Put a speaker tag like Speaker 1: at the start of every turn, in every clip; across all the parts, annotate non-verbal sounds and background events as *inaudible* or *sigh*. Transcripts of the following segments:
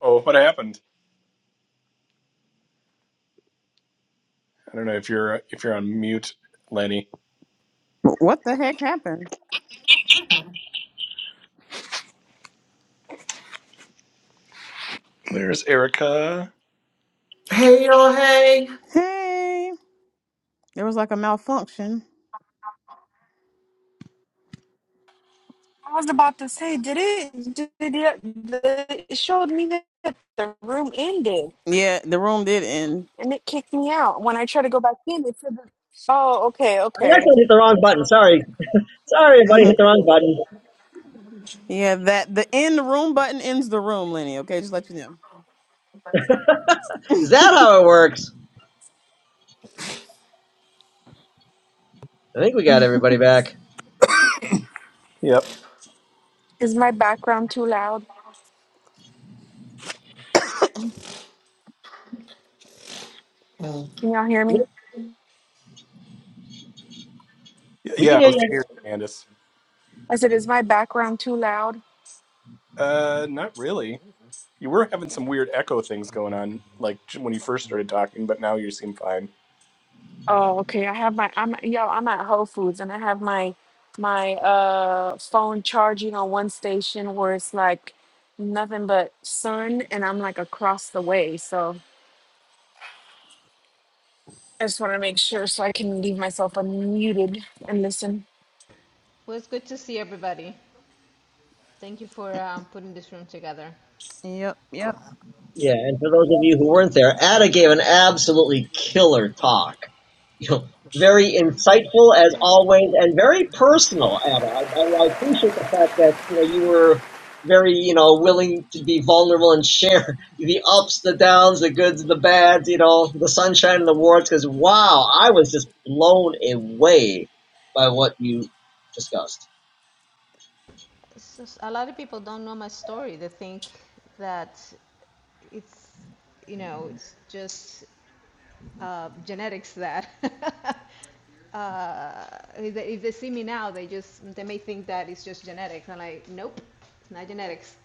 Speaker 1: Oh, what happened? I don't know if you're if you're on mute, Lenny.
Speaker 2: Wh- What the heck happened?
Speaker 1: There's Erica.
Speaker 3: Hey, y'all, hey.
Speaker 2: Hey, there was like a malfunction.
Speaker 4: I was about to say, did it? Did it? The, it showed me that the room ended,
Speaker 2: Yeah, the room did end.
Speaker 4: and it kicked me out. When I try to go back in, it said, "Oh, okay,
Speaker 5: I
Speaker 4: okay."
Speaker 5: actually hit the wrong button. Sorry. Sorry, everybody
Speaker 2: hmm
Speaker 5: hit the wrong button.
Speaker 2: Yeah, that the end the room button ends the room, Lenny. Okay, just let you
Speaker 5: Is that how it works? I think we got
Speaker 2: know. *laughs*
Speaker 5: everybody back.
Speaker 1: Yep.
Speaker 4: Is my background too loud? Can y'all hear me?
Speaker 5: We
Speaker 1: Yeah,
Speaker 5: can
Speaker 1: I
Speaker 5: hear
Speaker 1: was
Speaker 5: you.
Speaker 1: here, Candace.
Speaker 4: I said, "Is my background too loud?"
Speaker 1: Uh, not really. You were having some weird echo things going on, like j- when you first started talking, but now you seem fine.
Speaker 4: Oh, okay. I have my. I'm yo. I'm at Whole Foods, and I have my my uh phone charging on one station where it's like nothing but sun, and I'm like across the way, so. I just want to make sure so I can leave myself unmuted and listen.
Speaker 6: Well, it's good to see everybody. Thank you for um, putting this room together.
Speaker 2: yep, yep.
Speaker 5: Yeah, and for those of you who weren't there, Ada gave an absolutely killer talk. You know, very insightful as always, and very personal. Ada, I, I, I appreciate the fact that you know you were very you know willing to be vulnerable and share *laughs* the ups, the downs, the goods, the bads. You know, the sunshine and the warts. Because wow, I was just blown away by what you discussed.
Speaker 6: just- a lot of people don't know my story. They think that it's, you know, it's just uh, genetics that. *laughs* uh, if, they, if they see me now, they just they may think that it's just genetics. I'm like, nope, it's not genetics.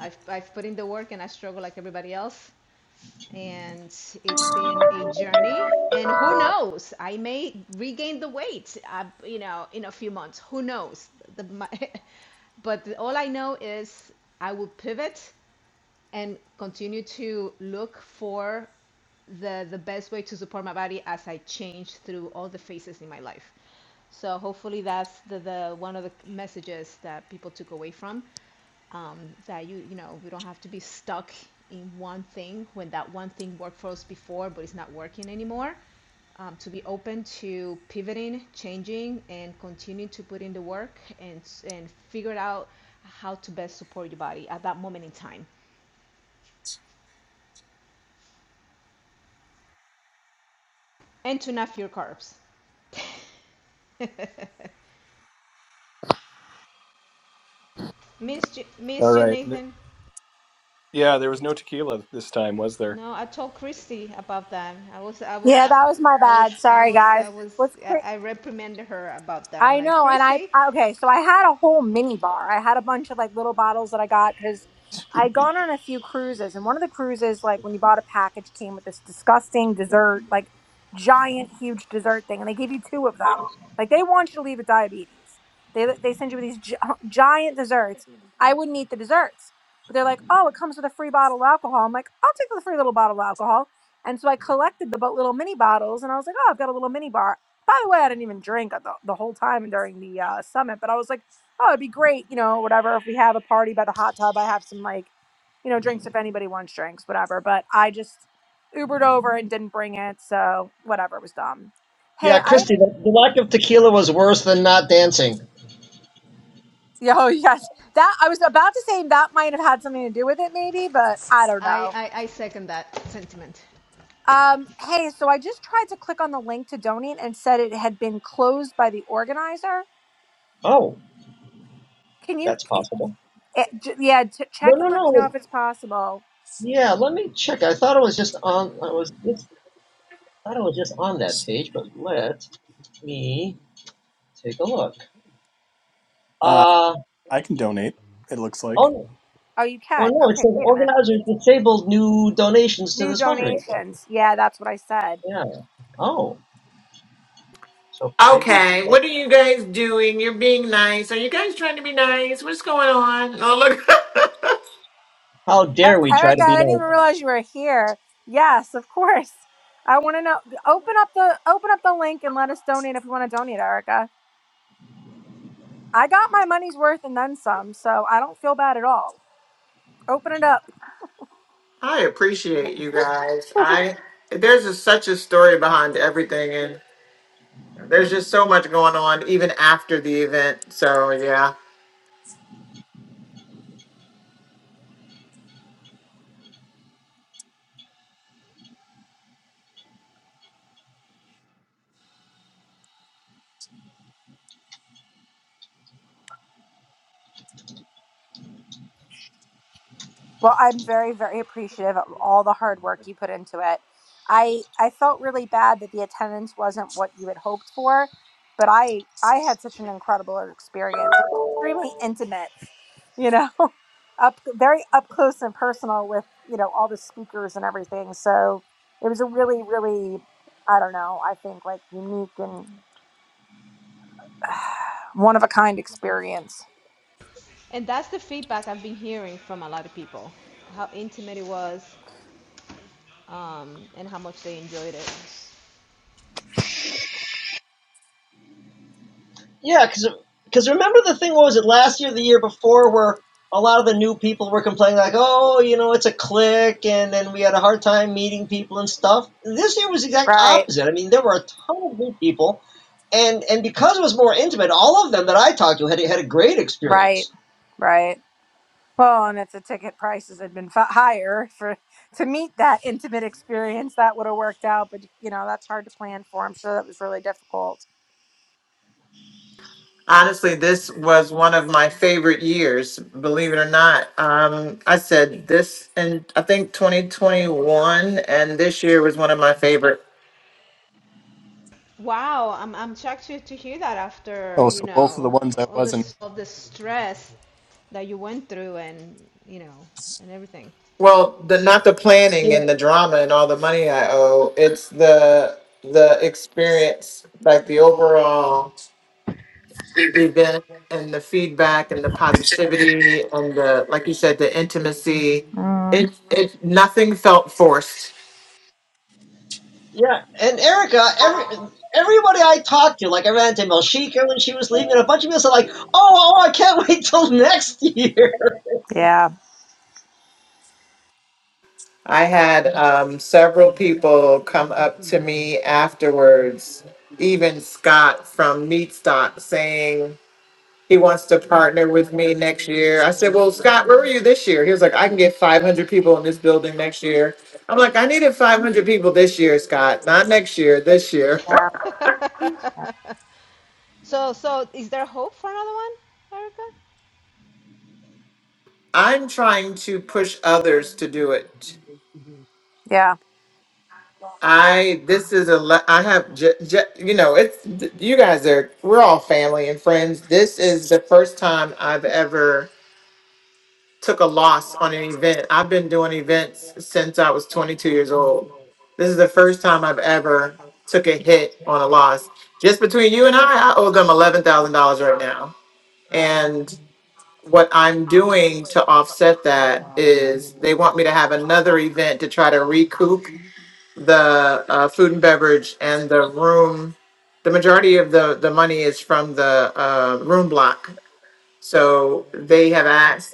Speaker 6: I've I've put in the work and I struggle like everybody else. and it's been a journey and who knows i may regain the weight uh, you know in a few months who knows the, my, *laughs* but all i know is i will pivot and continue to look for the the best way to support my body as i change through all the phases in my life so hopefully that's the, the one of the messages that people took away from um, that you you know we don't have to be stuck in one thing when that one thing worked for us before but it's not working anymore um, to be open to pivoting changing and continue to put in the work and and figure out how to best support your body at that moment in time and to not fear carbs *laughs* missed you,
Speaker 1: All
Speaker 6: missed you
Speaker 1: right. N-
Speaker 6: nathan
Speaker 1: Yeah, there was no tequila this time, was there?
Speaker 6: no i told christy about that i was i was
Speaker 7: Yeah, that was my
Speaker 6: I
Speaker 7: bad.
Speaker 6: was, I
Speaker 7: Sorry,
Speaker 6: was, I
Speaker 7: guys.
Speaker 6: was,
Speaker 7: What's
Speaker 6: I
Speaker 7: cra-
Speaker 6: I reprimanded her about that. I'm
Speaker 7: I
Speaker 6: like,
Speaker 7: know, and I
Speaker 6: Christy.
Speaker 7: I- okay. So I had a whole mini bar. I had a bunch of like little bottles that I got because I'd
Speaker 1: *laughs*
Speaker 7: gone on a few cruises, and one of the cruises, like when you bought a package, came with this disgusting dessert, like giant, huge dessert thing, and they gave you two of them. Like they want you to leave with diabetes. They they send you with these gi- *laughs* giant desserts. I wouldn't eat the desserts, but they're like, oh, it comes with a free bottle of alcohol. I'm like, I'll take the free little bottle of alcohol. And so I collected the bu- little mini bottles, and I was like, oh, I've got a little mini bar. By the way, I didn't even drink the, the whole time during the uh, summit, but I was like, oh, it'd be great, you know, whatever. If we have a party by the hot tub, I have some like, you know, drinks if anybody wants drinks, whatever. But I just Ubered over and didn't bring it, so whatever it was dumb.
Speaker 5: Yeah,
Speaker 7: Hey, I
Speaker 5: Christy, the, the lack of tequila was worse than not dancing.
Speaker 7: yeah, oh *laughs* yes, that I was about to say that might have had something to do with it, maybe, but I don't
Speaker 6: I,
Speaker 7: know.
Speaker 6: I, I second that sentiment.
Speaker 7: Um, hey, so I just tried to click on the link to donate and said it had been closed by the organizer.
Speaker 5: Oh,
Speaker 7: Can you?
Speaker 5: that's possible.
Speaker 7: Eh, j- yeah, t-
Speaker 5: No,
Speaker 7: check
Speaker 5: no,
Speaker 7: and let me know
Speaker 5: no.
Speaker 7: if it's possible.
Speaker 5: Yeah, let me check. I thought it was just on. I was just thought it was just on that page, but let me take a look.
Speaker 1: Uh,
Speaker 5: Uh
Speaker 1: I can donate. It looks like.
Speaker 5: oh.
Speaker 7: Oh, you
Speaker 5: Well,
Speaker 7: can.
Speaker 5: no, it
Speaker 7: Okay,
Speaker 5: says
Speaker 7: wait a minute.
Speaker 5: organizers disabled new donations to
Speaker 7: New
Speaker 5: this fundraiser.
Speaker 7: donations. Yeah, that's what I said.
Speaker 5: Yeah. Oh, so maybe it's
Speaker 3: Okay,
Speaker 5: not.
Speaker 3: what are you guys doing? You're being nice. Are you guys trying to be nice? What's going on? Oh, look.
Speaker 5: How dare
Speaker 7: E-
Speaker 5: we try to
Speaker 7: Erica,
Speaker 5: be
Speaker 7: I didn't even
Speaker 5: nice?
Speaker 7: realize you were here. Yes, of course. I want to know. Open up the open up the link and let us donate if you want to donate, Erica. I got my money's worth and then some, so I don't feel bad at all. Open it up.
Speaker 3: *laughs* I appreciate you guys.
Speaker 7: *laughs*
Speaker 3: I there's just such a story behind everything and there's just so much going on even after the event. So, yeah.
Speaker 7: Well, I'm very, very appreciative of all the hard work you put into it. I I felt really bad that the attendance wasn't what you had hoped for, but I I had such an incredible experience. It was extremely intimate, you know, *laughs* up very up close and personal with you know all the speakers and everything. So it was a really, really I don't know. I think like unique and *sighs* one of a kind experience.
Speaker 6: And that's the feedback I've been hearing from a lot of people how intimate it was um, and how much they enjoyed it.
Speaker 5: Yeah, because remember the thing, what was it, last year, the year before, where a lot of the new people were complaining, like, oh, you know, it's a clique, and then we had a hard time meeting people and stuff. This year was the exact
Speaker 7: Right,
Speaker 5: opposite. I mean, there were a ton of new people, and and because it was more intimate, all of them that I talked to had, had a great
Speaker 7: right,
Speaker 5: experience.
Speaker 7: right. Well, and if the ticket prices had been fi- higher for to meet that intimate experience, that would have worked out. But you know, that's hard to plan for. I'm sure that was really difficult.
Speaker 3: Honestly, this was one of my favorite years, believe it or not. Um, I said this and I think 2021 and this year was one of my favorite.
Speaker 6: Wow, I'm, I'm shocked to, to hear that after,
Speaker 1: Oh,
Speaker 6: you
Speaker 1: so both of the
Speaker 6: know,
Speaker 1: ones I
Speaker 6: all
Speaker 1: was
Speaker 6: this all the stress that you went through and, you know, and everything.
Speaker 3: Well, the not the
Speaker 5: You
Speaker 3: planning and
Speaker 5: know,
Speaker 3: the drama and all the money I owe. It's the the experience, like the overall event and the feedback and the positivity and the like you said, the intimacy.
Speaker 7: Mm,
Speaker 3: It it nothing felt forced.
Speaker 5: yeah, and Erica, every, everybody I talked to, like I ran into Melchika when she was leaving, and a bunch of people said, like, oh, oh, I can't *laughs* wait till next year.
Speaker 7: yeah,
Speaker 3: I had um, several people come up to me afterwards, even Scott from Meat Stock saying he wants to partner with me next year. I said, Well, Scott, where were you this year? He was like, I can get 500 people in this building next year. I'm like, I needed 500 people this year, Scott, not next year, this year. *laughs*
Speaker 7: yeah,
Speaker 6: *laughs* so so is there hope for another one, Erica?
Speaker 3: I'm trying to push others to do it.
Speaker 7: yeah.
Speaker 3: I, this is a, le- I have, j- j- you know, it's, you guys are, we're all family and friends. This is the first time I've ever took a loss on an event. I've been doing events since I was 22 years old. This is the first time I've ever took a hit on a loss. Just between you and I, I owe them $11,000 right now.
Speaker 7: yeah.
Speaker 3: And what I'm doing to offset that is they want me to have another event to try to recoup the uh, food and beverage and the room. The majority of the, the money is from the uh, room block. So they have asked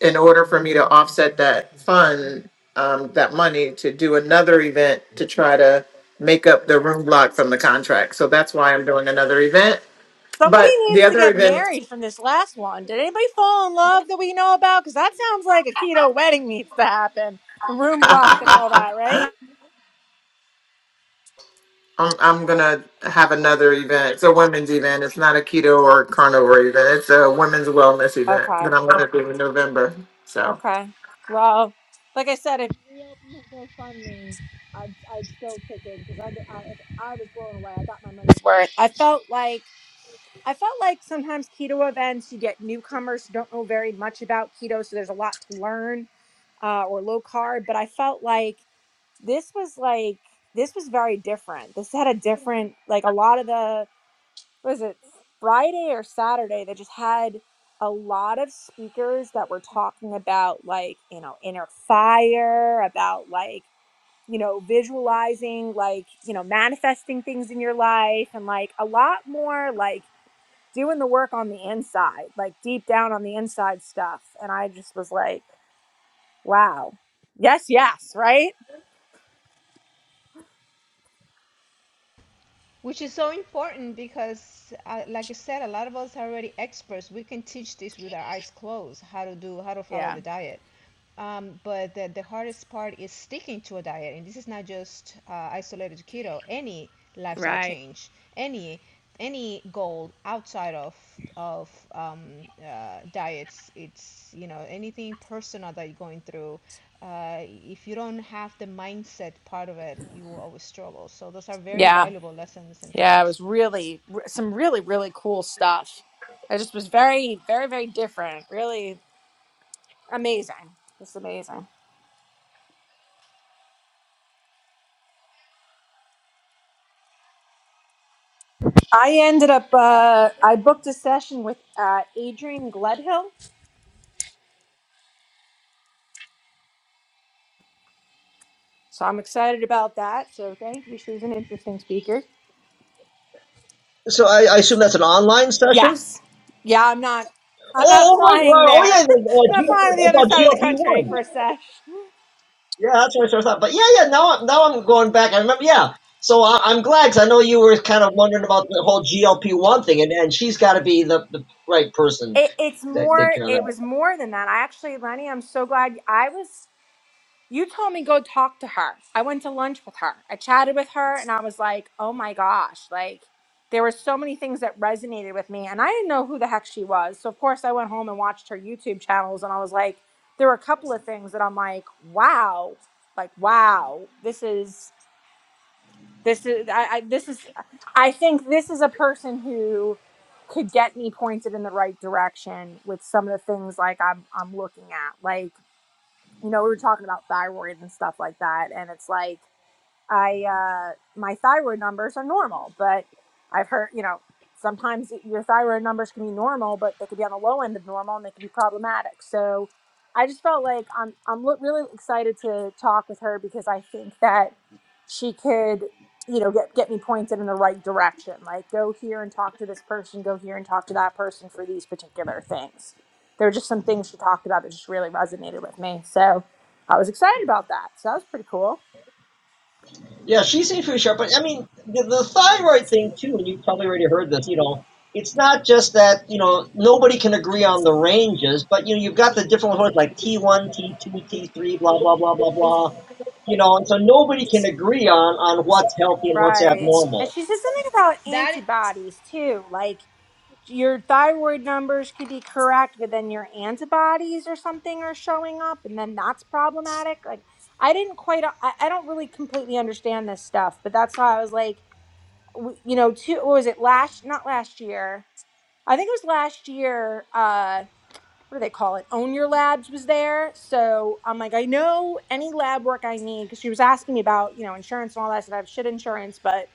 Speaker 3: in order for me to offset that fund, um, that money to do another event to try to make up the room block from the contract. So that's why I'm doing another event.
Speaker 7: Somebody
Speaker 3: But the
Speaker 7: needs to
Speaker 3: other
Speaker 7: get
Speaker 3: event,
Speaker 7: married from this last one. Did anybody fall in love that we know about? Because that sounds like a keto wedding needs to happen. The
Speaker 3: *laughs*
Speaker 7: room block and all
Speaker 3: I'm,
Speaker 7: that, right?
Speaker 3: I'm gonna have another event. It's a women's event. It's not a keto or carnivore event. It's a women's wellness event that
Speaker 7: Okay.
Speaker 3: I'm gonna do in November. So.
Speaker 7: Okay. Well, like I said, if you reopen the GoFundMe, I'd, I'd still kick it because I, I, I was blown away. I got my money's worth. I felt like I felt like sometimes keto events you get newcomers who don't know very much about keto, so there's a lot to learn, uh, or low carb. But I felt like this was like this was very different. This had a different like a lot of the what was it Friday or Saturday that just had a lot of speakers that were talking about like, you know, inner fire, about like, you know, visualizing like, you know, manifesting things in your life and like a lot more like doing the work on the inside, like deep down on the inside stuff. And I just was like, wow. Yes, yes, right?
Speaker 6: which is so important because, uh, like I said, a lot of us are already experts. We can teach this with our eyes closed, how to do, how to follow
Speaker 7: Yeah.
Speaker 6: the diet. Um, but the, the hardest part is sticking to a diet. And this is not just uh, isolated to keto, any lifestyle
Speaker 7: Right.
Speaker 6: change, any any goal outside of of um, uh, diets. It's you know anything personal that you're going through. Uh, if you don't have the mindset part of it, you will always struggle. So those are very
Speaker 7: yeah.
Speaker 6: valuable lessons and
Speaker 7: Yeah, it
Speaker 6: talks.
Speaker 7: was really r- some really really cool stuff. It just was very very very different. Really amazing. Just amazing. I ended up uh, I booked a session with uh, Adrian Gledhill, so I'm excited about that. So thank you. She's an interesting speaker.
Speaker 5: So I, I assume that's an online session?
Speaker 7: Yes. Yeah, I'm not. I'm
Speaker 5: Oh,
Speaker 7: not
Speaker 5: oh right,
Speaker 7: flying
Speaker 5: right. Oh
Speaker 7: there.
Speaker 5: yeah,
Speaker 7: *laughs*
Speaker 5: the,
Speaker 7: I'm
Speaker 5: uh,
Speaker 7: not
Speaker 5: G-
Speaker 7: flying to the other
Speaker 5: about
Speaker 7: side of the
Speaker 5: GLP
Speaker 7: country
Speaker 5: one.
Speaker 7: for a sesh.
Speaker 5: Yeah, that's what I thought. But yeah, yeah. Now, I'm now I'm going back. I remember. Yeah. So I, I'm glad 'cause I know you were kind of wondering about the whole GLP one thing, and and she's got to be the, the right person
Speaker 7: It, it's
Speaker 5: to take
Speaker 7: more.
Speaker 5: care of that.
Speaker 7: It was more than that. I actually, Lenny, I'm so glad. I was. You told me go talk to her. I went to lunch with her. I chatted with her and I was like, oh my gosh, like there were so many things that resonated with me. And I didn't know who the heck she was. So, of course, I went home and watched her YouTube channels and I was like, there were a couple of things that I'm like, wow, like, wow, this is, this is, I, I this is, I think this is a person who could get me pointed in the right direction with some of the things like I'm, I'm looking at. like." you know, we were talking about thyroid and stuff like that. And it's like, I uh, my thyroid numbers are normal, but I've heard you know sometimes your thyroid numbers can be normal, but they could be on the low end of normal and they can be problematic. So I just felt like I'm I'm lo- really excited to talk with her because I think that she could you know get get me pointed in the right direction. Like go here and talk to this person, go here and talk to that person for these particular things. There were just some things she talked about that just really resonated with me. So I was excited about that. So that was pretty cool.
Speaker 5: Yeah, she seems pretty sharp. But I mean, the, the thyroid thing too, and you've probably already heard this. You know, it's not just that you know nobody can agree on the ranges, but you know you've got the different ones like T one, T two, T three, blah blah blah blah blah. You know, and so nobody can agree on on what's healthy and what's
Speaker 7: Right. And
Speaker 5: abnormal.
Speaker 7: she said something about
Speaker 6: That
Speaker 7: antibodies too. Like your thyroid numbers could be correct, but then your antibodies or something are showing up, and then that's problematic. Like, I didn't quite, I, I don't really completely understand this stuff, but that's how I was like, w- you know, two, what was it last, not last year? I think it was last year. Uh, what do they call it? Own Your Labs was there. So I'm like, I know any lab work I need because she was asking me about, you know, insurance and all that stuff. I have shit insurance, but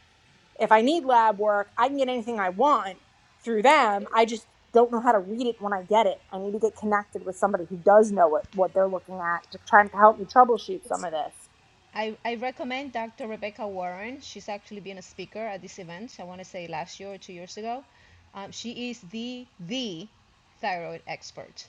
Speaker 7: if I need lab work, I can get anything I want through them. I just don't know how to read it when I get it. I need to get connected with somebody who does know what, what they're looking at to try and help me troubleshoot some of this.
Speaker 6: I, I recommend Dr. Rebecca Warren. She's actually been a speaker at this event, I want to say last year or two years ago. Um, she is the, the thyroid expert.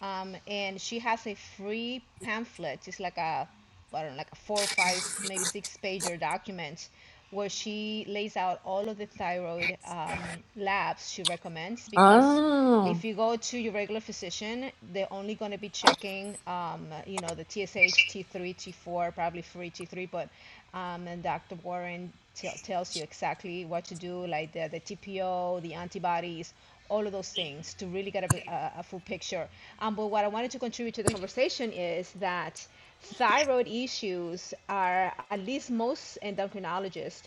Speaker 6: Um, and she has a free pamphlet. It's like a I don't know, like a four or five, maybe six pager document where she lays out all of the thyroid um, labs she recommends because
Speaker 7: Oh,
Speaker 6: if you go to your regular physician, they're only going to be checking, um, you know, the TSH, T3, T4, probably free T3, but um, and Dr. Warren t- tells you exactly what to do, like the, the TPO, the antibodies, all of those things to really get a, a, a full picture. Um, but what I wanted to contribute to the conversation is that thyroid issues are, at least most endocrinologists,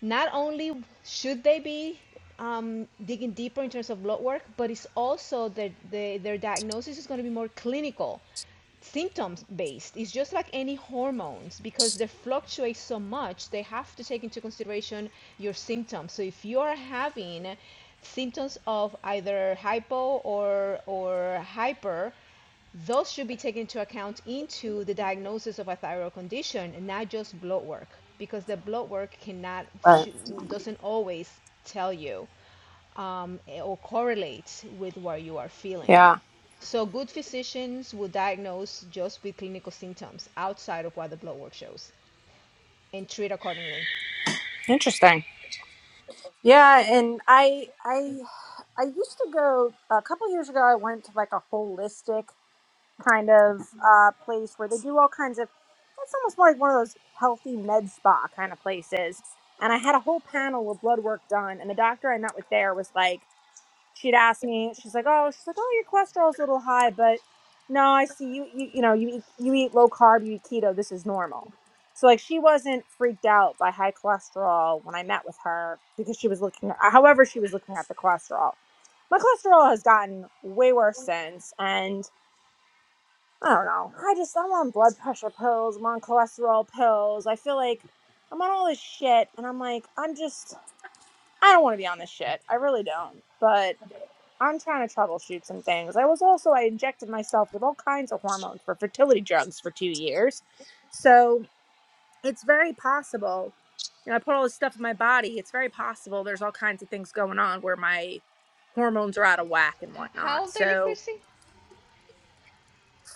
Speaker 6: not only should they be um, digging deeper in terms of blood work, but it's also that the, their diagnosis is going to be more clinical symptoms based. It's just like any hormones because they fluctuate so much, they have to take into consideration your symptoms. So if you are having symptoms of either hypo or or hyper, those should be taken into account into the diagnosis of a thyroid condition and not just blood work because the blood work cannot
Speaker 7: right.
Speaker 6: doesn't always tell you um, or correlate with what you are feeling.
Speaker 7: Yeah.
Speaker 6: So, good physicians will diagnose just with clinical symptoms outside of what the blood work shows and treat accordingly.
Speaker 7: Interesting. Yeah, and I I I used to go a couple years ago I went to like a holistic kind of uh, place where they do all kinds of. It's almost more like one of those healthy med spa kind of places. And I had a whole panel of blood work done, and the doctor I met with there was like, she'd asked me, she's like, oh, she's like, oh, your cholesterol's a little high, but no, I see you, you, you know, you eat, you eat low carb, you eat keto, this is normal. So like, she wasn't freaked out by high cholesterol when I met with her because she was looking, however, she was looking at the cholesterol. My cholesterol has gotten way worse since, and I don't know. I just I'm on blood pressure pills. I'm on cholesterol pills. I feel like I'm on all this shit, and I'm like I'm just I don't want to be on this shit. I really don't. But I'm trying to troubleshoot some things. I was also I injected myself with all kinds of hormones for fertility drugs for two years, so it's very possible. You know, I put all this stuff in my body. It's very possible there's all kinds of things going on where my hormones are out of whack and
Speaker 6: H-
Speaker 7: whatnot.
Speaker 6: How old are you,
Speaker 7: So
Speaker 6: Chrissy?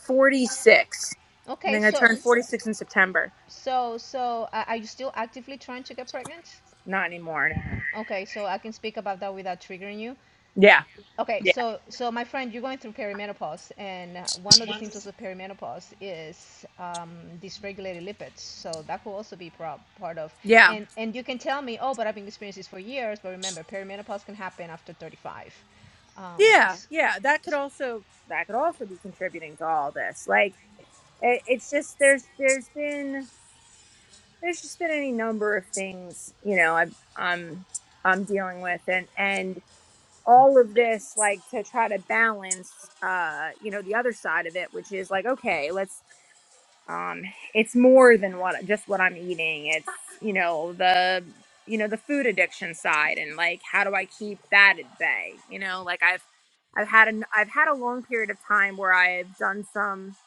Speaker 7: 46. I
Speaker 6: Okay,
Speaker 7: think I
Speaker 6: so
Speaker 7: turned 46 in September.
Speaker 6: so so a- are you still actively trying to get pregnant?
Speaker 7: Not anymore. no.
Speaker 6: Okay, so I can speak about that without triggering you.
Speaker 7: Yeah.
Speaker 6: Okay,
Speaker 7: Yeah.
Speaker 6: so so my friend, you're going through perimenopause, and uh, one of the symptoms of perimenopause is um, dysregulated lipids. So that could also be prob- part of.
Speaker 7: Yeah.
Speaker 6: And and you can tell me, oh, but I've been experiencing this for years. But remember, perimenopause can happen after 35. Um,
Speaker 7: Yeah.
Speaker 6: s-
Speaker 7: Yeah. That could
Speaker 6: s-
Speaker 7: also that could also be contributing to all this. Like it, it's just there's there's been there's just been any number of things, you know, I I'm I'm dealing with and and all of this like to try to balance uh you know the other side of it which is like okay let's um it's more than what just what i'm eating it's you know the you know the food addiction side and like how do i keep that at bay you know like i've i've had an i've had a long period of time where i've done some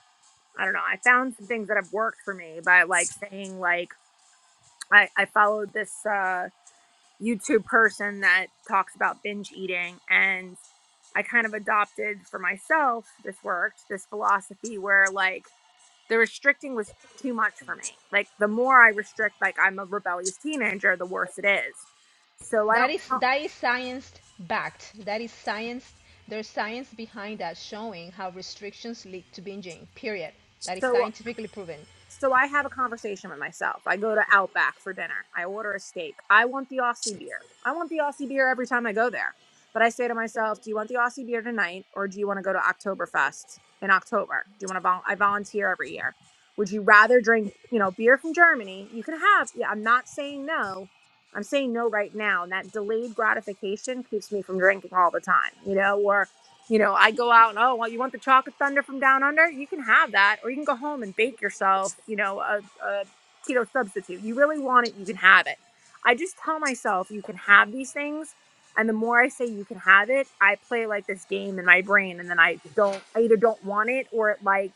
Speaker 7: i don't know i found some things that have worked for me by like saying like i i followed this uh youtube person that talks about binge eating and i kind of adopted for myself this worked this philosophy where like the restricting was too much for me. Like the more I restrict, like I'm a rebellious teenager, the worse it is. So I
Speaker 6: that
Speaker 7: don't.
Speaker 6: is that is science backed. That is science. There's science behind that showing how restrictions lead to binging. Period. That is
Speaker 7: So
Speaker 6: scientifically proven.
Speaker 7: so I have a conversation with myself. I go to Outback for dinner. I order a steak. I want the Aussie beer. I want the Aussie beer every time I go there. But I say to myself, do you want the Aussie beer tonight or do you want to go to Oktoberfest in October? Do you want to vol- I volunteer every year. Would you rather drink, you know, beer from Germany? You can have. Yeah, I'm not saying no. I'm saying no right now. And that delayed gratification keeps me from drinking all the time, you know, or you know, I go out and oh, well, you want the chocolate thunder from down under? You can have that, or you can go home and bake yourself, you know, a, a keto substitute. You really want it, you can have it. I just tell myself you can have these things, and the more I say you can have it, I play like this game in my brain, and then I don't, I either don't want it or it like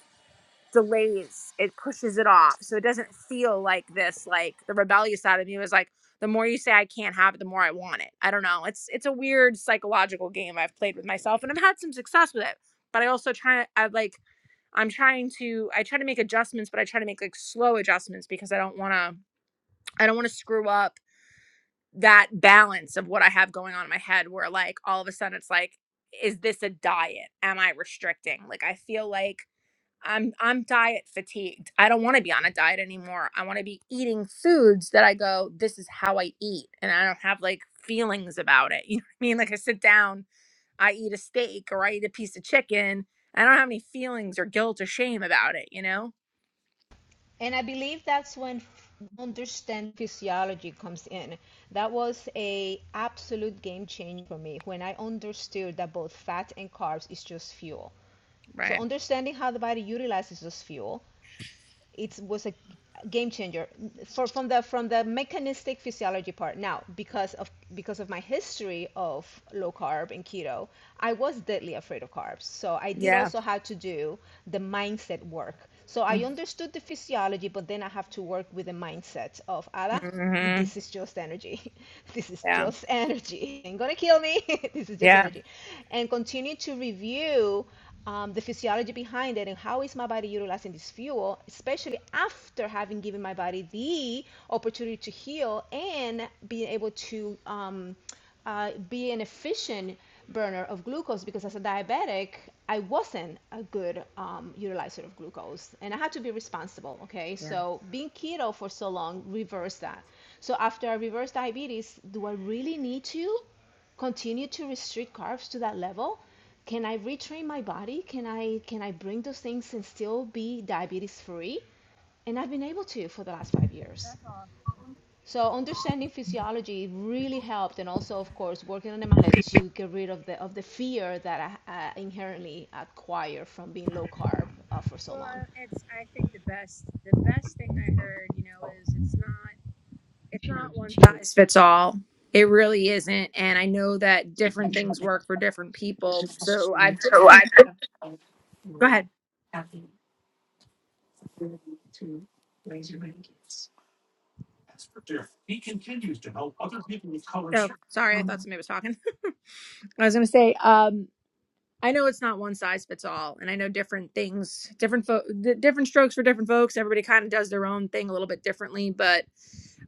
Speaker 7: delays it pushes it off so it doesn't feel like this like the rebellious side of me was like the more you say i can't have it the more i want it i don't know it's it's a weird psychological game i've played with myself and i've had some success with it but i also try to i like i'm trying to i try to make adjustments but i try to make like slow adjustments because i don't want to i don't want to screw up that balance of what i have going on in my head where like all of a sudden it's like is this a diet am i restricting like i feel like I'm I'm diet fatigued. I don't want to be on a diet anymore. I want to be eating foods that I go, this is how I eat, and I don't have like feelings about it. *laughs* You know what I mean? Like I sit down, I eat a steak or I eat a piece of chicken. I don't have any feelings or guilt or shame about it. You know?
Speaker 6: And I believe that's when f- understand physiology comes in. That was a absolute game changer for me when I understood that both fat and carbs is just fuel. So
Speaker 7: Right?
Speaker 6: understanding how the body utilizes this fuel it was a game changer for, from the from the mechanistic physiology part. Now, because of because of my history of low carb and keto, I was deadly afraid of carbs. So I did
Speaker 7: Yeah.
Speaker 6: also have to do the mindset work. So I
Speaker 7: Mm-hmm.
Speaker 6: understood the physiology, but then I have to work with the mindset of Ada.
Speaker 7: Mm-hmm.
Speaker 6: This is just energy. *laughs* This is
Speaker 7: Yeah.
Speaker 6: just energy. It Ain't gonna kill me. *laughs* this is just
Speaker 7: Yeah.
Speaker 6: energy, and continue to review um, the physiology behind it and how is my body utilizing this fuel, especially after having given my body the opportunity to heal and being able to um, uh, be an efficient burner of glucose because as a diabetic, I wasn't a good um, utilizer of glucose and I had to be responsible. Okay,
Speaker 7: Yeah.
Speaker 6: so being keto for so long reversed that. So after I reversed diabetes, do I really need to continue to restrict carbs to that level? can I retrain my body? Can I can I bring those things and still be diabetes free? And I've been able to for the last five years. So understanding physiology really helped, and also, of course, working on the mindset to get rid of the of the fear that I uh, inherently acquire from being low carb uh, for so
Speaker 7: Well,
Speaker 6: long.
Speaker 7: uh, it's I think the best the best thing I heard, you know, is it's not. it's not one size fits all. It really isn't. And I know that different things work for different people. So I've just been, go ahead. Oh, sorry. I thought somebody was talking. *laughs* I was going to say, um, I know it's not one size fits all, and I know different things, different fo- di- different strokes for different folks. Everybody kind of does their own thing a little bit differently, but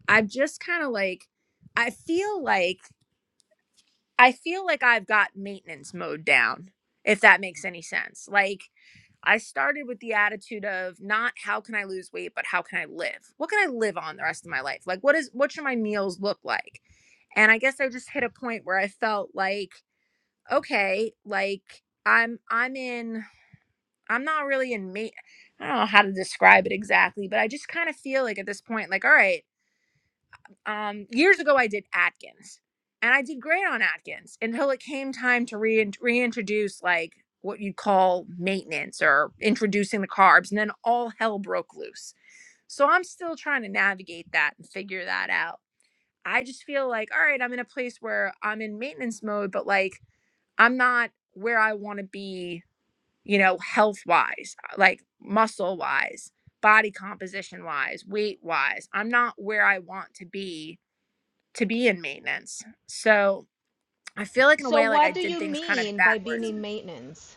Speaker 7: I've just kind of like, I feel like I feel like I've got maintenance mode down, if that makes any sense. Like I started with the attitude of not how can I lose weight, but how can I live? What can I live on the rest of my life? Like what is what should my meals look like? And I guess I just hit a point where I felt like, okay, like I'm I'm in I'm not really in me I don't know how to describe it exactly, but I just kind of feel like at this point, like, all right, um, years ago I did Atkins, and I did great on Atkins until it came time to rein reintroduce like what you'd call maintenance or introducing the carbs, and then all hell broke loose. So I'm still trying to navigate that and figure that out. I just feel like, all right, I'm in a place where I'm in maintenance mode, but like I'm not where I want to be, you know, health wise, like muscle wise, body composition wise, weight wise. I'm not where I want to be to be in maintenance. So I feel like in a
Speaker 6: So,
Speaker 7: way like I
Speaker 6: what do
Speaker 7: did
Speaker 6: you
Speaker 7: things kind of
Speaker 6: mean by being
Speaker 7: backwards.
Speaker 6: in maintenance?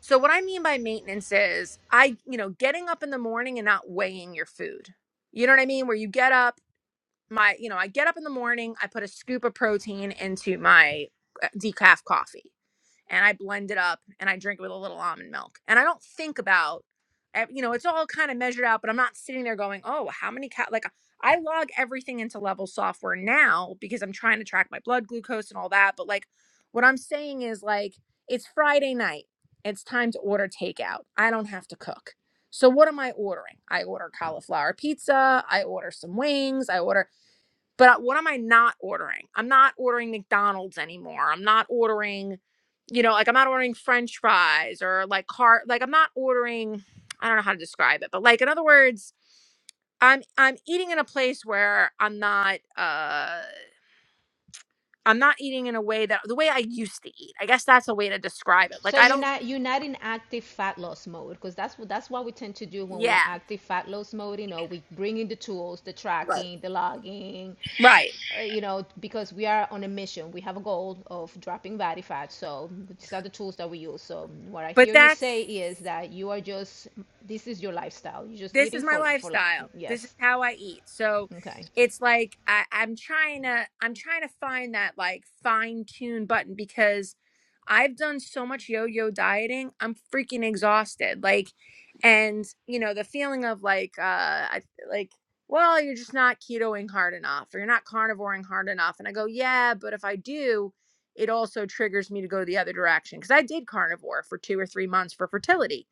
Speaker 7: So what I mean by maintenance is I, you know, getting up in the morning and not weighing your food. You know what I mean? Where you get up, my, you know, I get up in the morning, I put a scoop of protein into my uh, decaf coffee and I blend it up and I drink it with a little almond milk. And I don't think about, you know, it's all kind of measured out, but I'm not sitting there going, oh, how many cal? Like I log everything into level software now because I'm trying to track my blood glucose and all that. But like what I'm saying is like, it's Friday night. It's time to order takeout. I don't have to cook. So what am I ordering? I order cauliflower pizza. I order some wings. I order but what am I not ordering? I'm not ordering McDonald's anymore. I'm not ordering, you know, like I'm not ordering French fries or like car like I'm not ordering I don't know how to describe it, but like in other words, I'm I'm eating in a place where I'm not uh I'm not eating in a way that the way I used to eat. I guess that's a way to describe it. Like
Speaker 6: So
Speaker 7: I
Speaker 6: you're
Speaker 7: don't
Speaker 6: not you're not in active fat loss mode because that's what that's what we tend to do when we're in
Speaker 7: yeah.
Speaker 6: active fat loss mode. You know, we bring in the tools, the
Speaker 7: Right.
Speaker 6: tracking, the logging,
Speaker 7: Right.
Speaker 6: uh, you know, because we are on a mission. We have a goal of dropping body fat. So these are the tools that we use. So what I
Speaker 7: But
Speaker 6: hear you
Speaker 7: that's
Speaker 6: say is that you are just this is your lifestyle. You're just
Speaker 7: this
Speaker 6: eating
Speaker 7: is my
Speaker 6: for for
Speaker 7: lifestyle this is
Speaker 6: yes.
Speaker 7: how i eat so
Speaker 6: Okay.
Speaker 7: it's like I, i'm trying to i'm trying to find that like fine tune button because i've done so much yo-yo dieting i'm freaking exhausted like and you know the feeling of like uh I, like well you're just not ketoing hard enough or you're not carnivoring hard enough and i go yeah but if i do it also triggers me to go the other direction because i did carnivore for two or three months for fertility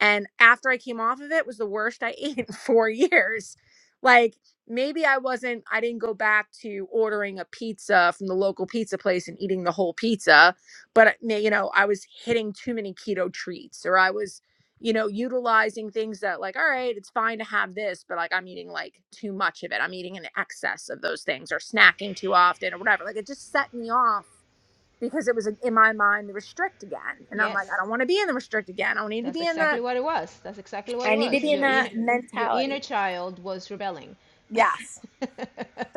Speaker 7: and after I came off of it, it was the worst I *laughs* ate in four years. Like maybe I wasn't, I didn't go back to ordering a pizza from the local pizza place and eating the whole pizza, but may- you know, I was hitting too many keto treats or I was, you know, utilizing things that like, all right, it's fine to have this, but like I'm eating like too much of it. I'm eating in excess of those things or snacking too often or whatever. Like it just set me off because it was like, in my mind the restrict again. And I'm like, I
Speaker 6: Yes.
Speaker 7: don't want to be in the restrict again. I don't need to
Speaker 6: That's
Speaker 7: be in
Speaker 6: exactly
Speaker 7: the
Speaker 6: what it was. That's exactly what
Speaker 7: I
Speaker 6: it
Speaker 7: need to be
Speaker 6: was.
Speaker 7: in
Speaker 6: Your
Speaker 7: that
Speaker 6: inner your
Speaker 7: mentality.
Speaker 6: inner child was rebelling.
Speaker 7: Yes.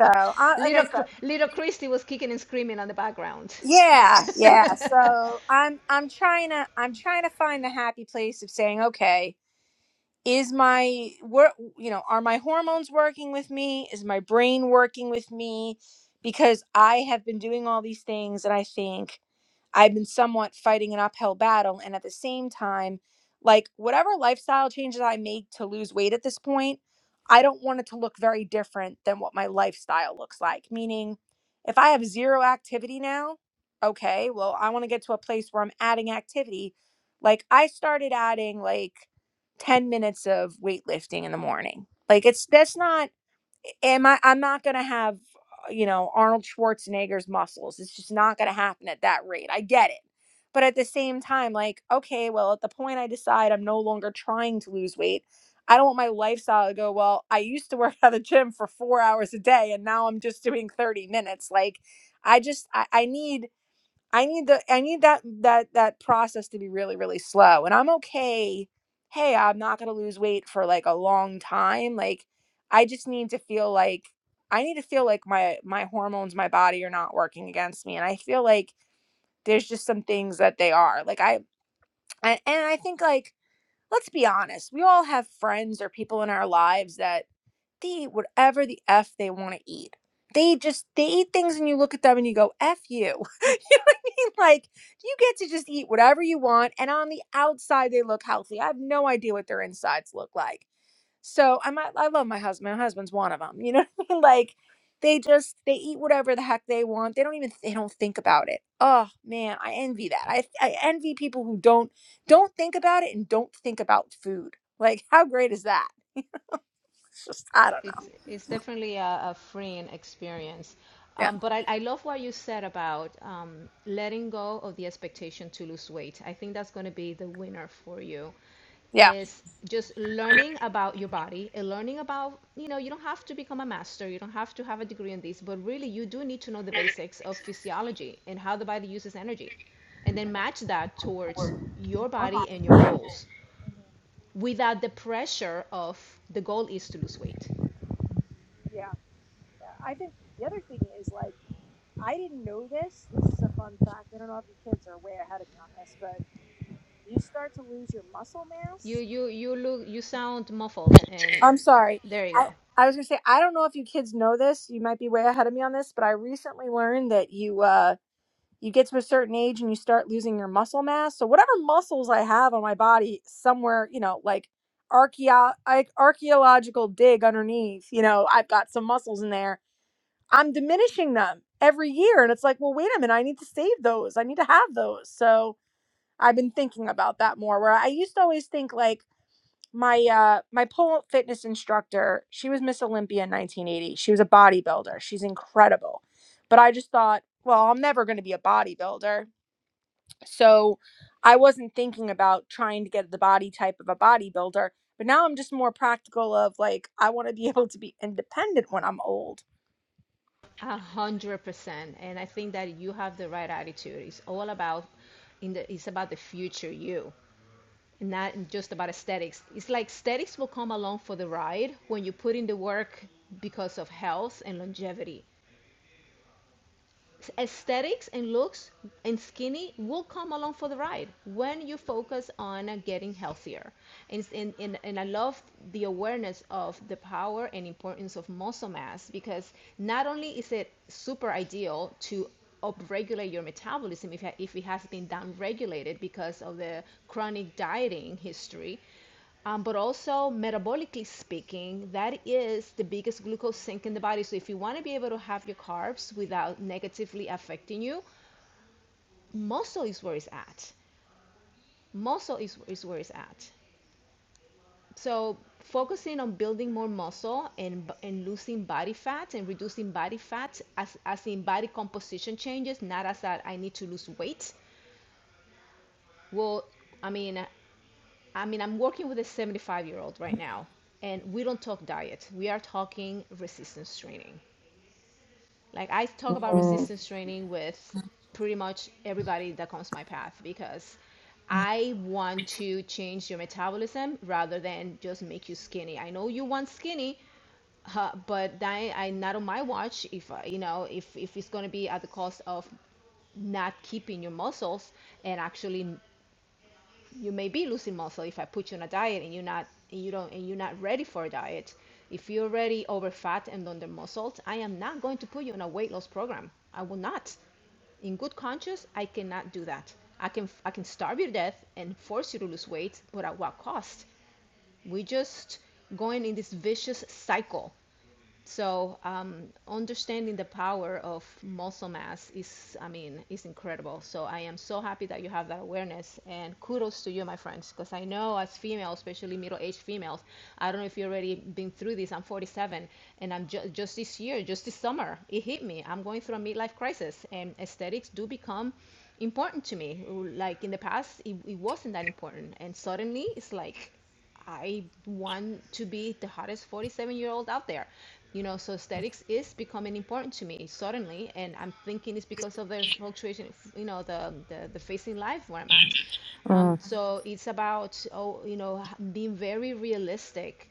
Speaker 7: So, I, like I
Speaker 6: little
Speaker 7: said,
Speaker 6: little Christy was kicking and screaming on the background.
Speaker 7: yeah, yeah.
Speaker 6: *laughs*
Speaker 7: So I'm I'm trying to I'm trying to find the happy place of saying, okay, is my work you know are my hormones working with me is my brain working with me because i have been doing all these things and i think i've been somewhat fighting an uphill battle and at the same time like whatever lifestyle changes i make to lose weight at this point i don't want it to look very different than what my lifestyle looks like meaning if i have zero activity now okay well i want to get to a place where i'm adding activity like i started adding like 10 minutes of weightlifting in the morning. Like it's that's not am I I'm not going to have uh, you know Arnold Schwarzenegger's muscles. It's just not going to happen at that rate. I get it. But at the same time like okay, well at the point I decide I'm no longer trying to lose weight, I don't want my lifestyle to go, well, I used to *laughs* work at the gym for 4 hours a day and now I'm just doing 30 minutes. Like I just I, I need I need the I need that that that process to be really really slow. And I'm okay. Hey, I'm not going to lose weight for like a long time. Like I just need to feel like I need to feel like my my hormones, my body are not working against me. And I feel like there's just some things that they are. Like I and, and I think like let's be honest. We all have friends or people in our lives that they eat whatever the f they want to eat. They just they eat things, and you look at them and you go, "F you." *laughs* you know what I mean? Like you get to just eat whatever you want, and on the outside they look healthy. I have no idea what their insides look like. So I'm I, I love my husband. My husband's one of them. You know what I mean? Like they just they eat whatever the heck they want. They don't even they don't think about it. Oh man, I envy that. I I envy people who don't don't think about it and don't think about food. Like how great is that? It's just I don't
Speaker 6: it's
Speaker 7: know.
Speaker 6: it's definitely a, a freeing experience.
Speaker 7: Yeah.
Speaker 6: Um, but I, I love what you said about um, letting go of the expectation to lose weight. I think that's going to be the winner for you.
Speaker 7: Yeah.
Speaker 6: Is just learning about your body and learning about you know you don't have to become a master you don't have to have a degree in this but really you do need to know the basics of physiology and how the body uses energy and then match that towards your body and your goals without the pressure of the goal is to lose weight
Speaker 7: Yeah. I think the other thing is like I didn't know this. This is a fun fact. I don't know if your kids are way ahead of me on this, but you start to lose your muscle
Speaker 6: You
Speaker 7: mass.
Speaker 6: you you look you sound muffled, and
Speaker 7: I'm sorry.
Speaker 6: there you
Speaker 7: I
Speaker 6: go.
Speaker 7: I was gonna say I don't know if you kids know this. You might be way ahead of me on this, but I recently learned that you uh you get to a certain age and you start losing your muscle mass. So whatever muscles I have on my body, somewhere you know, like archeo- like archaeological dig underneath, you know, I've got some muscles in there I'm diminishing them every year. And it's like, well, wait a minute, I need to save those. I need to have those. So I've been thinking about that more where I used to always think like my uh my pole fitness instructor, she was Miss Olympia in 1980. She was a bodybuilder. She's incredible. But I just thought, well, I'm never going to be a bodybuilder. So I wasn't thinking about trying to get the body type of a bodybuilder. But now I'm just more practical of like I want to be *laughs* able to be independent when I'm old.
Speaker 6: A hundred percent. And I think that you have the right attitude. It's all about in the it's about the future you. and Not just about aesthetics. It's like aesthetics will come along for the ride when you put in the work because of health and longevity. aesthetics and looks and skinny will come along for the ride when you focus on uh, getting healthier. And, and, and, and I love the awareness of the power and importance of muscle mass because not only is it super ideal to upregulate your metabolism if, if it has been downregulated because of the chronic dieting history um, but also, metabolically speaking, that is the biggest glucose sink in the body. So, if you want to be able to have your carbs without negatively affecting you, muscle is where it's at. Muscle is, is where it's at. So, focusing on building more muscle and, and losing body fat and reducing body fat as, as in body composition changes, not as that I need to lose weight, will, I mean, I mean, I'm working with a 75 year old right now, and we don't talk diet. We are talking resistance training. Like, I talk about resistance training with pretty much everybody that comes my path because I want to change your metabolism rather than just make you skinny. I know you want skinny, *laughs* uh, but that I not on my watch. If uh, you know, if if it's gonna be at the cost of not keeping your muscles and actually you may be losing muscle if I put you on a diet and you're not and you don't and you're not ready for a diet. If you're already over fat and under muscled, I am not going to put you on a weight loss program. I will not. In good conscience, I cannot do that. I can I can starve you to death and force you to lose weight, but at what cost? We just going in this vicious cycle so um, understanding the power of muscle mass is, I mean, is incredible. So I am so happy that you have that awareness, and kudos to you, my friends, because I know as females, especially middle-aged females, I don't know if you have already been through this. I'm 47, and I'm ju- just this year, just this summer, it hit me. I'm going through a midlife crisis, and aesthetics do become important to me. Like in the past, it, it wasn't that important, and suddenly it's like I want to be the hottest 47 year old out there. You know, so aesthetics is becoming important to me suddenly, and I'm thinking it's because of the fluctuation, you know, the the, the facing life where I'm at. Um,
Speaker 7: Mm,
Speaker 6: so it's about oh, you know, being very realistic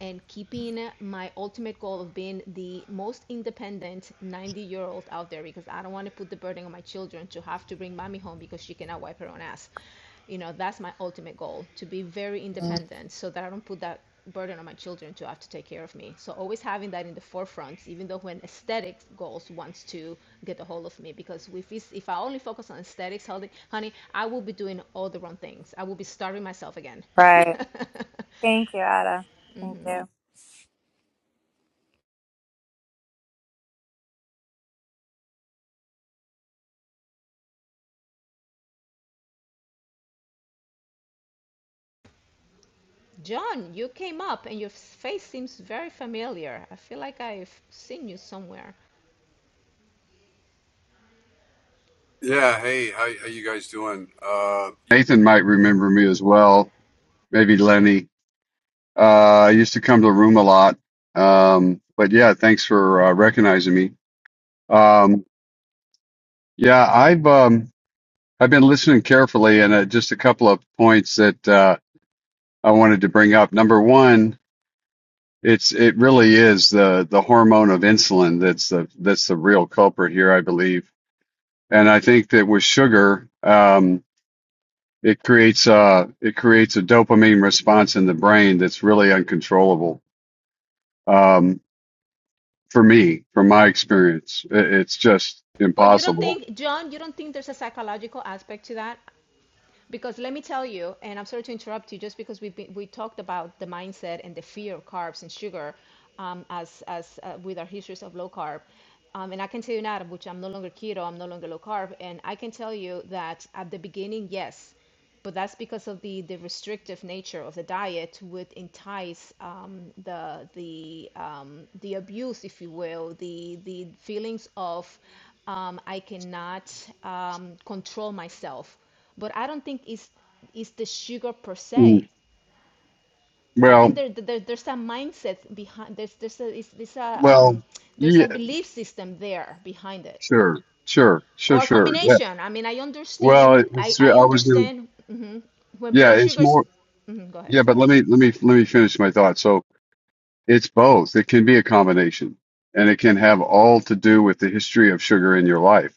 Speaker 6: and keeping my ultimate goal of being the most independent 90 year old out there because I don't want to put the burden on my children to have to bring mommy home because she cannot wipe her own ass. You know, that's my ultimate goal to be very independent so that I don't put that burden on my children to have to take care of me. So always having that in the forefront, even though when aesthetics goals wants to get a hold of me, because if it's, if I only focus on aesthetics, honey, honey, I will be doing all the wrong things. I will be starving myself again. *laughs*
Speaker 7: right. Thank you, Ada. Thank you.
Speaker 6: John, you came up and your face seems very familiar. I feel like I've seen you somewhere.
Speaker 8: Yeah, hey, how how you guys doing? Uh, Nathan might remember me as well, maybe Lenny. Uh, I used to come to the room a lot. Um, but yeah, thanks for uh, recognizing me. Um, yeah, I've um, I've been listening carefully, and uh, just a couple of points that uh, I wanted to bring up. Number one, it's it really is the the hormone of insulin that's the that's the real culprit here, I believe. And I think that with sugar. um, It creates uh it creates a dopamine response in the brain that's really uncontrollable. Um, for me, from my experience, it, it's just
Speaker 6: But you don't
Speaker 8: impossible.
Speaker 6: think, John, you don't think there's a psychological aspect to that? Because let me tell you, and I'm sorry to interrupt you, just because we we talked about the mindset and the fear of carbs and sugar um, as, as uh, with our histories of low carb. Um, and I can tell you now, which I'm no longer keto, I'm no longer low carb. And I can tell you that at the beginning, yes. but that's because of the, the restrictive nature of the diet would entice um, the the um, the abuse, if you will, the the feelings of um, I cannot um, control myself. But I don't think it's it's the sugar per se.
Speaker 8: Mm.
Speaker 6: I think
Speaker 8: Well,
Speaker 6: there, there there's a mindset behind there's there's a it's, there's a
Speaker 8: well,
Speaker 6: um, there's a
Speaker 8: yeah,
Speaker 6: belief system there behind it
Speaker 8: sure, sure, sure,
Speaker 6: or
Speaker 8: sure. Yeah.
Speaker 6: combination. I mean, I
Speaker 8: Well,
Speaker 6: understand. I
Speaker 8: it's
Speaker 6: I
Speaker 8: I was gonna,
Speaker 6: understand mhm. when
Speaker 8: yeah,
Speaker 6: blood
Speaker 8: it's
Speaker 6: sugars.
Speaker 8: more
Speaker 6: mhm, go ahead.
Speaker 8: yeah, but let
Speaker 6: Sorry.
Speaker 8: me let me let me finish my thought. So it's both. It can be a combination, and it can have all to do with the history of sugar in your life.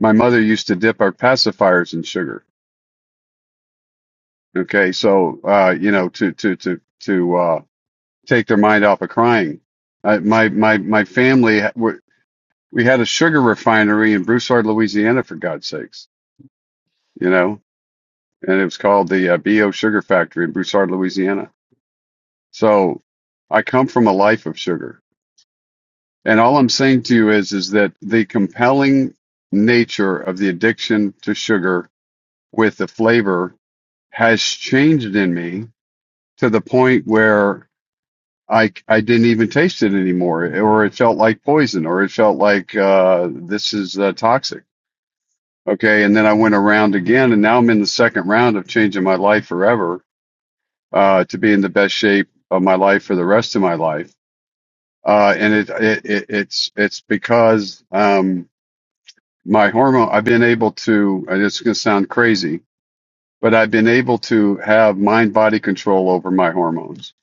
Speaker 8: My mother used to dip our pacifiers in sugar Okay, so uh, you know, to to to to uh, take their mind off of crying. I, my my my family ha- we we had a sugar refinery in Broussard, Louisiana, for God's sakes, you know, and it was called the uh, BO Sugar Factory in Broussard, Louisiana. So I come from a life of sugar, and all I'm saying to you is is that the compelling nature of the addiction to sugar with the flavor has changed in me to the point where I I didn't even taste it anymore, or it felt like poison, or it felt like uh, this is uh, toxic. Okay, and then I went around again, and now I'm in the second round of changing my life forever uh, to be in the best shape of my life for the rest of my life. Uh, and it, it, it it's it's because um, my hormone. I've been able to. and It's going to sound crazy, but I've been able to have mind body control over my hormones.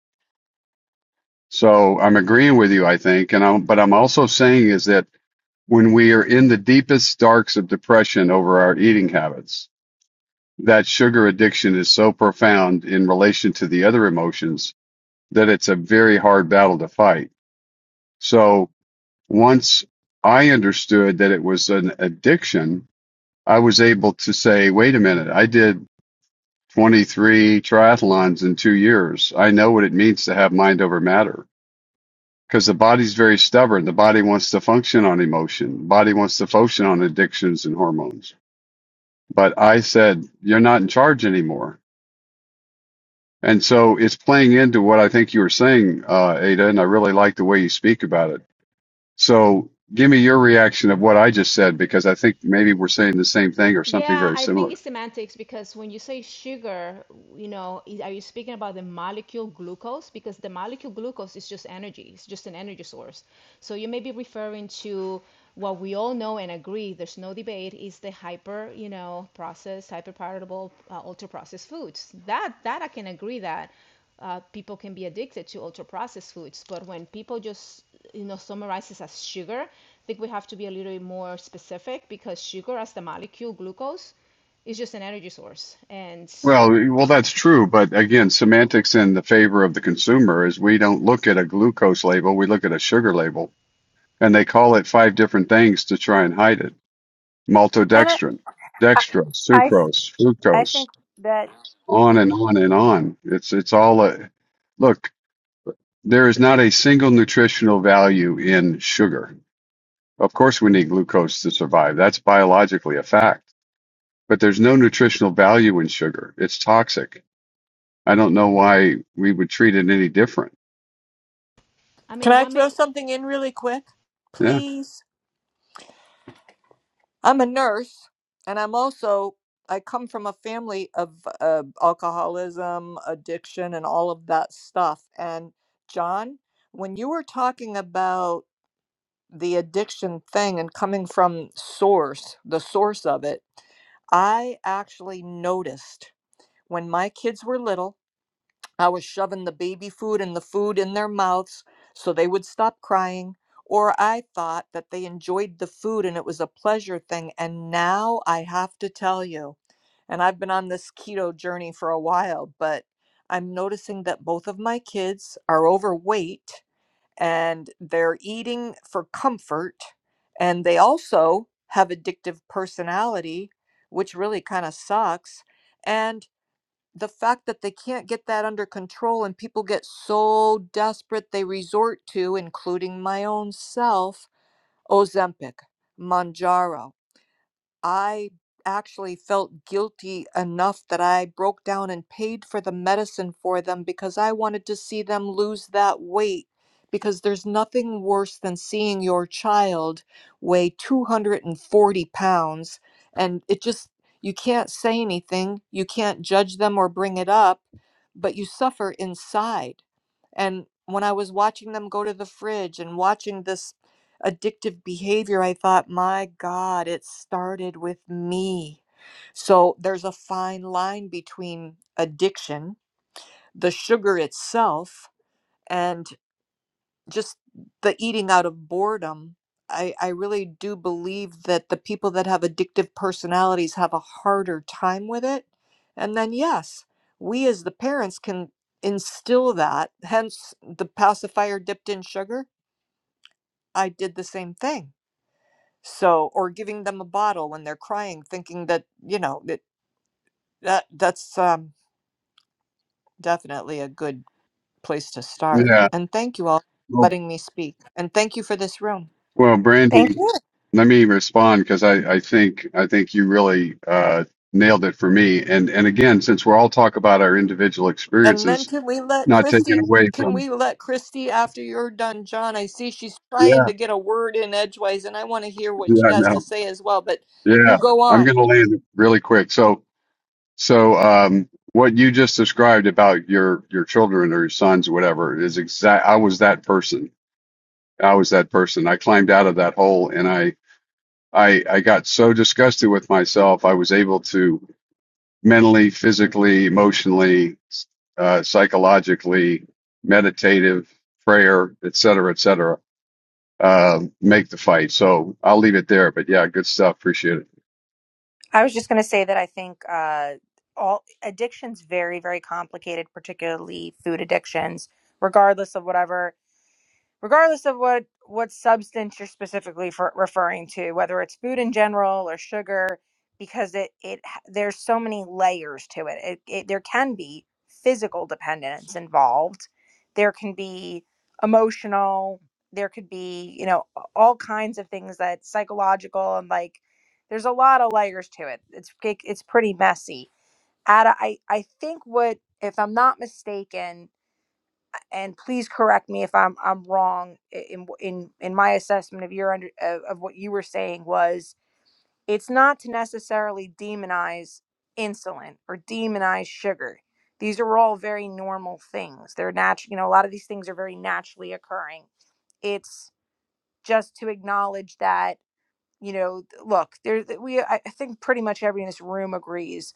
Speaker 8: So I'm agreeing with you, I think, and I'm, but I'm also saying is that when we are in the deepest darks of depression over our eating habits. That sugar addiction is so profound in relation to the other emotions that it's a very hard battle to fight. So once I understood that it was an addiction, I was able to say, wait a minute, I did 23 triathlons in two years. I know what it means to have mind over matter because the body's very stubborn. The body wants to function on emotion. The body wants to function on addictions and hormones. But I said, you're not in charge anymore. And so it's playing into what I think you were saying, uh, Ada, and I really like the way you speak about it. So give me your reaction of what I just said, because I think maybe we're saying the same thing or something
Speaker 6: Yeah,
Speaker 8: very
Speaker 6: I think
Speaker 8: similar.
Speaker 6: it's semantics because when you say sugar, you know, i- are you speaking about the molecule glucose? Because the molecule glucose is just energy, it's just an energy source. So you may be referring to what we all know and agree, there's no debate, is the hyper, you know, processed, hyperpalatable, uh, ultra processed foods. That that I can agree that. uh, people can be addicted to ultra processed foods. But when people just you know summarizes as sugar, I think we have to be a little bit more specific because sugar, as the molecule glucose, is just an energy source. And
Speaker 8: Well, well, that's true. But again, semantics in the favor of the consumer is we don't look at a glucose label. We look at a sugar label and they call it five different things to try and hide it.
Speaker 7: And it,
Speaker 8: Maltodextrin,
Speaker 7: I,
Speaker 8: dextrose,
Speaker 7: I,
Speaker 8: sucrose,
Speaker 7: I
Speaker 8: fructose,
Speaker 7: think that.
Speaker 8: on and on and on. It's it's all a look. There is not a single nutritional value in sugar. Of course, we need glucose to survive. That's biologically a fact. But there's no nutritional value in sugar. It's toxic. I don't know why we would treat it any different.
Speaker 6: I
Speaker 9: Can
Speaker 6: mean,
Speaker 9: I
Speaker 6: what
Speaker 9: throw
Speaker 6: may
Speaker 9: something in really quick?
Speaker 8: Yeah,
Speaker 9: Please. I'm a nurse and I'm also I come from a family of uh, alcoholism, addiction and all of that stuff. And John, when you were talking about the addiction thing and coming from source, the source of it, I actually noticed when my kids were little I was shoving the baby food and the food in their mouths so they would stop crying, or I thought that they enjoyed the food and it was a pleasure thing. And now I have to tell you, and I've been on this keto journey for a while, but I'm noticing that both of my kids are overweight and they're eating for comfort. And they also have addictive personality, which really kind of sucks. and the fact that they can't get that under control and people get so desperate they resort to, including my own self, Ozempic, Manjaro. I actually felt guilty enough that I broke down and paid for the medicine for them because I wanted to see them lose that weight. Because there's nothing worse than seeing your child weigh 240 pounds. And it just, you can't say anything, you can't judge them or bring it up, but you suffer inside. And when I was watching them go to the fridge and watching this addictive behavior, I thought, my God, it started with me. So there's a fine line between addiction, the sugar itself, and just the eating out of boredom. I, I really do believe that the people that have addictive personalities have a harder time with it. And then, yes, we as the parents can instill that. Hence, the pacifier dipped in sugar. I did the same thing so or giving them a bottle when they're crying thinking that you know that, that that's um, definitely a good place to start
Speaker 8: yeah.
Speaker 9: and thank you all for
Speaker 8: Well,
Speaker 9: letting me speak and thank you for this room
Speaker 8: well,
Speaker 7: Thank
Speaker 8: Brandy,
Speaker 7: you.
Speaker 8: let me respond because I, I think I think you really uh, nailed it for me. And and again, since we're all talk about our individual
Speaker 9: and then
Speaker 8: experiences,
Speaker 9: can we let
Speaker 8: not taken
Speaker 9: christy
Speaker 8: away
Speaker 9: can
Speaker 8: from.
Speaker 9: we let christy after you're done john i see she's
Speaker 8: Yeah
Speaker 9: trying to get a word in edgewise and i want to hear what she
Speaker 8: Yeah, I
Speaker 9: has to
Speaker 8: know.
Speaker 9: say as well but you
Speaker 8: Yeah,
Speaker 9: go
Speaker 8: I'm
Speaker 9: on
Speaker 8: going to land it really quick. So, so um, what you just described about your your children or your sons, or whatever, is exact. I was that person. I was that person. I climbed out of that hole, and I I I got so disgusted with myself. I was able to mentally, physically, emotionally, uh, psychologically, meditative, prayer, et cetera, et cetera, uh, make the fight. So I'll leave it there. But yeah, good stuff. Appreciate it.
Speaker 7: I was just going to say that I think uh, all addictions very, very complicated, particularly food addictions, regardless of whatever regardless of what what substance you're specifically for, referring to whether it's food in general or sugar because it it there's so many layers to it. it it there can be physical dependence involved there can be emotional there could be you know all kinds of things that psychological and like there's a lot of layers to it it's it, it's pretty messy Ada, I, I think what if i'm not mistaken and please correct me if I'm I'm wrong in in in my assessment of your under of, of what you were saying was it's not to necessarily demonize insulin or demonize sugar. These are all very normal things. They're natural, you know, a lot of these things are very naturally occurring. It's just to acknowledge that you know th- look there th- we i I think pretty much everyone in this room agrees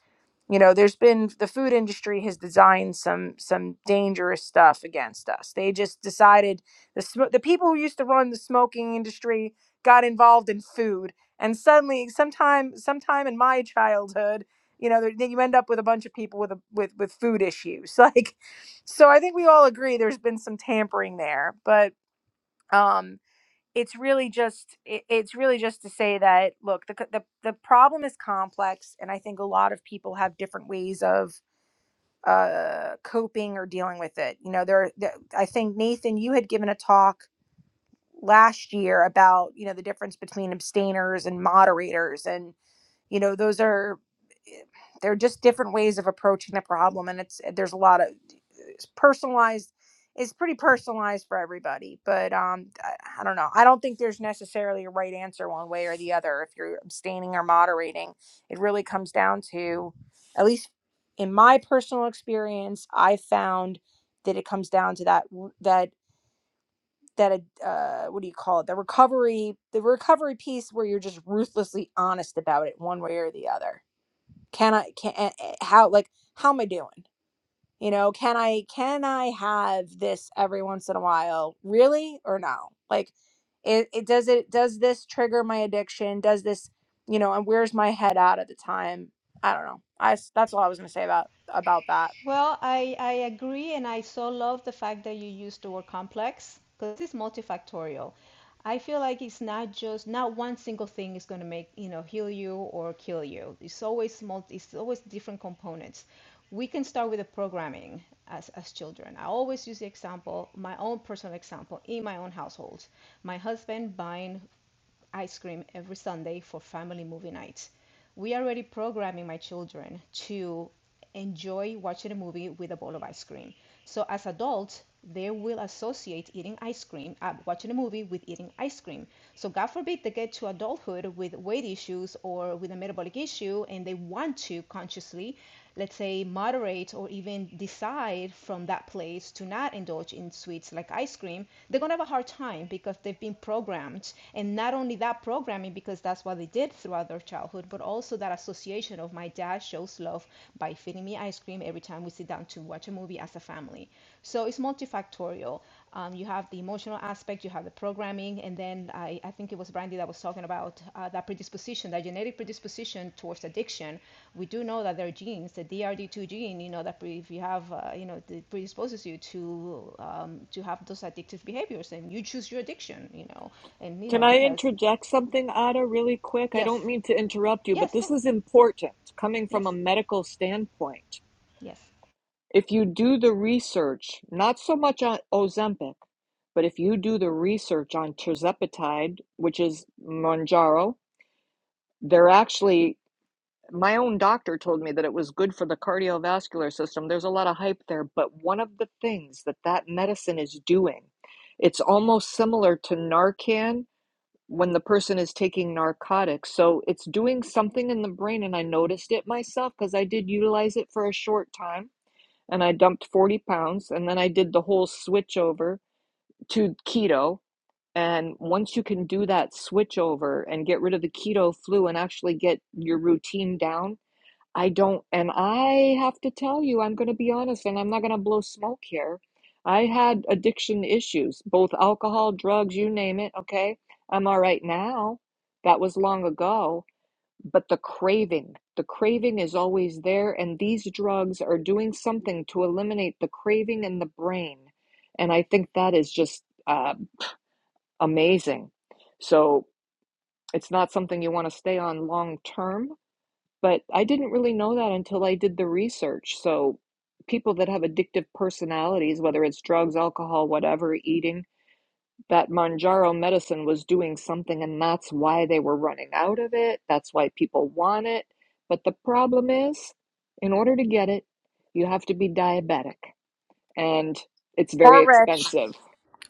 Speaker 7: you know there's been the food industry has designed some some dangerous stuff against us they just decided the sm- the people who used to run the smoking industry got involved in food and suddenly sometime sometime in my childhood you know there- you end up with a bunch of people with a with with food issues *laughs* like so i think we all agree there's been some tampering there but Um, it's really just it, it's really just to say that look the, co- the the problem is complex and i think a lot of people have different ways of uh coping or dealing with it you know there, there i think nathan you had given a talk last year about you know the difference between abstainers and moderators and you know those are eh, they're just different ways of approaching the problem and it's there's a lot of it's personalized it's pretty personalized for everybody but um I, I don't know i don't think there's necessarily a right answer one way or the other if you're abstaining or moderating it really comes down to at least in my personal experience i found that it comes down to that that that uh uh, what do you call it the recovery the recovery piece where you're just ruthlessly honest about it one way or the other can i can eh, eh, how like how am i doing you know, can I can I have this every once in a while? Really or no? Like it, it does it does this trigger my addiction? Does this, you know, and where's my head at at the time? I don't know. I s- that's all I was going to say about about that.
Speaker 6: Well, I, I agree, and I so love the fact that you used the word complex because it's multifactorial. I feel like it's not just not one single thing is going to make, you know, heal you or kill you. It's always multi, it's always different components. We can start with the programming as, as children. I always use the example, my own personal example in my own household. My husband buying ice cream every Sunday for family movie nights. we are already programming my children to enjoy watching a movie with a bowl of ice cream. So as adults, they will associate eating ice cream, uh, watching a movie with eating ice cream. So God forbid they get to adulthood with weight issues or with a metabolic issue, and they want to consciously, let's say, moderate or even decide from that place to not indulge in sweets like ice cream. They're gonna have a hard time because they've been programmed, and not only that programming, because that's what they did throughout their childhood, but also that association of my dad shows love by feeding me ice cream every time we sit down to watch a movie as a family. So it's multifactorial. Um, you have the emotional aspect, you have the programming, and then I, I think it was Brandy that was talking about uh, that predisposition, that genetic predisposition towards addiction. We do know that there are genes, the DRD2 gene, you know, that pre- if you have, uh, you know, it predisposes you to um, to have those addictive behaviors, and you choose your addiction, you know, and you
Speaker 9: Can
Speaker 6: know
Speaker 9: I
Speaker 6: because
Speaker 9: interject something, Ada, really quick? I
Speaker 6: yes,
Speaker 9: don't mean to interrupt you, but
Speaker 6: yes,
Speaker 9: this
Speaker 6: go,
Speaker 9: is important coming from
Speaker 6: yes,
Speaker 9: a medical standpoint.
Speaker 6: yes.
Speaker 9: If you do the research, not so much on Ozempic, but if you do the research on tirzepatide, which is Mounjaro, they're actually, my own doctor told me that it was good for the cardiovascular system. There's a lot of hype there, but one of the things that that medicine is doing, it's almost similar to Narcan when the person is taking narcotics. So it's doing something in the brain. And I noticed it myself because I did utilize it for a short time and I dumped 40 pounds. And then I did the whole switch over to keto. And once you can do that switch over and get rid of the keto flu and actually get your routine down, I don't, and I have to tell you, I'm going to be honest, and I'm not going to blow smoke here. I had addiction issues, both alcohol, drugs, you name it, okay? I'm all right now. That was long ago. But the craving, the craving is always there, and these drugs are doing something to eliminate the craving in the brain. And I think that is just uh, amazing. So it's not something you want to stay on long term but I didn't really know that until I did the research. So, people that have addictive personalities, whether it's drugs, alcohol, whatever, eating, that Manjaro medicine was doing something, and that's why they were running out of it. That's why people want it. But the problem is, in order to get it, you have to be diabetic, and it's very
Speaker 7: Or rich.
Speaker 9: expensive.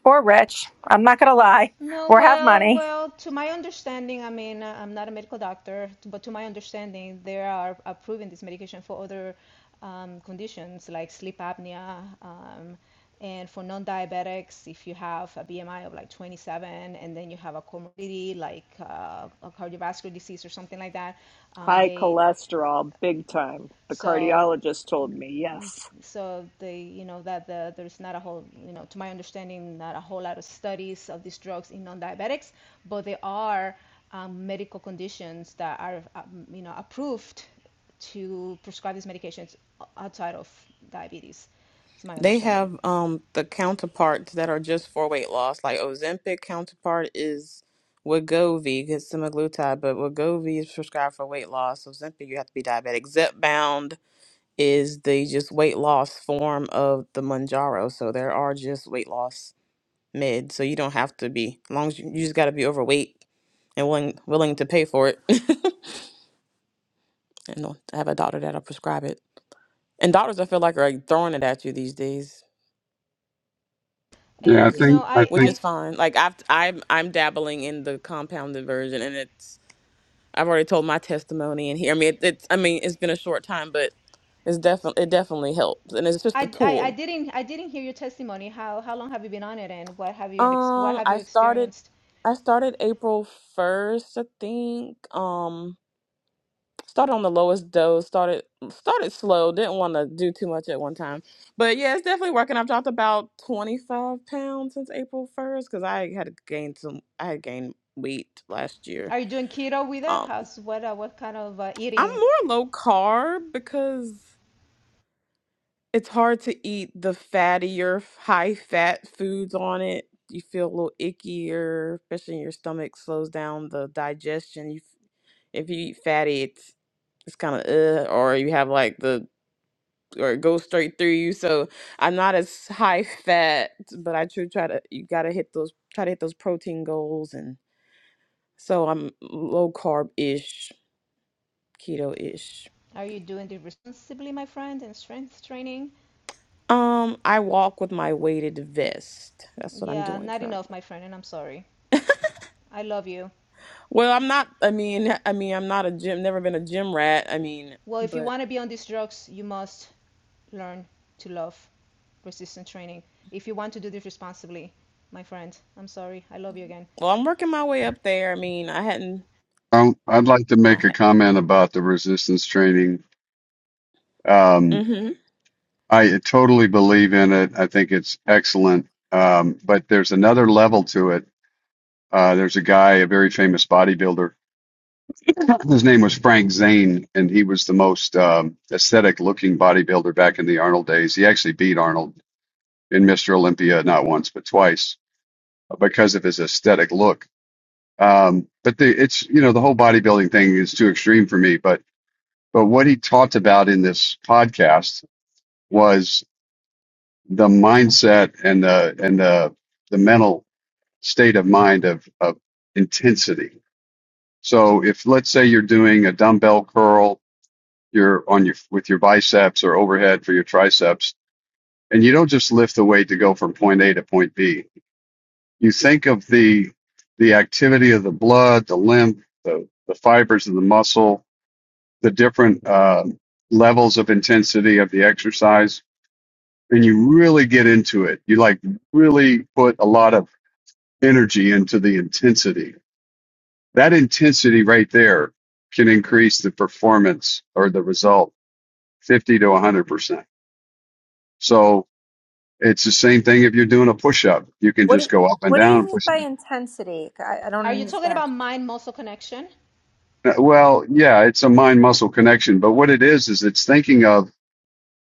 Speaker 7: Or rich. I'm not going to lie.
Speaker 6: No,
Speaker 7: Or have
Speaker 6: well,
Speaker 7: money.
Speaker 6: well, to my understanding, I mean, uh, I'm not a medical doctor, but to my understanding, they are approving this medication for other um, conditions like sleep apnea, um, and for non-diabetics, if you have a BMI of like 27 and then you have a comorbidity like uh, a cardiovascular disease or something like that, um,
Speaker 9: High
Speaker 6: they
Speaker 9: cholesterol, big time. The
Speaker 6: so
Speaker 9: cardiologist told me, yes.
Speaker 6: so they you know that the, there's not a whole you know to my understanding not a whole lot of studies of these drugs in non-diabetics but they are um, medical conditions that are um, you know approved to prescribe these medications outside of diabetes it's my
Speaker 2: They
Speaker 6: understanding
Speaker 2: have um the counterparts that are just for weight loss. Like Ozempic counterpart is Wegovy, because semaglutide, but Wegovy is prescribed for weight loss. Ozempic, you have to be diabetic. Zepbound is the just weight loss form of the Manjaro. So there are just weight loss mid, so you don't have to be. As long as you, you just got to be overweight and willing willing to pay for it, *laughs* and don't have a doctor that'll prescribe it. And doctors, I feel like, are like, throwing it at you these days,
Speaker 8: Yeah, I
Speaker 2: which
Speaker 6: and you
Speaker 2: is
Speaker 6: know
Speaker 8: think I
Speaker 6: i
Speaker 2: which
Speaker 8: think.
Speaker 6: i
Speaker 2: is fine. Like I've I'm I'm dabbling in the compounded version, and it's I've already told my testimony in here. I mean, it, it's I mean it's been a short time, but it's definitely it definitely helps, and it's just a
Speaker 6: I, I,
Speaker 2: tool.
Speaker 6: didn't I didn't hear your testimony. How how long have you been on it, and what have you been what
Speaker 2: Um,
Speaker 6: have
Speaker 2: I
Speaker 6: you
Speaker 2: started
Speaker 6: experienced?
Speaker 2: I started April first, I think. Um started on the lowest dose started started slow didn't want to do too much at one time but yeah it's definitely working i've dropped about 25 pounds since april 1st because i had gained some i had gained weight last year
Speaker 6: Are you doing keto with it?
Speaker 2: um
Speaker 6: How's what uh, what kind of uh,
Speaker 2: i'm
Speaker 6: eating
Speaker 2: more low carb because it's hard to eat the fattier high fat foods on it you feel a little ickier especially in your stomach slows down the digestion you if you eat fatty it's it's kind of uh, or you have like the or go straight through you. So I'm not as high fat, but I do try to you gotta hit those try to hit those protein goals and so I'm low carb ish, keto ish.
Speaker 6: Are you doing it responsibly, my friend, and strength training?
Speaker 2: Um, I walk with my weighted vest. That's what I'm
Speaker 6: Yeah,
Speaker 2: doing
Speaker 6: not enough,
Speaker 2: currently.
Speaker 6: my friend, and I'm sorry. I love you.
Speaker 2: Well, I'm not I mean I mean I'm not a gym never been a gym rat. I mean,
Speaker 6: Well, if you
Speaker 2: but
Speaker 6: want to be on these drugs, you must learn to love resistance training. If you want to do this responsibly, my friend, I'm sorry. I love you again.
Speaker 2: well I'm working my way up there. I mean I hadn't
Speaker 8: Um, I'd like to
Speaker 2: I
Speaker 8: make a
Speaker 2: had,
Speaker 8: comment about the resistance training. Um,
Speaker 2: mm-hmm.
Speaker 8: I totally believe in it. I think it's excellent. Um, but there's another level to it. Uh, there's a guy, a very famous bodybuilder. His name was Frank Zane, and he was the most um, aesthetic looking bodybuilder back in the Arnold days. He actually beat Arnold in Mr. Olympia not once, but twice uh, because of his aesthetic look. Um, but the, it's, you know, the whole bodybuilding thing is too extreme for me, but But what he talked about in this podcast was the mindset and the and the the mental state of mind of, of intensity. So if let's say you're doing a dumbbell curl, you're on your with your biceps or overhead for your triceps, and you don't just lift the weight to go from point A to point B. You think of the the activity of the blood, the lymph, the, the fibers of the muscle, the different uh, levels of intensity of the exercise and you really get into it. You like really put a lot of energy into the intensity. That intensity right there can increase the performance or the result 50 to 100%. So it's the same thing if you're doing a push up. You can
Speaker 7: What
Speaker 8: just
Speaker 7: do,
Speaker 8: go up and
Speaker 7: what do
Speaker 8: down
Speaker 7: you
Speaker 8: and
Speaker 7: mean
Speaker 8: push.
Speaker 7: by intensity? I, I don't
Speaker 6: Are you talking
Speaker 7: understand.
Speaker 6: about mind muscle connection?
Speaker 8: Well, yeah, it's a mind muscle connection, but what it is is it's thinking of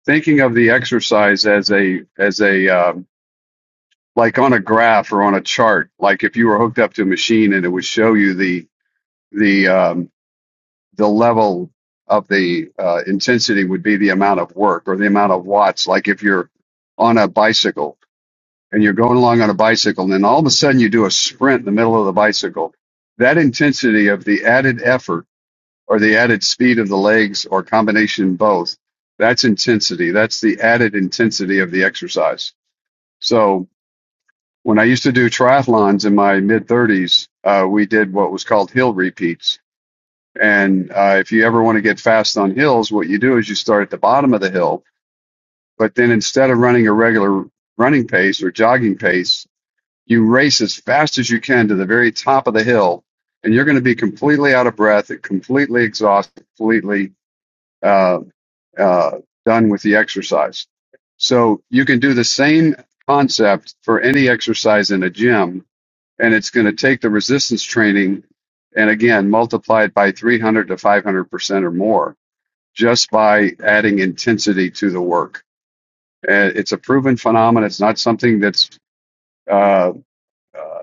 Speaker 8: thinking of the exercise as a as a um, like on a graph or on a chart. Like if you were hooked up to a machine and it would show you the the um, the level of the uh, intensity would be the amount of work or the amount of watts. Like if you're on a bicycle and you're going along on a bicycle, and then all of a sudden you do a sprint in the middle of the bicycle, that intensity of the added effort or the added speed of the legs or combination both, that's intensity. That's the added intensity of the exercise. So when I used to do triathlons in my mid 30s, uh, we did what was called hill repeats And uh, if you ever want to get fast on hills, what you do is you start at the bottom of the hill, but then instead of running a regular running pace or jogging pace, you race as fast as you can to the very top of the hill, and you're going to be completely out of breath, and completely exhausted, completely uh, uh, done with the exercise. So you can do the same concept for any exercise in a gym and it's going to take the resistance training and again multiply it by 300 to 500 percent or more just by adding intensity to the work and it's a proven phenomenon it's not something that's uh, uh,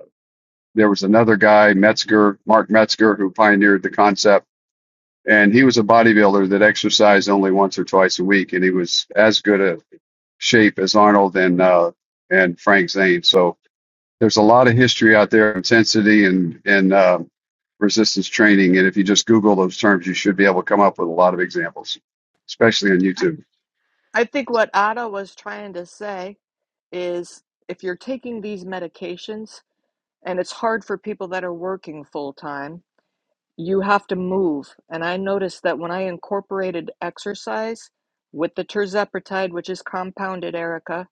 Speaker 8: there was another guy metzger mark metzger who pioneered the concept and he was a bodybuilder that exercised only once or twice a week and he was as good a shape as arnold and uh, and frank zane so there's a lot of history out there of intensity and and uh, resistance training and if you just google those terms you should be able to come up with a lot of examples especially on
Speaker 9: I,
Speaker 8: youtube
Speaker 9: I think what Ada was trying to say is if you're taking these medications and it's hard for people that are working full time, you have to move. And I noticed that when I incorporated exercise with the terzepatide, which is compounded, Erica,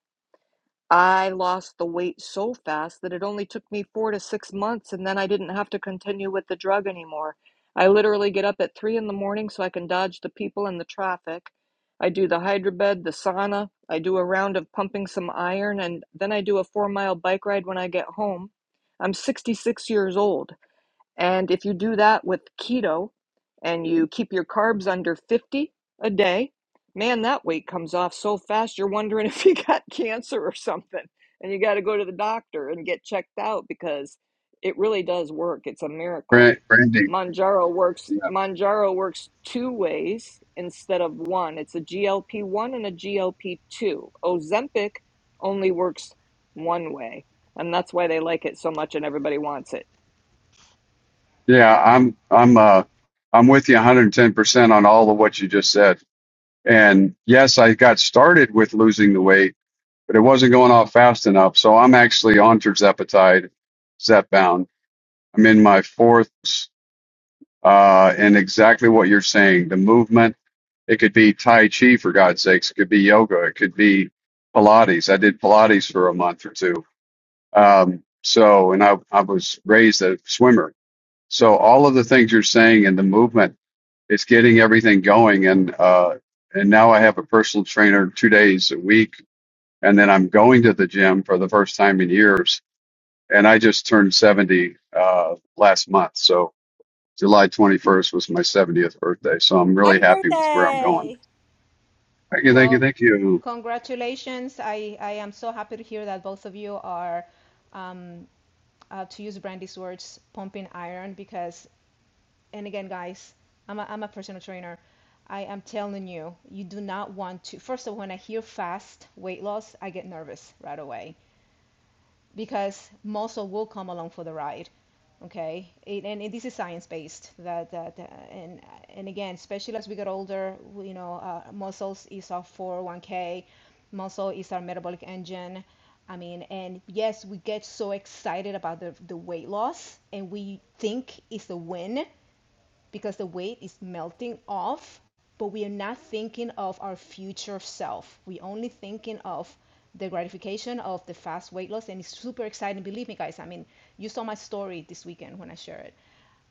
Speaker 9: I lost the weight so fast that it only took me four to six months, and then I didn't have to continue with the drug anymore. I literally get up at three in the morning so I can dodge the people and the traffic. I do the hydrobed, the sauna. I do a round of pumping some iron, and then I do a four mile bike ride when I get home. I'm 66 years old. And if you do that with keto and you keep your carbs under 50 a day, man, that weight comes off so fast you're wondering *laughs* if you got cancer or something. And you got to go to the doctor and get checked out because it really does work. It's a miracle.
Speaker 8: Brand- branding
Speaker 9: Manjaro works Manjaro works two ways instead of one. It's a GLP-1 and a GLP-2. Ozempic only works one way, and that's why they like it so much and everybody wants it.
Speaker 8: yeah i'm i'm uh i'm with you 110% on all of what you just said and yes i got started with losing the weight but it wasn't going off fast enough so i'm actually on terzepatide zepbound i'm in my fourth uh, and exactly what you're saying. The movement, it could be Tai Chi for God's sakes. It could be yoga. It could be Pilates. I did Pilates for a month or two. Um, so, and I, I was raised a swimmer. So all of the things you're saying and the movement, it's getting everything going. And, uh, and now I have a personal trainer two days a week. And then I'm going to the gym for the first time in years. And I just turned 70, uh, last month. So, July 21st was my 70th birthday, so I'm really
Speaker 7: Happy
Speaker 8: happy with where I'm going.
Speaker 7: birthday.
Speaker 8: Thank you, thank you,
Speaker 6: Well,
Speaker 8: thank you.
Speaker 6: congratulations. I, I am so happy to hear that both of you are, um, uh, to use Brandy's words, pumping iron because and again, guys, I'm a, I'm a personal trainer. I am telling you, you do not want to. First of all, when I hear fast weight loss, I get nervous right away because muscle will come along for the ride. Okay, it, and it, this is science based. That that uh, and and again, especially as we get older, you know, uh, muscles is our 401k. Muscle is our metabolic engine. I mean, and yes, we get so excited about the, the weight loss and we think it's a win because the weight is melting off, but we are not thinking of our future self. We're only thinking of the gratification of the fast weight loss, and it's super exciting. Believe me, guys. I mean, you saw my story this weekend when I shared it.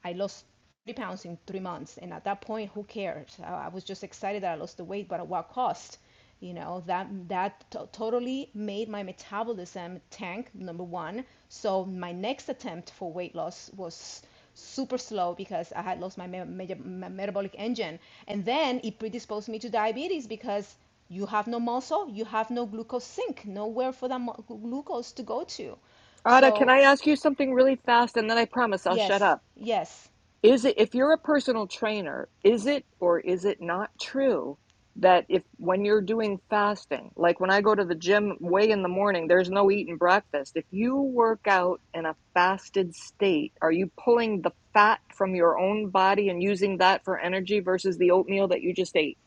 Speaker 6: I lost 30 pounds in three months. And at that point, who cared? I, I was just excited that I lost the weight, but at what cost? You know, that that to- totally made my metabolism tank, number one. So my next attempt for weight loss was super slow because I had lost my me- me- me- metabolic engine. And then it predisposed me to diabetes because you have no muscle, you have no glucose sink, nowhere for that mu- glucose to go to.
Speaker 9: Ada, can
Speaker 6: So,
Speaker 9: I ask you something really fast and then I promise I'll shut
Speaker 6: yes,
Speaker 9: up?
Speaker 6: yes.
Speaker 9: Is it, if you're a personal trainer, is it or is it not true that if when you're doing fasting, like when I go to the gym way in the morning, there's no eating breakfast. If you work out in a fasted state, are you pulling the fat from your own body and using that for energy versus the oatmeal that you just ate?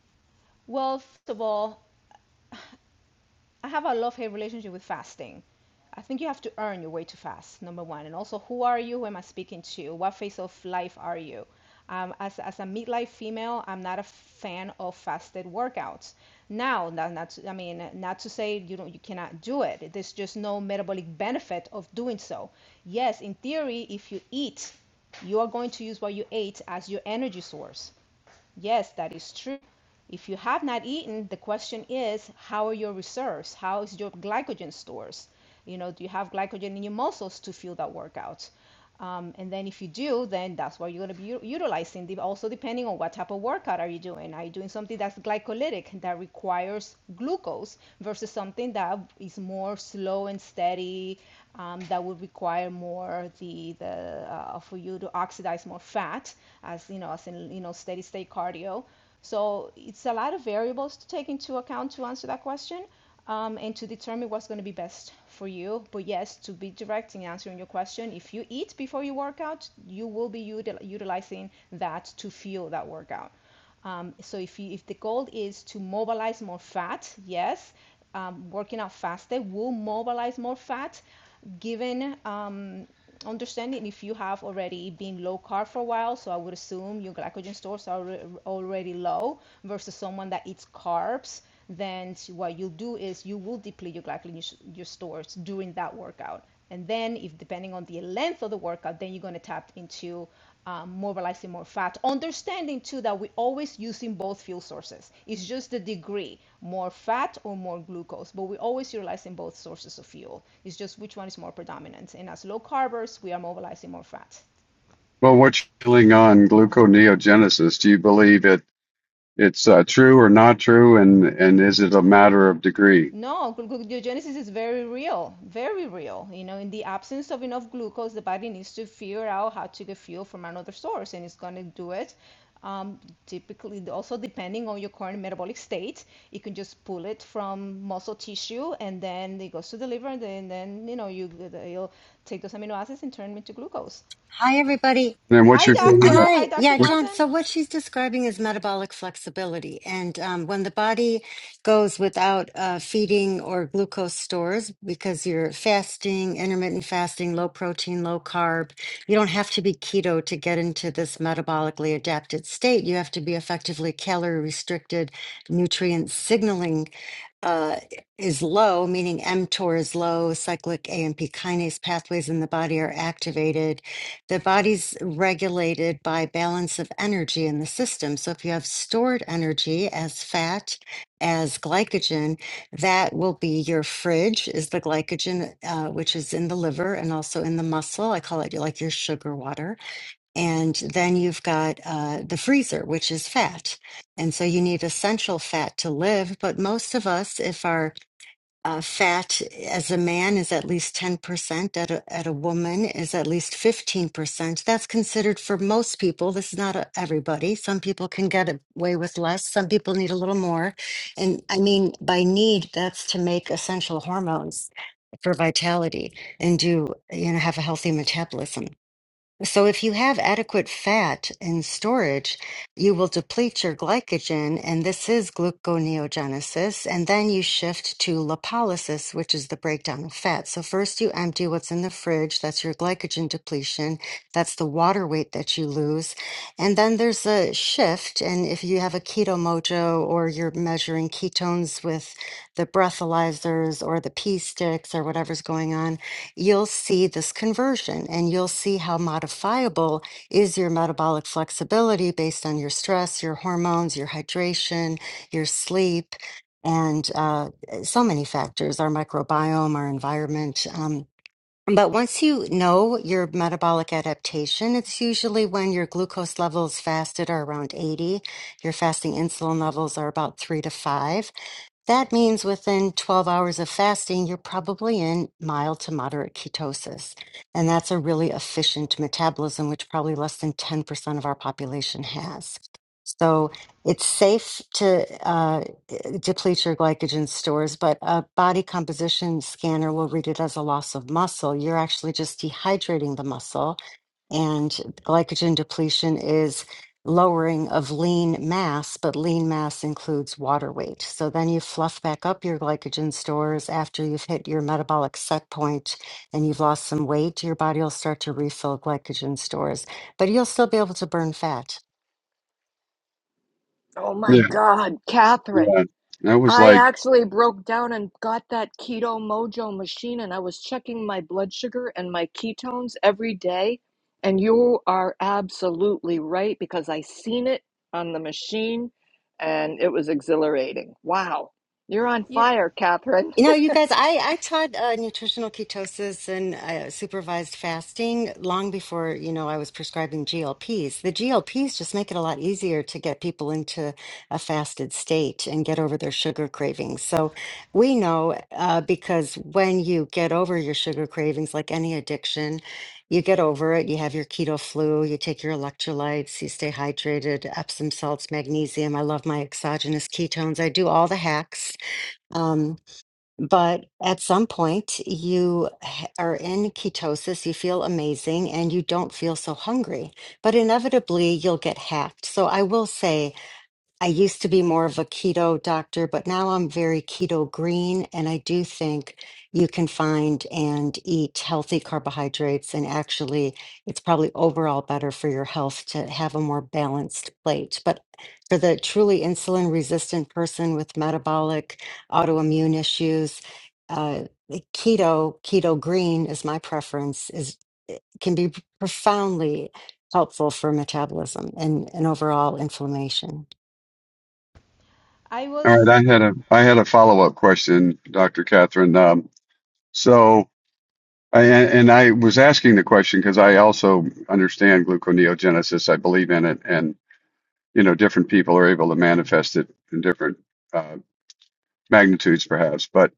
Speaker 6: Well, first of all, I have a love hate relationship with fasting. I think you have to earn your way to fast, number one. And also, who are you? Who am I speaking to? What phase of life are you? Um, as, as a midlife female, I'm not a fan of fasted workouts. Now, not, not to- I mean, not to say you don't, you cannot do it. There's just no metabolic benefit of doing so. Yes, in theory, if you eat, you are going to use what you ate as your energy source. Yes, that is true. If you have not eaten, the question is how are your reserves? How is your glycogen stores? You know, do you have glycogen in your muscles to fuel that workout? Um, and then if you do, then that's what you're going to be u- utilizing. De- Also, depending on what type of workout are you doing? Are you doing something that's glycolytic that requires glucose versus something that is more slow and steady um, that would require more the the uh, for you to oxidize more fat as you know as in you know steady state cardio. So it's a lot of variables to take into account to answer that question um, and to determine what's going to be best for you. But yes, to be direct in answering your question, if you eat before you work out, you will be util- utilizing that to fuel that workout. Um, so if you, if the goal is to mobilize more fat, yes, um, working out fasted will mobilize more fat, given um, understanding if you have already been low carb for a while so i would assume your glycogen stores are already low versus someone that eats carbs then what you'll do is you will deplete your glycogen your stores during that workout and then if depending on the length of the workout then you're going to tap into um, mobilizing more fat. Understanding too that we are always using both fuel sources. It's just the degree, more fat or more glucose, but we are always utilizing both sources of fuel. It's just which one is more predominant. And as low carbers, we are mobilizing more fat.
Speaker 8: Well, what's feeling on gluconeogenesis? Do you believe it? It's uh, true or not true, and and is it a matter of degree? And
Speaker 6: No, gluconeogenesis is very real, very real. You know, in the absence of enough glucose, the body needs to figure out how to get fuel from another source, and it's going to do it. Um, typically, also depending on your current metabolic state, you can just pull it from muscle tissue, and then it goes to the liver, and then, then you know you you'll take those amino acids and turn them into glucose.
Speaker 10: Hi, everybody.
Speaker 8: then what's
Speaker 6: Hi,
Speaker 8: your
Speaker 10: E,
Speaker 8: feeling of
Speaker 6: doctor. Hi,
Speaker 10: Hi.
Speaker 6: Dr.
Speaker 10: Yeah,
Speaker 8: what?
Speaker 10: John.
Speaker 6: Johnson.
Speaker 10: So, what she's describing is metabolic flexibility. And um, when the body goes without uh, feeding or glucose stores because you're fasting, intermittent fasting, low protein, low carb, you don't have to be keto to get into this metabolically adapted state. You have to be effectively calorie restricted, nutrient signaling uh, is low, meaning mTOR is low, cyclic AMP kinase pathways in the body are activated the body's regulated by balance of energy in the system. So if you have stored energy as fat, as glycogen, that will be your fridge is the glycogen, uh, which is in the liver and also in the muscle. I call it like your sugar water. And then you've got uh, the freezer, which is fat. And so you need essential fat to live. But most of us, if our uh, fat as a man is at least 10%, at a, at a woman is at least 15%. That's considered for most people. This is not a, everybody. Some people can get away with less, some people need a little more. And I mean, by need, that's to make essential hormones for vitality and do, you know, have a healthy metabolism. So if you have adequate fat in storage, you will deplete your glycogen, and this is gluconeogenesis, and then you shift to lipolysis, which is the breakdown of fat. So first you empty what's in the fridge, that's your glycogen depletion, that's the water weight that you lose, and then there's a shift, and if you have a keto mojo or you're measuring ketones with the breathalyzers or the pee sticks or whatever's going on, you'll see this conversion and you'll see how modifiable is your metabolic flexibility based on your stress, your hormones, your hydration, your sleep, and uh, so many factors our microbiome, our environment. Um, but once you know your metabolic adaptation, it's usually when your glucose levels fasted are around 80, your fasting insulin levels are about three to five. That means within 12 hours of fasting, you're probably in mild to moderate ketosis. And that's a really efficient metabolism, which probably less than 10% of our population has. So it's safe to uh, eh, deplete your glycogen stores, but a body composition scanner will read it as a loss of muscle. You're actually just dehydrating the muscle and glycogen depletion is lowering of lean mass, but lean mass includes water weight. So then you fluff back up your glycogen stores after you've hit your metabolic set point and you've lost some weight, your body will start to refill glycogen stores, but you'll still be able to burn fat.
Speaker 9: Oh my
Speaker 8: Yeah,
Speaker 9: God, Catherine.
Speaker 8: yeah. That was
Speaker 9: I
Speaker 8: like,
Speaker 9: actually broke down and got that Keto Mojo machine, and I was checking my blood sugar and my ketones every day. And you are absolutely right because I seen it on the machine and it was exhilarating. Wow. You're on
Speaker 6: You,
Speaker 9: fire, Catherine.
Speaker 10: You know, you guys, I, I tried uh, nutritional ketosis and uh, supervised fasting long before, you know, I was prescribing GLPs. The GLPs just make it a lot easier to get people into a fasted state and get over their sugar cravings. So we know uh, because when you get over your sugar cravings, like any addiction, you get over it, you have your keto flu, you take your electrolytes, you stay hydrated, Epsom salts, magnesium. I love my exogenous ketones. I do all the hacks. Um, but at some point, you h- are in ketosis, you feel amazing, and you don't feel so hungry. But inevitably, you'll get hacked. So I will say, I used to be more of a keto doctor, but now I'm very keto green. And I do think you can find and eat healthy carbohydrates. And actually, it's probably overall better for your health to have a more balanced plate. But for the truly insulin resistant person with metabolic autoimmune issues, uh, keto, keto green is my preference, is can be profoundly helpful for metabolism and, and overall inflammation.
Speaker 6: I
Speaker 8: all right.
Speaker 6: was.
Speaker 8: I had a I had a follow up question, Dr. Catherine. Um, so. I, and and I was asking the question because I also understand gluconeogenesis. I believe in it, and you know, different people are able to manifest it in different uh, magnitudes, perhaps. But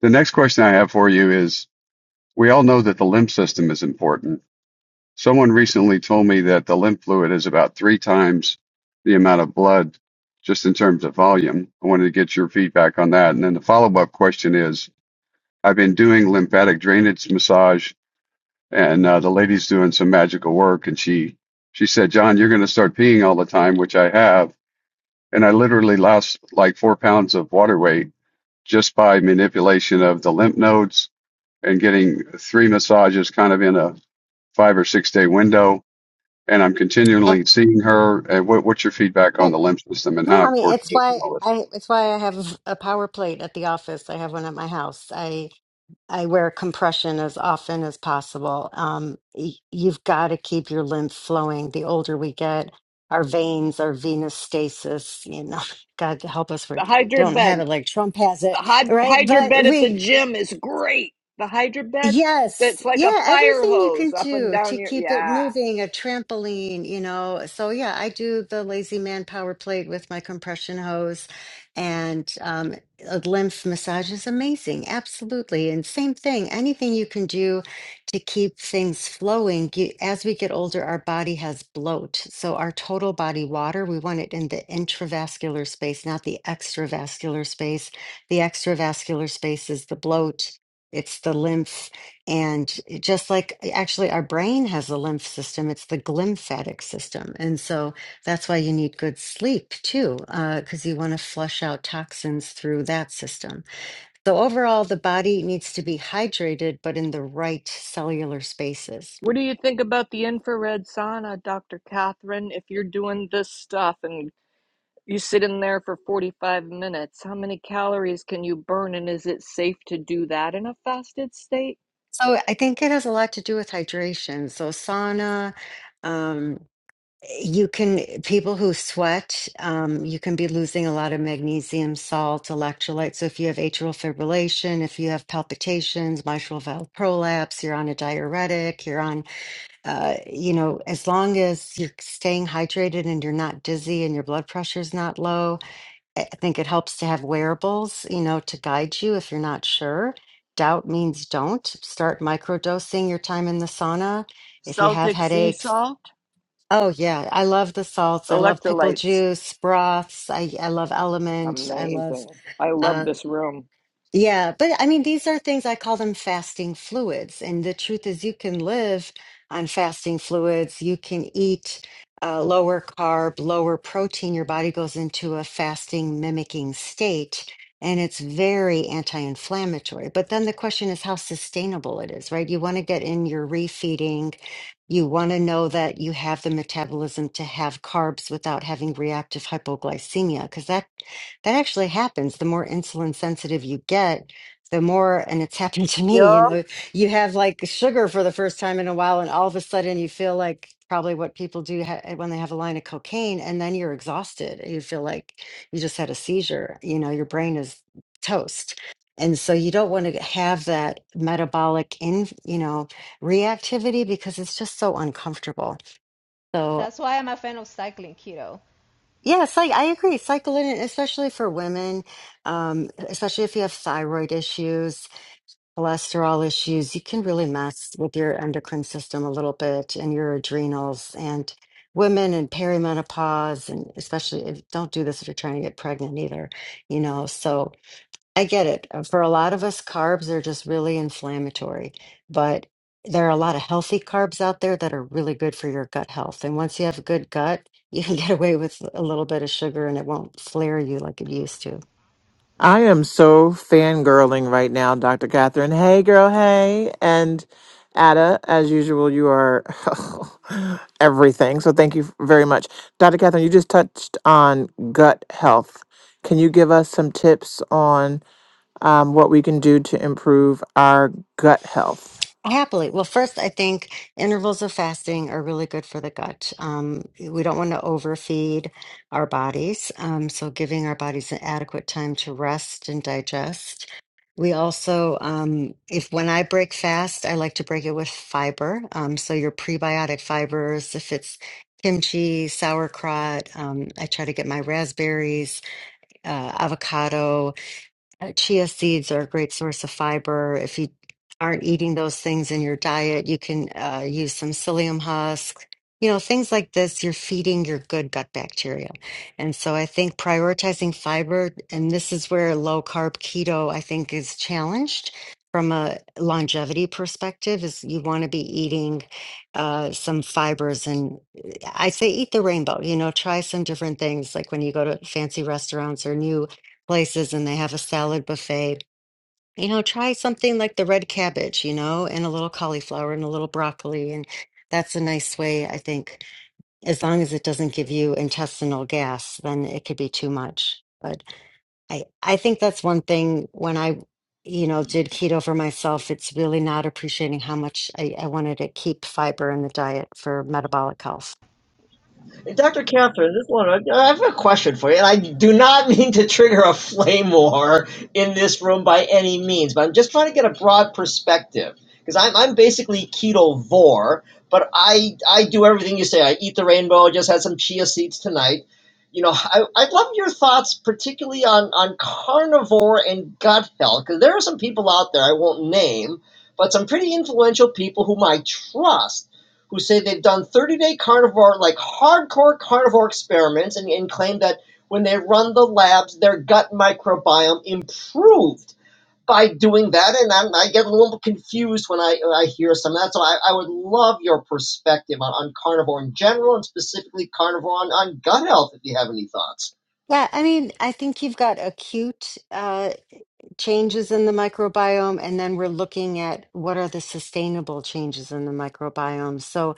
Speaker 8: the next question I have for you is we all know that the lymph system is important. Someone recently told me that the lymph fluid is about three times the amount of blood just in terms of volume. I wanted to get your feedback on that. And then the follow up question is I've been doing lymphatic drainage massage, and uh, the lady's doing some magical work, and she she said, John, you're going to start peeing all the time, which I have and I literally lost like four pounds of water weight just by manipulation of the lymph nodes and getting three massages kind of in a five or six day window. And I'm continually seeing her. And what, what's your feedback on
Speaker 10: Good.
Speaker 8: the lymph system and
Speaker 10: No,
Speaker 8: how
Speaker 10: I mean
Speaker 8: important
Speaker 10: it's
Speaker 8: it is and
Speaker 10: why
Speaker 8: all this?
Speaker 10: I it's why I have a power plate at the office. I have one at my house. I I wear compression as often as possible. Um, y- you've got to keep your lymph flowing. The older we get, our veins, our venous stasis, you know, *laughs* God help us, we
Speaker 9: The hydro
Speaker 10: don't have
Speaker 9: bed,
Speaker 10: it like Trump has
Speaker 9: the
Speaker 10: it,
Speaker 9: hyd-
Speaker 10: right?
Speaker 9: hydro
Speaker 10: But
Speaker 9: bed at
Speaker 10: we
Speaker 9: the gym is great. The hydro bed
Speaker 10: Yes.
Speaker 9: that's like a
Speaker 10: Yeah.
Speaker 9: fire
Speaker 10: Everything you
Speaker 9: hose
Speaker 10: can
Speaker 9: up and
Speaker 10: do
Speaker 9: down
Speaker 10: to
Speaker 9: your,
Speaker 10: keep it
Speaker 9: yeah.
Speaker 10: moving, a trampoline, you know. So, yeah, I do the lazy man power plate with my compression hose and um, a lymph massage is amazing. Absolutely. And same thing, anything you can do to keep things flowing. You, as we get older, our body has bloat. So, our total body water, we want it in the intravascular space, not the extravascular space. The extravascular space is the bloat it's the lymph and it- just like actually our brain has a lymph system, it's the glymphatic system. And so that's why you need good sleep too, because you want to flush out toxins through that system. So overall, the body needs to be hydrated, but in the right cellular spaces.
Speaker 9: What do you think about the infrared sauna, Dr. Catherine? If you're doing this stuff and you sit in there for 45 minutes, how many calories can you burn? And is it safe to do that in a fasted state?
Speaker 10: So I think it has a lot to do with hydration. So sauna, um, You can, people who sweat, um, you can be losing a lot of magnesium, salt, electrolytes. So if you have atrial fibrillation, if you have palpitations, mitral valve prolapse, you're on a diuretic, you're on, uh, you know, as long as you're staying hydrated and you're not dizzy and your blood pressure's not low, I I think it helps to have wearables, you know, to guide you if you're not sure. Doubt means don't. Start microdosing your time in the sauna if you have
Speaker 9: Celtic sea
Speaker 10: headaches
Speaker 9: salt,
Speaker 10: Oh yeah, I love the salts. I love pickle
Speaker 9: electrolytes.
Speaker 10: juice, broths. I I love element. I love
Speaker 9: Amazing. I love
Speaker 10: uh
Speaker 9: this room.
Speaker 10: yeah, but I mean these are things I call them fasting fluids. And the truth is you can live on fasting fluids. You can eat uh, lower carb, lower protein. Your body goes into a fasting mimicking state and it's very anti-inflammatory. But then the question is how sustainable it is, right? You want to get in your refeeding you want to know that you have the metabolism to have carbs without having reactive hypoglycemia, because that that actually happens. The more insulin sensitive you get, the more, and it's happened to me, you
Speaker 7: Yep.
Speaker 10: know, you have like sugar for the first time in a while, and all of a sudden you feel like probably what people do ha- eh, when they have a line of cocaine, and then you're exhausted. You feel like you just had a seizure. You know, your brain is toast. And so you don't want to have that metabolic in, you know, reactivity because it's just so uncomfortable. So
Speaker 6: That's why I'm a fan of cycling, keto.
Speaker 10: yeah, it's like I agree. Cycle in, especially for women, um, especially if you have thyroid issues, cholesterol issues, you can really mess with your endocrine system a little bit and your adrenals and women in perimenopause and especially if, don't do this if you're trying to get pregnant either, you know. So I get it. Uh, For a lot of us, carbs are just really inflammatory, but there are a lot of healthy carbs out there that are really good for your gut health. And once you have a good gut, you can *laughs* get away with a little bit of sugar and it won't flare you like it used to.
Speaker 3: I am so fangirling right now, Dr. Catherine. Hey, girl, hey. And Ada, as usual, you are *laughs* everything. So thank you very much. Dr. Catherine, you just touched on gut health. Can you give us some tips on um, what we can do to improve our gut health?
Speaker 10: Happily. Well, first, I think intervals of fasting are really good for the gut. Um, we don't want to overfeed our bodies. Um, so, giving our bodies an adequate time to rest and digest. We also, um, if when I break fast, I like to break it with fiber. Um, so, your prebiotic fibers, if it's kimchi, sauerkraut, um, I try to get my raspberries, uh, avocado. Uh, Chia seeds are a great source of fiber. If you aren't eating those things in your diet, you can uh, use some psyllium husk. You know, things like this, you're feeding your good gut bacteria. And so I think prioritizing fiber, and this is where low carb keto, I think, is challenged from a longevity perspective, is you want to be eating uh, some fibers. And uh, I say eat the rainbow, you know, try some different things. Like when you go to fancy restaurants or new places and they have a salad buffet. You know, try something like the red cabbage, you know, and a little cauliflower and a little broccoli. And that's a nice way, I think, as long as it doesn't give you intestinal gas, then it could be too much. But I, I think that's one thing when I, you know, did keto for myself, it's really not appreciating how much I, I wanted to keep fiber in the diet for metabolic health.
Speaker 5: Dr. Catherine, this one, I I have a question for you, and I do not *laughs* mean to trigger a flame war in this room by any means, but I'm just trying to get a broad perspective because I'm, I'm basically keto vor, but I, I do everything you say. I eat the rainbow, I just had some chia seeds tonight. You know, I, I'd love your thoughts, particularly on, on carnivore and gut health, because there are some people out there I won't name, but some pretty influential people whom I trust who say they've done 30 day carnivore, like hardcore carnivore experiments, and, and claim that when they run the labs, their gut microbiome improved by doing that. And I'm, I get a little confused when I, I hear some of that. So I, I would love your perspective on, on carnivore in general and specifically carnivore on, on gut health if you have any thoughts.
Speaker 10: Yeah, I mean, I think you've got acute uh, changes in the microbiome and then we're looking at what are the sustainable changes in the microbiome so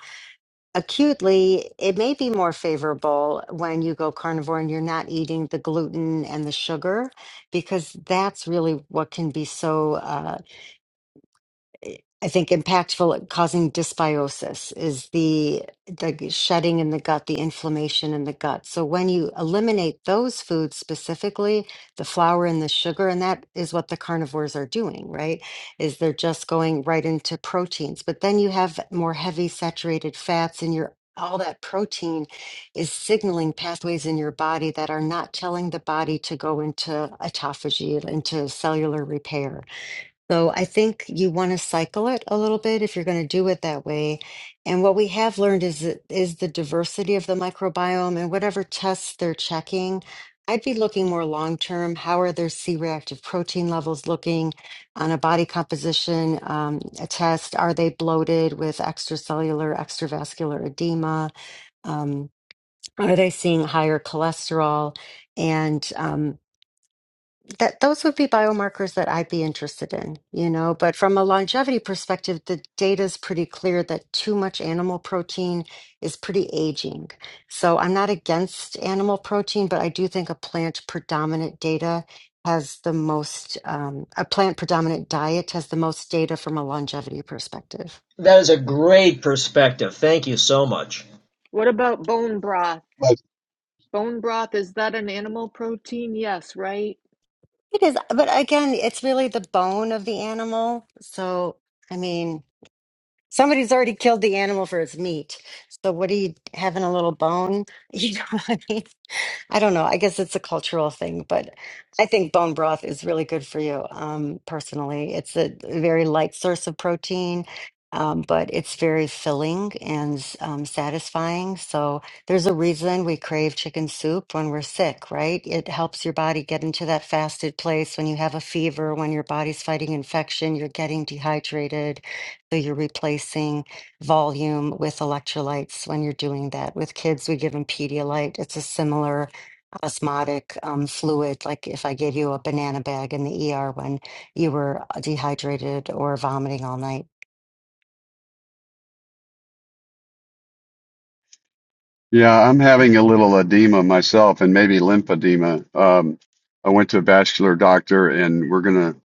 Speaker 10: acutely it may be more favorable when you go carnivore and you're not eating the gluten and the sugar because that's really what can be so uh, I think impactful at causing dysbiosis is the the shedding in the gut, the inflammation in the gut. So when you eliminate those foods specifically, the flour and the sugar, and that is what the carnivores are doing, right? Is they're just going right into proteins. But then you have more heavy saturated fats and your all that protein is signaling pathways in your body that are not telling the body to go into autophagy, into cellular repair. So I think you want to cycle it a little bit if you're going to do it that way. And what we have learned is that- is the diversity of the microbiome and whatever tests they're checking. I'd be looking more long term. How are their C-reactive protein levels looking on a body composition um, a test? Are they bloated with extracellular, extravascular edema? Um, are they seeing higher cholesterol? And um, that those would be biomarkers that I'd be interested in, you know. But from a longevity perspective, the data is pretty clear that too much animal protein is pretty aging. So I'm not against animal protein, but I do think a plant predominant data has the most, um, a plant predominant diet has the most data from a longevity perspective.
Speaker 5: That is a great perspective. Thank you so much.
Speaker 9: What about bone broth? Bone broth, is that an animal protein? Yes, right?
Speaker 10: It is, but again, it's really the bone of the animal. So, I mean, Somebody's already killed the animal for its meat. So what are you having a little bone? *laughs* You know what I mean? I don't know. I guess it's a cultural thing, but I think bone broth is really good for you, um, personally. It's a very light source of protein, um, but it's very filling and um, satisfying. So there's a reason we crave chicken soup when we're sick, right? It helps your body get into that fasted place when you have a fever, when your body's fighting infection, you're getting dehydrated. So you're replacing volume with electrolytes when you're doing that. With kids, we give them Pedialyte. It's a similar osmotic um, fluid, like if I gave you a banana bag in the ER when you were dehydrated or vomiting all night.
Speaker 8: yeah, I'm having a little edema myself and maybe lymphedema. Um, I went to a vascular doctor and we're going to,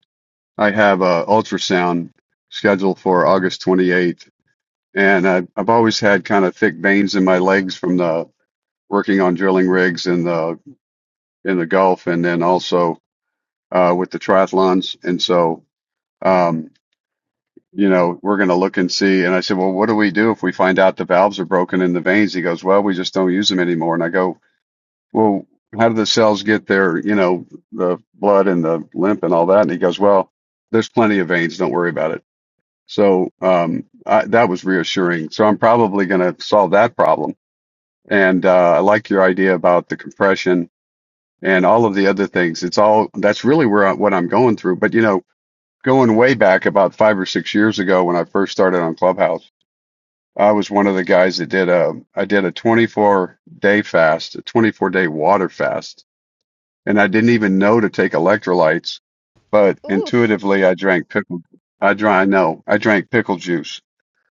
Speaker 8: I have a ultrasound scheduled for August 28th And I, I've always had kind of thick veins in my legs from the working on drilling rigs in the in the Gulf, and then also uh, with the triathlons. And so, um, you know, we're going to look and see. And I said, well, what do we do if we find out the valves are broken in the veins? He goes, well, we just don't use them anymore. And I go, well, how do the cells get their, you know, the blood and the lymph and all that? And he goes, well, there's plenty of veins. Don't worry about it. So um, I, that was reassuring. So I'm probably going to solve that problem And uh, I like your idea about the compression and all of the other things. It's all that's really where I, what I'm going through. But you know, going way back about five or six years ago when I first started on Clubhouse, I was one of the guys that did a I did a 24 day fast, a 24 day water fast, and I didn't even know to take electrolytes. But
Speaker 6: Oof.
Speaker 8: intuitively, I drank pickle. I drank. I know I drank pickle juice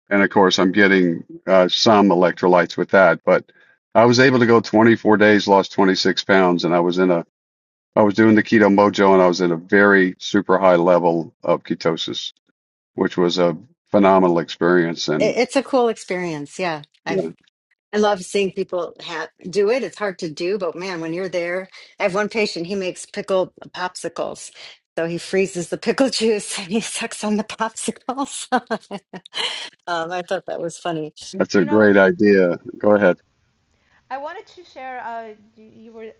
Speaker 8: and of course i'm getting uh, some electrolytes with that but i was able to go 24 days lost 26 pounds and i was in a i was doing the keto mojo and i was in a very super high level of ketosis which was a phenomenal experience and
Speaker 10: It, it's a cool experience. Yeah. I've,
Speaker 8: yeah,
Speaker 10: I love seeing people ha- do it. It's hard to do, but man, when you're there, I have one patient, he makes pickled popsicles. So he freezes the pickle *laughs* juice and he sucks on the popsicles. *laughs* um, I thought that was funny.
Speaker 8: that's a
Speaker 6: You know,
Speaker 8: great idea go ahead
Speaker 6: I wanted to share. Uh, you were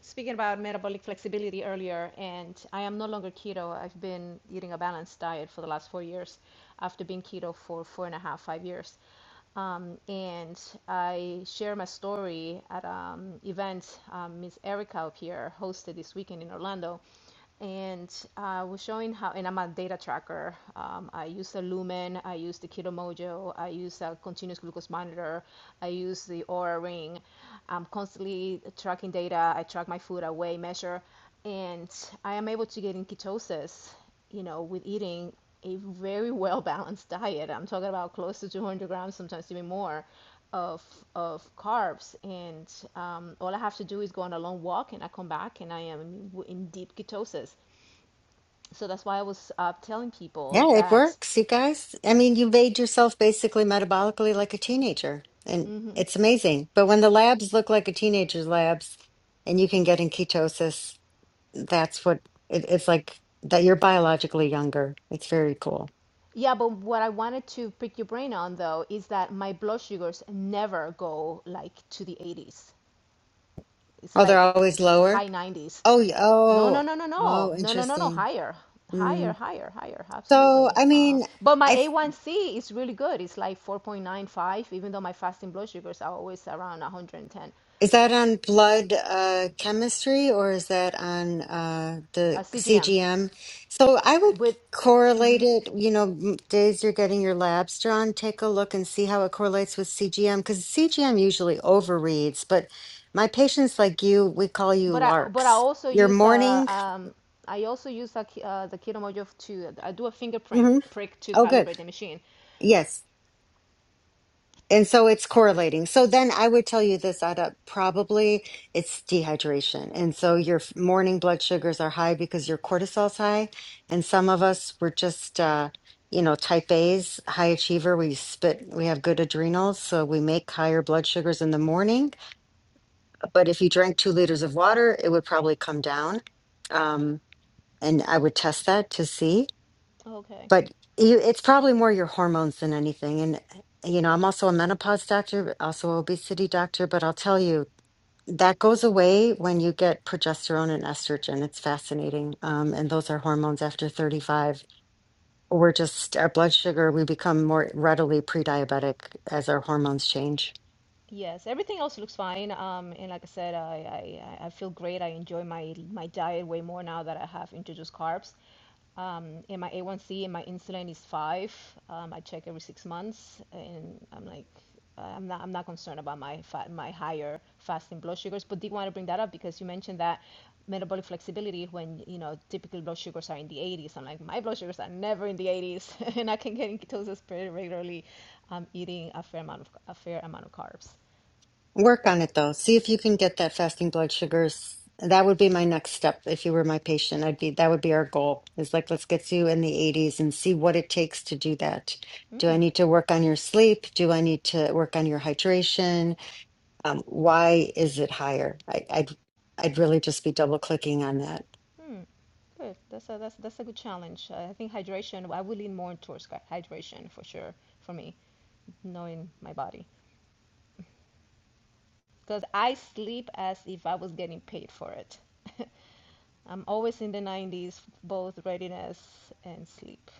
Speaker 6: speaking about metabolic flexibility earlier, and I am no longer keto. I've been eating a balanced diet for the last four years, after being keto for four and a half, five years. Um, and I share my story at an um, event um, Miss Erica up here hosted this weekend in Orlando and I uh, was showing how, and I'm a data tracker. Um, I use the Lumen, I use the Keto Mojo, I use a continuous glucose monitor, I use the Aura Ring. I'm constantly tracking data. I track my food, I weigh, measure, and I am able to get in ketosis you know, with eating a very well balanced diet, I'm talking about close to 200 grams, sometimes even more, of of carbs, and um, all I have to do is go on a long walk, and I come back, and I am in, deep ketosis. So that's why I was uh, telling people
Speaker 10: Yeah, it
Speaker 6: that.
Speaker 10: works, you guys. I mean, you made yourself basically metabolically like a teenager, and
Speaker 6: hmm
Speaker 10: it's amazing. But when the labs look like a teenager's labs and you can get in ketosis, that's what it, it's like that you're biologically younger. It's very cool.
Speaker 6: yeah, but what I wanted to pick your brain on though is that my blood sugars never go like to the 80s. It's
Speaker 10: Oh, they're
Speaker 6: like
Speaker 10: always lower?
Speaker 6: high 90s.
Speaker 10: Oh, y-
Speaker 6: No, no,
Speaker 10: oh,
Speaker 6: no, no, no,
Speaker 10: oh,
Speaker 6: no, no, no, no.
Speaker 10: interesting.
Speaker 6: Higher, higher,
Speaker 10: Mm.
Speaker 6: higher, higher.
Speaker 10: So,
Speaker 6: Absolutely.
Speaker 10: I
Speaker 6: Um,
Speaker 10: mean,
Speaker 6: but my
Speaker 10: I
Speaker 6: A1C is really good. It's like 4.95, even though my fasting blood sugars are always around 110
Speaker 10: Is that on blood uh, chemistry or is that on uh,
Speaker 6: uh,
Speaker 10: the
Speaker 6: CGM.
Speaker 10: CGM? So I would
Speaker 6: With,
Speaker 10: correlate
Speaker 6: mhm.
Speaker 10: it, you know, m- days you're getting your labs drawn, take a look and see how it correlates with CGM because CGM usually overreads. But my patients like you, we call you
Speaker 6: but I but I
Speaker 10: larks.
Speaker 6: also
Speaker 10: Your
Speaker 6: use uh,
Speaker 10: morning.
Speaker 6: um, I also use a, uh, the Keto Mojo to I do a finger prick
Speaker 10: hmm
Speaker 6: prick to
Speaker 10: Oh, good.
Speaker 6: calibrate the machine.
Speaker 10: Yes. And so it's correlating. So then I would tell you this, Ada, probably it's dehydration. And so your f- morning blood sugars are high because your cortisol's high. And some of us were just, uh, you know, type A's, high achiever. We spit, we have good adrenals. So we make higher blood sugars in the morning. But if you drank two liters of water, it would probably come down. Um, and I would test that to see
Speaker 6: Okay.
Speaker 10: but you, it's probably more your hormones than anything. And, you know, I'm also a menopause doctor, also an obesity doctor, but I'll tell you, that goes away when you get progesterone and estrogen. It's fascinating. Um, and those are hormones after 35. We're just, our blood sugar, we become more readily pre diabetic as our hormones change.
Speaker 6: Yes, everything else looks fine. Um, and like I said, I, I, I I feel great. I enjoy my my diet way more now that I have introduced carbs. Um, and my A1C and my insulin is five. Um, I check every six months, and I'm like, uh, I'm not I'm not concerned about my fat, my higher fasting blood sugars. But did want to bring that up because you mentioned that metabolic flexibility when you know typical blood sugars are in the 80s. I'm like, my blood sugars are never in the 80s, *laughs* and I can get in ketosis pretty regularly, um, eating a fair amount of a fair amount of carbs.
Speaker 10: Work on it though. See if you can get that fasting blood sugars. That would be my next step if you were my patient. I'd be that would be our goal. Is like let's get you in the 80s and see what it takes to do that. Do I
Speaker 6: Mm,
Speaker 10: need to work on your sleep? Do I need to work on your hydration? Um, why is it higher? I, I'd I'd really just be double clicking on that.
Speaker 6: mm. Good. That's a that's that's a good challenge. I think hydration. I would lean more towards hy- hydration for sure for me, knowing my body, because I sleep as if I was getting paid for it. I'm always in the 90s, both readiness and sleep.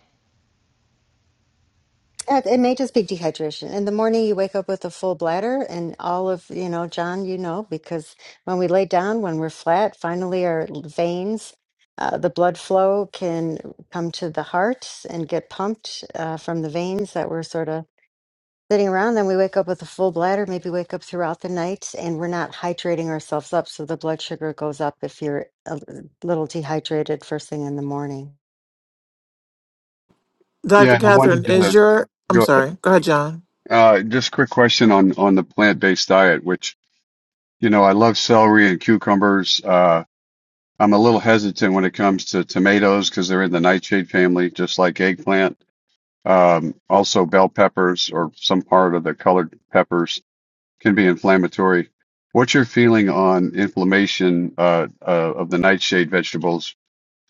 Speaker 10: Uh, It may just be dehydration. In the morning, you wake up with a full bladder, and all of, you know, John, you know, because when we lay down, when we're flat, finally our l- veins, uh, the blood flow can come to the heart and get pumped uh, from the veins that were sort of sitting around. Then we wake up with a full bladder, maybe wake up throughout the night, and we're not hydrating ourselves up. So the blood sugar goes up if you're a l- little dehydrated first thing in the morning.
Speaker 8: yeah
Speaker 3: Dr.
Speaker 8: i wanted
Speaker 3: Catherine, is
Speaker 8: to
Speaker 3: your. I'm
Speaker 8: go
Speaker 3: sorry. Go ahead, John.
Speaker 8: ahead. uh, just quick question on on the plant-based diet which you know i love celery and cucumbers uh, I'm a little hesitant when it comes to tomatoes because they're in the nightshade family, just like eggplant. Um, also, bell peppers or some part of the colored peppers can be inflammatory. What's your feeling on inflammation uh, uh, of the nightshade vegetables?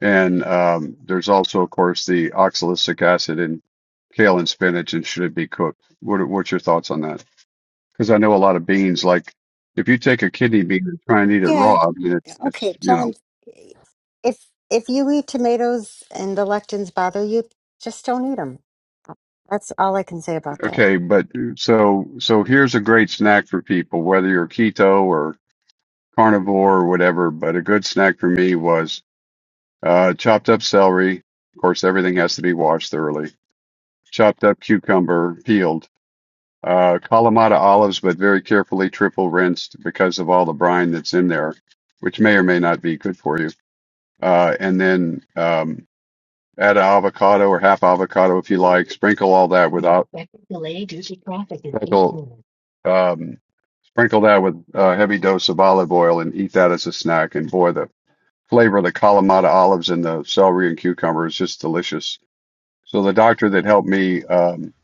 Speaker 8: And um, there's also, of course, the oxalic acid in kale and spinach, and should it be cooked? What are, what's your thoughts on that? Because I know a lot of beans, like if you take a kidney bean and try and eat it raw, I mean, it's, it's
Speaker 10: Okay,
Speaker 8: you know.
Speaker 10: John, if if you eat tomatoes and the lectins bother you, just don't eat them. That's all I can say about that.
Speaker 8: Okay, but so so here's a great snack for people, whether you're keto or carnivore or whatever. But a good snack for me was uh, chopped up celery. Of course, everything has to be washed thoroughly. Chopped up cucumber, peeled. Uh, Kalamata olives, but very carefully triple rinsed because of all the brine that's in there, which may or may not be good for you. Uh, and then um, Add an avocado or half avocado if you like. Sprinkle all that with av- sprinkle um, sprinkle that with a heavy dose of olive oil and eat that as a snack. And boy, the flavor of the Kalamata olives and the celery and cucumber is just delicious. So the doctor that helped me um,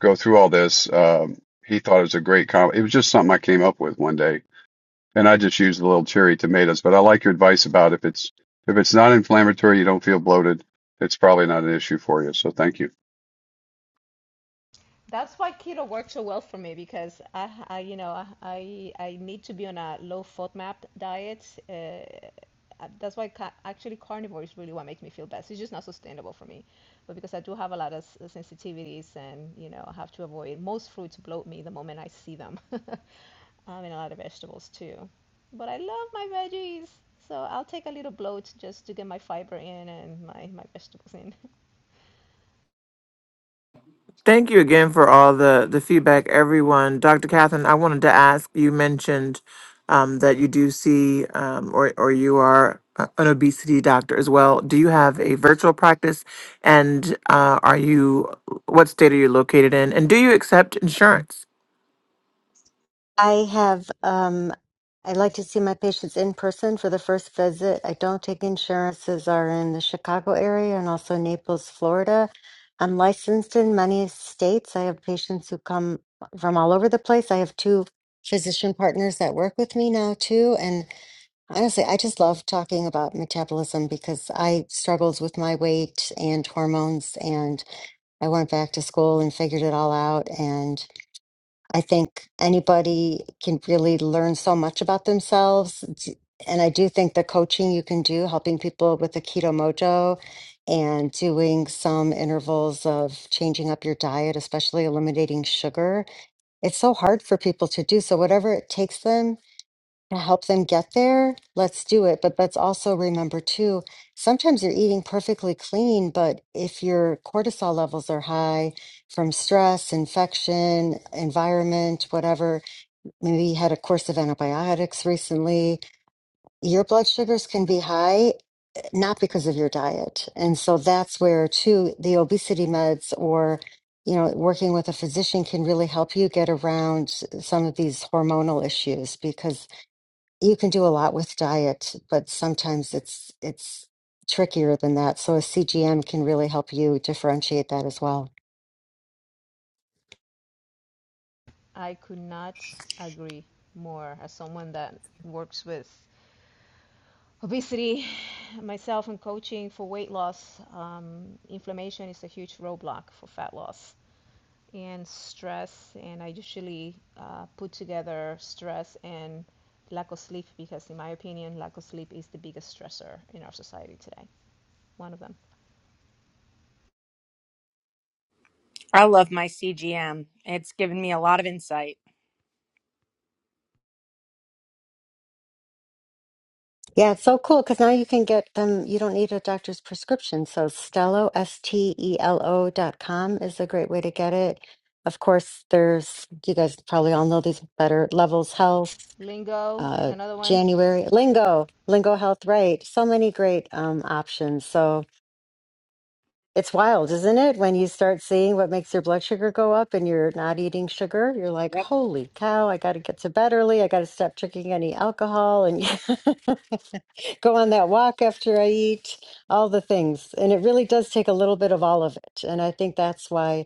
Speaker 8: go through all this, um, he thought it was a great combo. It was just something I came up with one day and I just use the little cherry tomatoes. But I like your advice about if it's if it's not inflammatory, you don't feel bloated. It's probably not an issue for you. So thank you.
Speaker 6: That's why keto works so well for me because I, I you know, I I need to be on a low FODMAP diet. Uh, uh, that's why ca- actually carnivore is really what makes me feel best. It's just not sustainable for me, but because I do have a lot of s- sensitivities and you know I have to avoid most fruits bloat me the moment I see them. *laughs* I mean a lot of vegetables too, but I love my veggies, so I'll take a little bloat just to get my fiber in and my my vegetables in.
Speaker 3: Thank you again for all the, the feedback, everyone. Dr. Catherine, I wanted to ask you mentioned um, that you do see um, or, or you are a- an obesity doctor as well. Do you have a virtual practice? And uh, are you, what state are you located in? And do you accept insurance?
Speaker 10: I have um I like to see my patients in person for the first visit. I don't take insurances are in the Chicago area and also Naples, Florida. I'm licensed in many states. I have patients who come from all over the place. I have two physician partners that work with me now too, and. Honestly, I just love talking about metabolism because I struggled with my weight and hormones, and I went back to school and figured it all out. And I think anybody can really learn so much about themselves. D- And I do think the coaching you can do, helping people with the keto mojo and doing some intervals of changing up your diet, especially eliminating sugar, it's so hard for people to do. So, whatever it takes them to help them get there, let's do it. But let's also remember too, sometimes you're eating perfectly clean, but if your cortisol levels are high from stress, infection, environment, whatever, maybe you had a course of antibiotics recently, your blood sugars can be high, not because of your diet. And so that's where too, the obesity meds or you know, working with a physician can really help you get around some of these hormonal issues because you can do a lot with diet, but sometimes it's it's trickier than that. So a CGM can really help you differentiate that as well.
Speaker 6: I could not agree more as someone that works with obesity myself and coaching for weight loss. Um, inflammation is a huge roadblock for fat loss and stress. And I usually uh, put together stress and lack of sleep because, in my opinion, lack of sleep is the biggest stressor in our society today. One of them.
Speaker 7: I love my CGM. It's given me a lot of insight.
Speaker 10: Yeah, it's so cool because now you can get them. You don't need a doctor's prescription. So Stelo, S T E L O dot com is a great way to get it. Of course, there's you guys probably all know these better levels health,
Speaker 6: Lingo is
Speaker 10: uh,
Speaker 6: another one.
Speaker 10: January lingo, lingo health, right? So many great um, options. So It's wild, isn't it? When you start seeing what makes your blood sugar go up and you're not eating sugar, you're like,
Speaker 7: Yep.
Speaker 10: holy cow, I got to get to bed early. I got to stop drinking any alcohol and *laughs* go on that walk after I eat, all the things. And it really does take a little bit of all of it. And I think that's why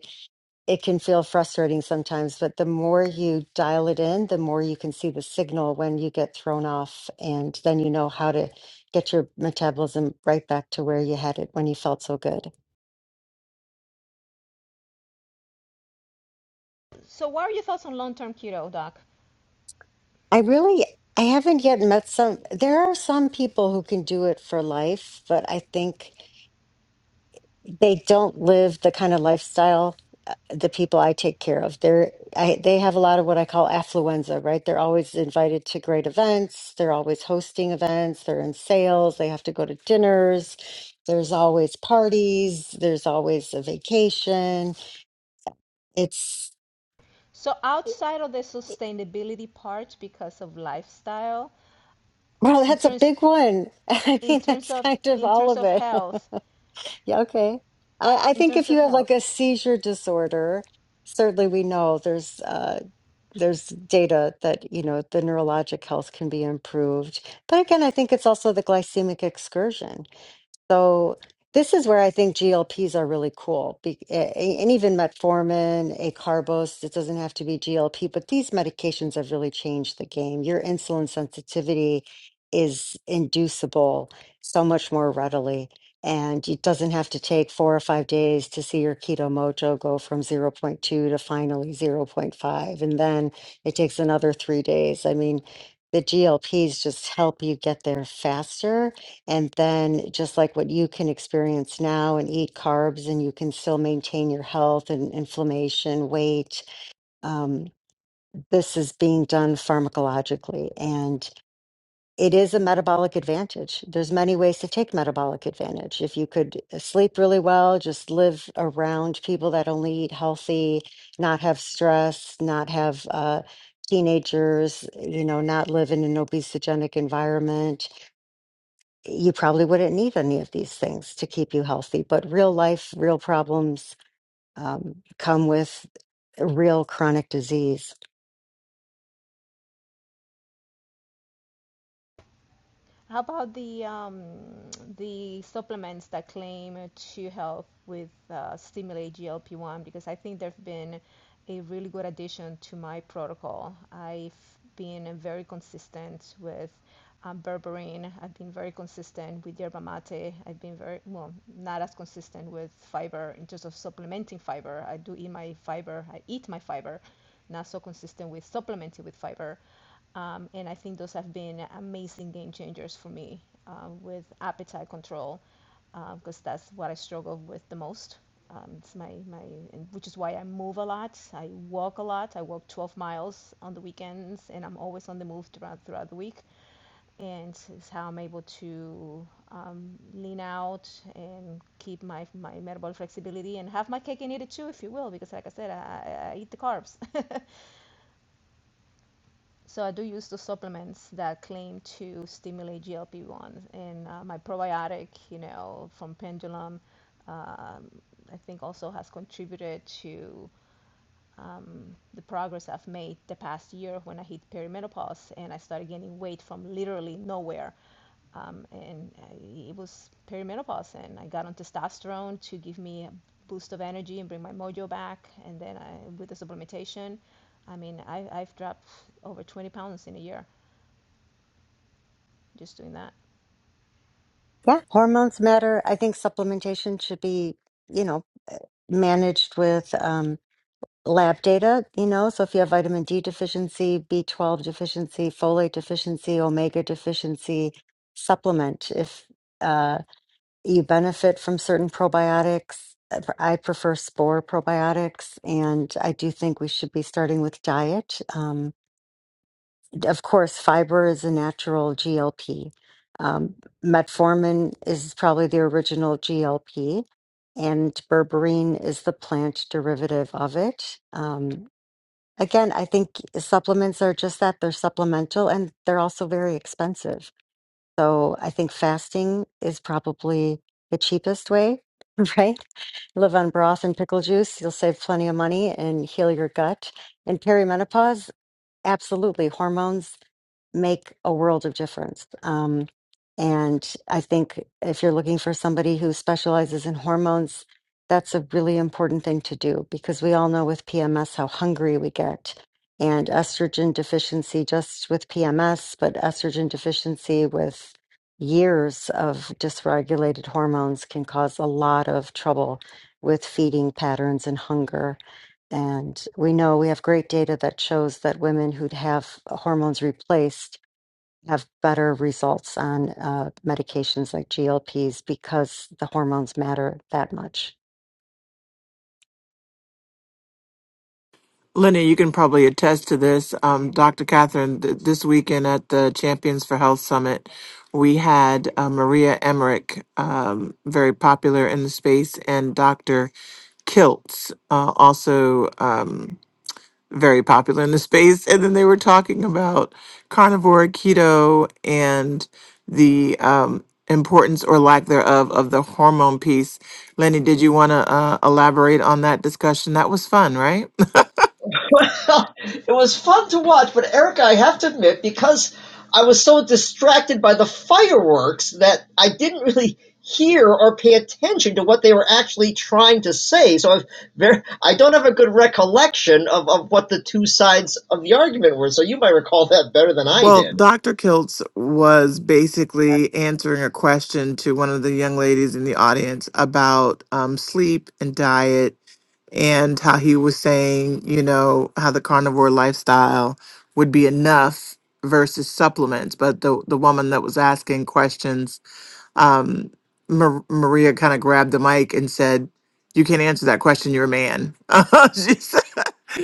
Speaker 10: it can feel frustrating sometimes. But the more you dial it in, the more you can see the signal when you get thrown off. And then you know how to get your metabolism right back to where you had it when you felt so good.
Speaker 6: So, what are your thoughts on long term keto, Doc?
Speaker 10: I really I haven't yet met some there are some people who can do it for life, but I think they don't live the kind of lifestyle uh, the people I take care of. They're I, they have a lot of what I call affluenza, right? They're always invited to great events, they're always hosting events, they're in sales, they have to go to dinners. There's always parties, there's always a vacation. It's
Speaker 6: So outside of the sustainability part because of lifestyle,
Speaker 10: Wow,
Speaker 6: in
Speaker 10: that's a
Speaker 6: terms
Speaker 10: big one. *laughs* I
Speaker 6: in
Speaker 10: mean,
Speaker 6: terms
Speaker 10: that's
Speaker 6: of
Speaker 10: kind of
Speaker 6: in
Speaker 10: all
Speaker 6: terms
Speaker 10: of
Speaker 6: of
Speaker 10: it. *laughs*
Speaker 6: health,
Speaker 10: Yeah, okay. I, I
Speaker 6: in
Speaker 10: think
Speaker 6: terms
Speaker 10: if you
Speaker 6: of
Speaker 10: have like
Speaker 6: health,
Speaker 10: a seizure disorder, certainly we know there's uh, there's data that you know the neurologic health can be improved. But again, I think it's also the glycemic excursion. So this is where I think GLPs are really cool, be, a- a- and even metformin, acarbose. It doesn't have to be GLP, but these medications have really changed the game. Your insulin sensitivity is inducible so much more readily, and it doesn't have to take four or five days to see your keto mojo go from zero point 0.2 to finally zero point 0.5, and then it takes another three days. I mean, the GLPs just help you get there faster and then just like what you can experience now and eat carbs and you can still maintain your health and inflammation, weight, um, this is being done pharmacologically. And it is a metabolic advantage. There's many ways to take metabolic advantage. If you could uh, sleep really well, just live around people that only eat healthy, not have stress, not have uh, teenagers, you know, not live in an obesogenic environment you probably wouldn't need any of these things to keep you healthy. But real life, real problems um, come with real chronic disease.
Speaker 6: How about the um, the supplements that claim to help with uh, stimulate GLP-1? Because I think they've been a really good addition to my protocol. I've been very consistent with um, berberine. I've been very consistent with yerba mate. I've been very well, not as consistent with fiber in terms of supplementing fiber. I do eat my fiber. I eat my fiber. Not so consistent with supplementing with fiber um, and I think those have been amazing game changers for me um, with appetite control because uh, that's what I struggle with the most. Um, it's my, my which is why I move a lot. I walk a lot. I walk 12 miles on the weekends, and I'm always on the move throughout throughout the week. And it's how I'm able to um, lean out and keep my my metabolic flexibility and have my cake and eat it too, if you will, because like I said, I I eat the carbs. So I do use the supplements that claim to stimulate GLP-1 and uh, my probiotic, you know, from Pendulum, um, I think also has contributed to um, the progress I've made the past year when I hit perimenopause and I started gaining weight from literally nowhere um, and it was perimenopause, and I got on testosterone to give me a boost of energy and bring my mojo back. And then I, with the supplementation, I mean, I, I've dropped over 20 pounds in a year just doing that.
Speaker 10: Yeah, hormones matter. I think supplementation should be, you know, managed with um, lab data, you know. So if you have vitamin D deficiency, B12 deficiency, folate deficiency, omega deficiency, supplement. If uh, you benefit from certain probiotics. Uh, pr- I prefer spore probiotics, and I do think we should be starting with diet. Um, d- of course, fiber is a natural GLP. Um, metformin is probably the original GLP, and berberine is the plant derivative of it. Um, again, I think supplements are just that they're supplemental and they're also very expensive. So I think fasting is probably the cheapest way, *laughs* right? Live on broth and pickle juice. You'll save plenty of money and heal your gut. And perimenopause, absolutely. Hormones make a world of difference. Um, and I think if you're looking for somebody who specializes in hormones, that's a really important thing to do because we all know with PMS how hungry we get. And estrogen deficiency, just with PMS, but estrogen deficiency with years of dysregulated hormones can cause a lot of trouble with feeding patterns and hunger. And we know we have great data that shows that women who have hormones replaced have better results on uh, medications like GLPs because the hormones matter that much.
Speaker 3: Lenny, you can probably attest to this. Um, Dr. Catherine, th- this weekend at the Champions for Health Summit, we had uh, Maria Emmerich, um, very popular in the space, and Dr. Kiltz, uh, also um, very popular in the *laughs* space. And then they were talking about carnivore, keto, and the um, importance or lack thereof of the hormone piece. Lenny, did you want to uh, elaborate on that discussion? That was fun, right?
Speaker 5: Well, it was fun to watch, but Erica, I have to admit, because I was so distracted by the fireworks that I didn't really hear or pay attention to what they were actually trying to say. So I've very, I don't have a good recollection of, of what the two sides of the argument were. So you might recall that better than I
Speaker 3: Well,
Speaker 5: did.
Speaker 3: Dr. Kiltz was basically answering a question to one of the young ladies in the audience about um, sleep and diet, and how he was saying, you know, how the carnivore lifestyle would be enough versus supplements. But the, the woman that was asking questions, um, Mar- Maria kind of grabbed the mic and said, You can't answer that question, you're a man. *laughs* she said,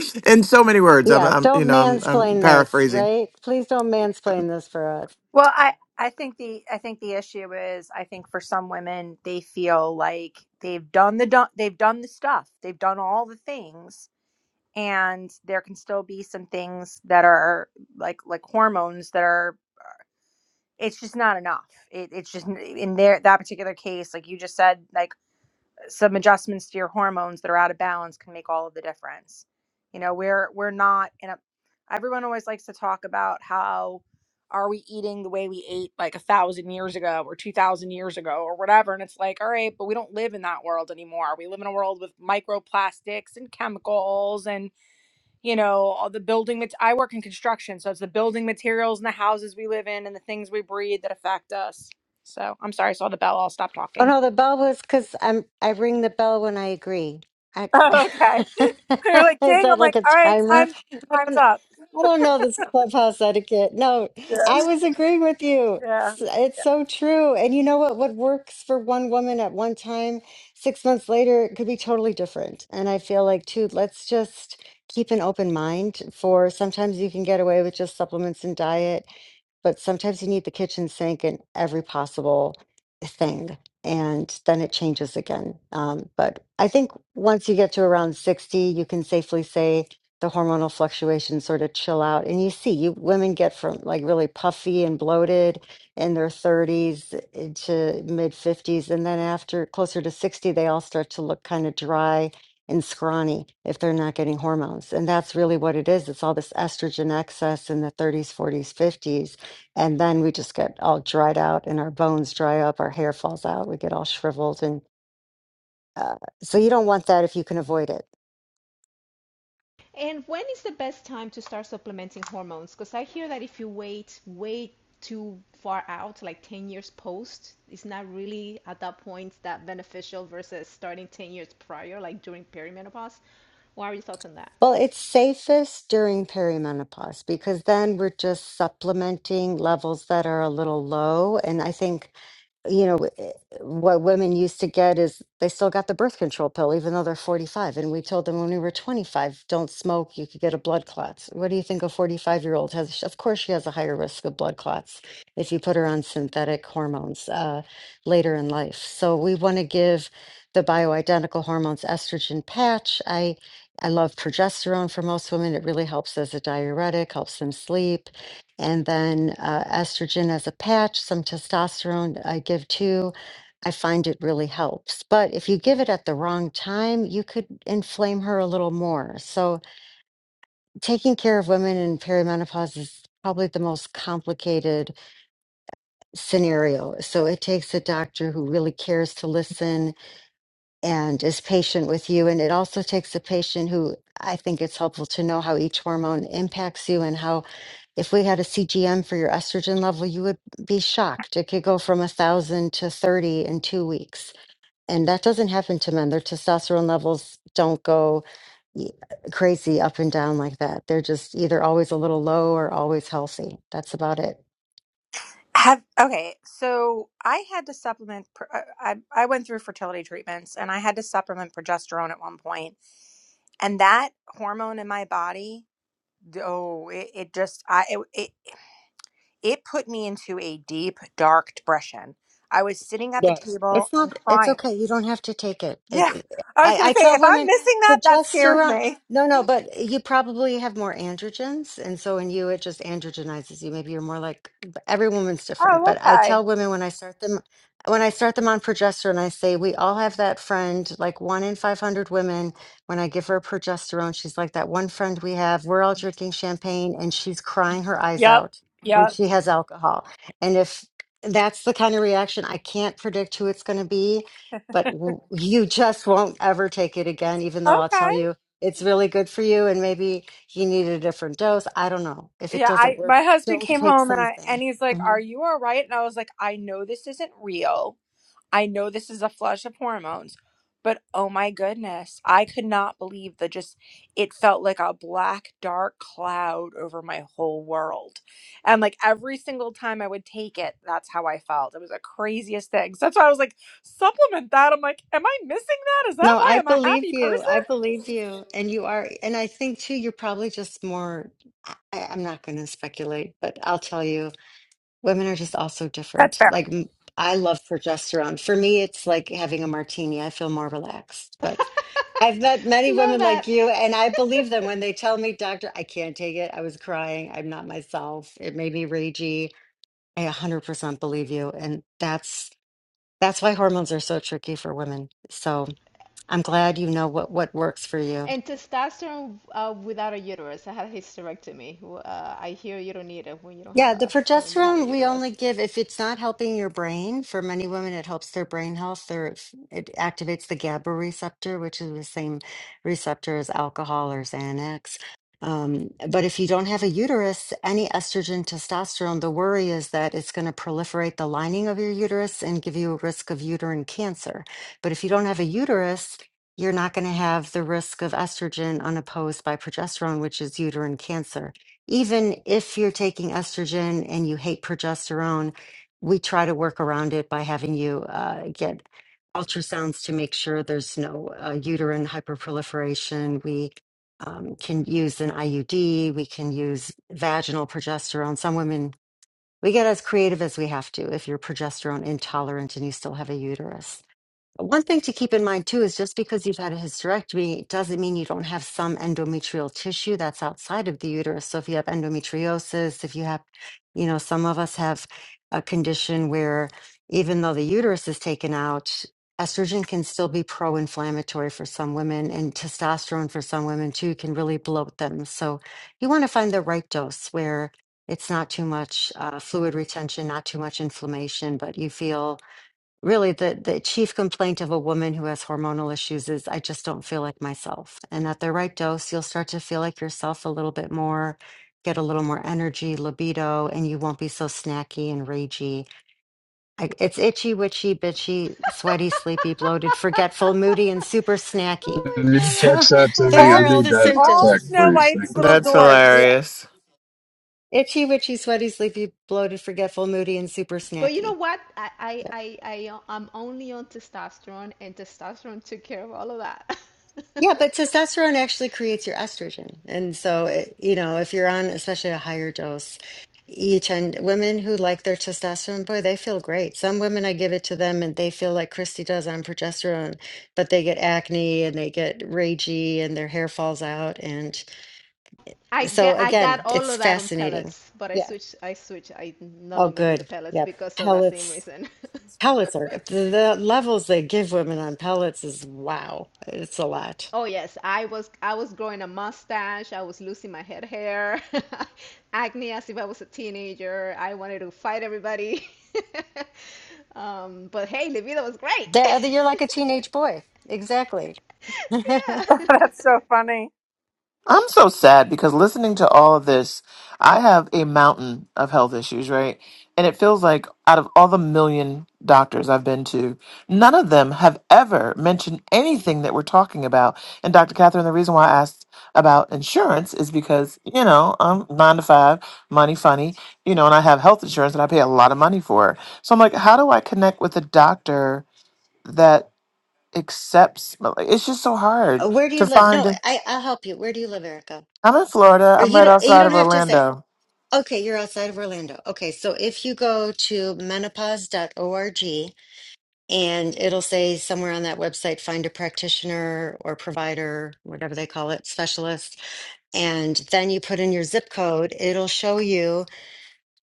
Speaker 3: *laughs* in so many words, I'm,
Speaker 10: Yeah,
Speaker 3: I'm you
Speaker 10: don't
Speaker 3: know, I'm, I'm
Speaker 10: mansplain this,
Speaker 3: paraphrasing
Speaker 10: right? Please don't mansplain this for us.
Speaker 7: Well, I I think the I think the issue is I think for some women they feel like they've done the done they've done the stuff they've done all the things and there can still be some things that are like like hormones that are it's just not enough it, it's just in there that particular case like you just said like some adjustments to your hormones that are out of balance can make all of the difference. You know, we're we're not in a everyone always likes to talk about how are we eating the way we ate like a thousand years ago or two thousand years ago or whatever. And it's like, all right, but we don't live in that world anymore. We live in a world with microplastics and chemicals and, you know, all the building mat- I work in construction, so it's the building materials and the houses we live in and the things we breathe that affect us. So I'm sorry, I saw the bell, I'll stop
Speaker 10: Oh
Speaker 7: talking.
Speaker 10: no,
Speaker 7: *laughs*
Speaker 10: the bell was because I'm I ring the bell when I agree. I, *laughs*
Speaker 7: Okay. *laughs* You're like,
Speaker 10: is
Speaker 7: dang,
Speaker 10: that
Speaker 7: I'm
Speaker 10: like
Speaker 7: like,
Speaker 10: a
Speaker 7: all right,
Speaker 10: timer?
Speaker 7: time
Speaker 10: I
Speaker 7: time's
Speaker 10: don't
Speaker 7: up.
Speaker 10: I don't know this clubhouse etiquette. No,
Speaker 7: Yeah.
Speaker 10: I was agreeing with you.
Speaker 7: Yeah.
Speaker 10: It's, it's so true. And you know what? What works for one woman at one time, six months later, it could be totally different. And I feel like too, let's just keep an open mind for sometimes you can get away with just supplements and diet but sometimes you need the kitchen sink and every possible thing and then it changes again um, but i think once you get to around 60 you can safely say the hormonal fluctuations sort of chill out and you see you women get from like really puffy and bloated in their 30s to mid 50s and then after closer to 60 they all start to look kind of dry and scrawny if they're not getting hormones and that's really what it is it's all this estrogen excess in the 30s 40s 50s and then we just get all dried out and our bones dry up, our hair falls out, we get all shriveled. And uh, so you don't want that if you can avoid it.
Speaker 6: And when is the best time to start supplementing hormones? Because I hear that if you wait, wait too far out, like 10 years post, it's not really at that point that beneficial versus starting 10 years prior, like during perimenopause. What are your thoughts on that?
Speaker 10: Well, it's safest during perimenopause because then we're just supplementing levels that are a little low. And I think you know eh, what women used to get is they still got the birth control pill even though they're 45 and we told them when we were 25 don't smoke you could get a blood clots what do you think a 45 year old has of course she has a higher risk of blood clots if you put her on synthetic hormones uh, later in life so we want to give the bioidentical hormones estrogen patch i i love progesterone for most women it really helps as a diuretic helps them sleep and then uh, estrogen as a patch, some testosterone I give too. I find it really helps. But if you give it at the wrong time, you could inflame her a little more. So, taking care of women in perimenopause is probably the most complicated scenario. So, it takes a doctor who really cares to listen and is patient with you. And it also takes a patient who I think it's helpful to know how each hormone impacts you and how if we had a CGM for your estrogen level, you would be shocked. It could go from a thousand to 30 in two weeks. And that doesn't happen to men. Their testosterone levels don't go y- crazy up and down like that. They're just either always a little low or always healthy. That's about it.
Speaker 7: Have okay, so I had to supplement. pr- uh, I I went through fertility treatments, and I had to supplement progesterone at one point, and that hormone in my body, oh, it, it just I it, it it put me into a deep dark depression. I was sitting at the
Speaker 10: Yeah,
Speaker 7: table
Speaker 10: it's
Speaker 7: and
Speaker 10: not. It's
Speaker 7: crying.
Speaker 10: okay. You don't have to take it.
Speaker 7: Yeah,
Speaker 10: it
Speaker 7: I was
Speaker 10: I,
Speaker 7: gonna
Speaker 10: I
Speaker 7: say
Speaker 10: tell
Speaker 7: if I'm
Speaker 10: women
Speaker 7: missing that, that scares
Speaker 10: progesterone.
Speaker 7: me.
Speaker 10: No, no, but you probably have more androgens, and so in you it just androgenizes you. Maybe you're more like every woman's different.
Speaker 7: Oh,
Speaker 10: But I
Speaker 7: okay.
Speaker 10: tell women when I start them, when I start them on progesterone, I say we all have that friend. Like one in five hundred women, when I give her progesterone, she's like that one friend we have. We're all drinking champagne, and she's crying her eyes
Speaker 7: Yep.
Speaker 10: out when
Speaker 7: Yep.
Speaker 10: she has alcohol. And if that's the kind of reaction I can't predict who it's going to be, but w- you just won't ever take it again, even though I'll
Speaker 7: Okay.
Speaker 10: tell you it's really good for you and maybe you need a different dose. I don't know. If it
Speaker 7: Yeah,
Speaker 10: doesn't
Speaker 7: I
Speaker 10: work,
Speaker 7: my husband
Speaker 10: don't
Speaker 7: came
Speaker 10: take
Speaker 7: home and I
Speaker 10: something.
Speaker 7: and he's like, "Are
Speaker 10: Mhm.
Speaker 7: you all right?" And I was like, "I know this isn't real. I know this is a flush of hormones." But oh my goodness, I could not believe the just it felt like a black dark cloud over my whole world. And like every single time I would take it, that's how I felt. It was the craziest thing. So that's why I was like, "Supplement that." I'm like, "Am I missing that? Is that
Speaker 10: No,
Speaker 7: why
Speaker 10: I
Speaker 7: I'm a
Speaker 10: believe
Speaker 7: happy
Speaker 10: you.
Speaker 7: person?"
Speaker 10: I believe you. And you are. And I think too, you're probably just more. I, I'm not going to speculate, but I'll tell you, women are just also
Speaker 7: That's
Speaker 10: different.
Speaker 7: fair.
Speaker 10: Like, m- I love progesterone. For me, it's like having a martini. I feel more relaxed, but I've met many
Speaker 6: Love
Speaker 10: women like
Speaker 6: that.
Speaker 10: you, and I believe them when they tell me, Doctor, I can't take it. I was crying. I'm not myself. It made me ragey. I 100% believe you. And that's that's why hormones are so tricky for women. So I'm glad you know what, what works for you.
Speaker 6: And testosterone uh, without a uterus. I had a hysterectomy. Uh, I hear you don't need it when you don't have
Speaker 10: Yeah, the
Speaker 6: a when you don't have a
Speaker 10: progesterone we only
Speaker 6: uterus.
Speaker 10: give if it's not helping your brain. For many women, it helps their brain health. Their, it activates the GABA receptor, which is the same receptor as alcohol or Xanax. Um, but if you don't have a uterus, any estrogen, testosterone, the worry is that it's going to proliferate the lining of your uterus and give you a risk of uterine cancer. But if you don't have a uterus, you're not going to have the risk of estrogen unopposed by progesterone, which is uterine cancer even if you're taking estrogen and you hate progesterone, we try to work around it by having you uh, get ultrasounds to make sure there's no uh, uterine hyperproliferation. We um, can use an IUD, we can use vaginal progesterone. Some women, we get as creative as we have to if you're progesterone intolerant and you still have a uterus. One thing to keep in mind too is just because you've had a hysterectomy it doesn't mean you don't have some endometrial tissue that's outside of the uterus. So if you have endometriosis, if you have, you know, some of us have a condition where even though the uterus is taken out, estrogen can still be pro-inflammatory for some women and testosterone for some women too can really bloat them. So you want to find the right dose where it's not too much uh, fluid retention, not too much inflammation, but you feel really the the chief complaint of a woman who has hormonal issues is I just don't feel like myself. And at the right dose, you'll start to feel like yourself a little bit more, get a little more energy, libido, and you won't be so snacky and ragey. I, it's itchy, witchy, bitchy, sweaty, sleepy, bloated, forgetful, moody, and super
Speaker 6: *laughs*
Speaker 10: snacky. *laughs*
Speaker 6: Oh
Speaker 8: Can you
Speaker 6: my God, that's
Speaker 10: So
Speaker 8: text
Speaker 6: so
Speaker 8: that to
Speaker 6: fun.
Speaker 10: those
Speaker 8: me? I
Speaker 7: All
Speaker 10: are
Speaker 7: the
Speaker 10: all
Speaker 8: need
Speaker 10: the
Speaker 8: that in my
Speaker 7: all
Speaker 10: symptoms.
Speaker 8: text,
Speaker 7: Snow
Speaker 8: please. Thank
Speaker 7: White's
Speaker 8: you,
Speaker 7: little
Speaker 3: That's
Speaker 7: dwarfs.
Speaker 10: Yeah.
Speaker 3: hilarious.
Speaker 10: Itchy, witchy, sweaty, sleepy, bloated, forgetful, moody, and super
Speaker 6: But you know
Speaker 10: snacky.
Speaker 6: what? I I I, I I'm only on testosterone, and testosterone took care of all of that. *laughs*
Speaker 10: Yeah, but testosterone actually creates your estrogen. And so, it, you know, if you're on especially a higher dose, you tend women who like their testosterone, boy, they feel great. Some women, I give it to them and they feel like Christy does on progesterone, but they get acne and they get ragey and their hair falls out. And
Speaker 6: I
Speaker 10: so,
Speaker 6: get I got
Speaker 10: again,
Speaker 6: all
Speaker 10: it's
Speaker 6: of that on
Speaker 10: fascinating.
Speaker 6: pellets, but I
Speaker 10: Yeah.
Speaker 6: switched I switched I no
Speaker 10: Oh,
Speaker 6: longer do the
Speaker 10: good.
Speaker 6: pellets
Speaker 10: Yep.
Speaker 6: because of that same
Speaker 10: Pellets.
Speaker 6: reason.
Speaker 10: Pellets are
Speaker 6: *laughs*
Speaker 10: the, the levels they give women on pellets is wow. It's a lot.
Speaker 6: Oh yes, I was I was growing a mustache. I was losing my head hair, *laughs* acne as if I was a teenager. I wanted to fight everybody. *laughs* Um, but hey, La was great. *laughs*
Speaker 10: That you're like a teenage boy. Exactly. *laughs*
Speaker 6: Yeah.
Speaker 7: *laughs* That's so funny.
Speaker 3: I'm so sad because listening to all of this, I have a mountain of health issues, right? And it feels like out of all the million doctors I've been to, none of them have ever mentioned anything that we're talking about. And Dr. Catherine, the reason why I asked about insurance is because, you know, I'm nine to five, money funny, you know, and I have health insurance and I pay a lot of money for it. So I'm like, how do I connect with a doctor that accepts? like, It's just so
Speaker 10: Uh,
Speaker 3: hard
Speaker 10: Where do you
Speaker 3: to
Speaker 10: live? No,
Speaker 3: find.
Speaker 10: I I'll help you. Where do you live, Erica?
Speaker 3: I'm in Florida.
Speaker 10: Or
Speaker 3: I'm
Speaker 10: you
Speaker 3: right
Speaker 10: don't you
Speaker 3: outside
Speaker 10: don't
Speaker 3: of
Speaker 10: have to say,
Speaker 3: Orlando.
Speaker 10: okay, you're outside of Orlando. Okay, so if you go to menopause dot org and it'll say somewhere on that website, find a practitioner or provider, whatever they call it, specialist, and then you put in your zip code, it'll show you.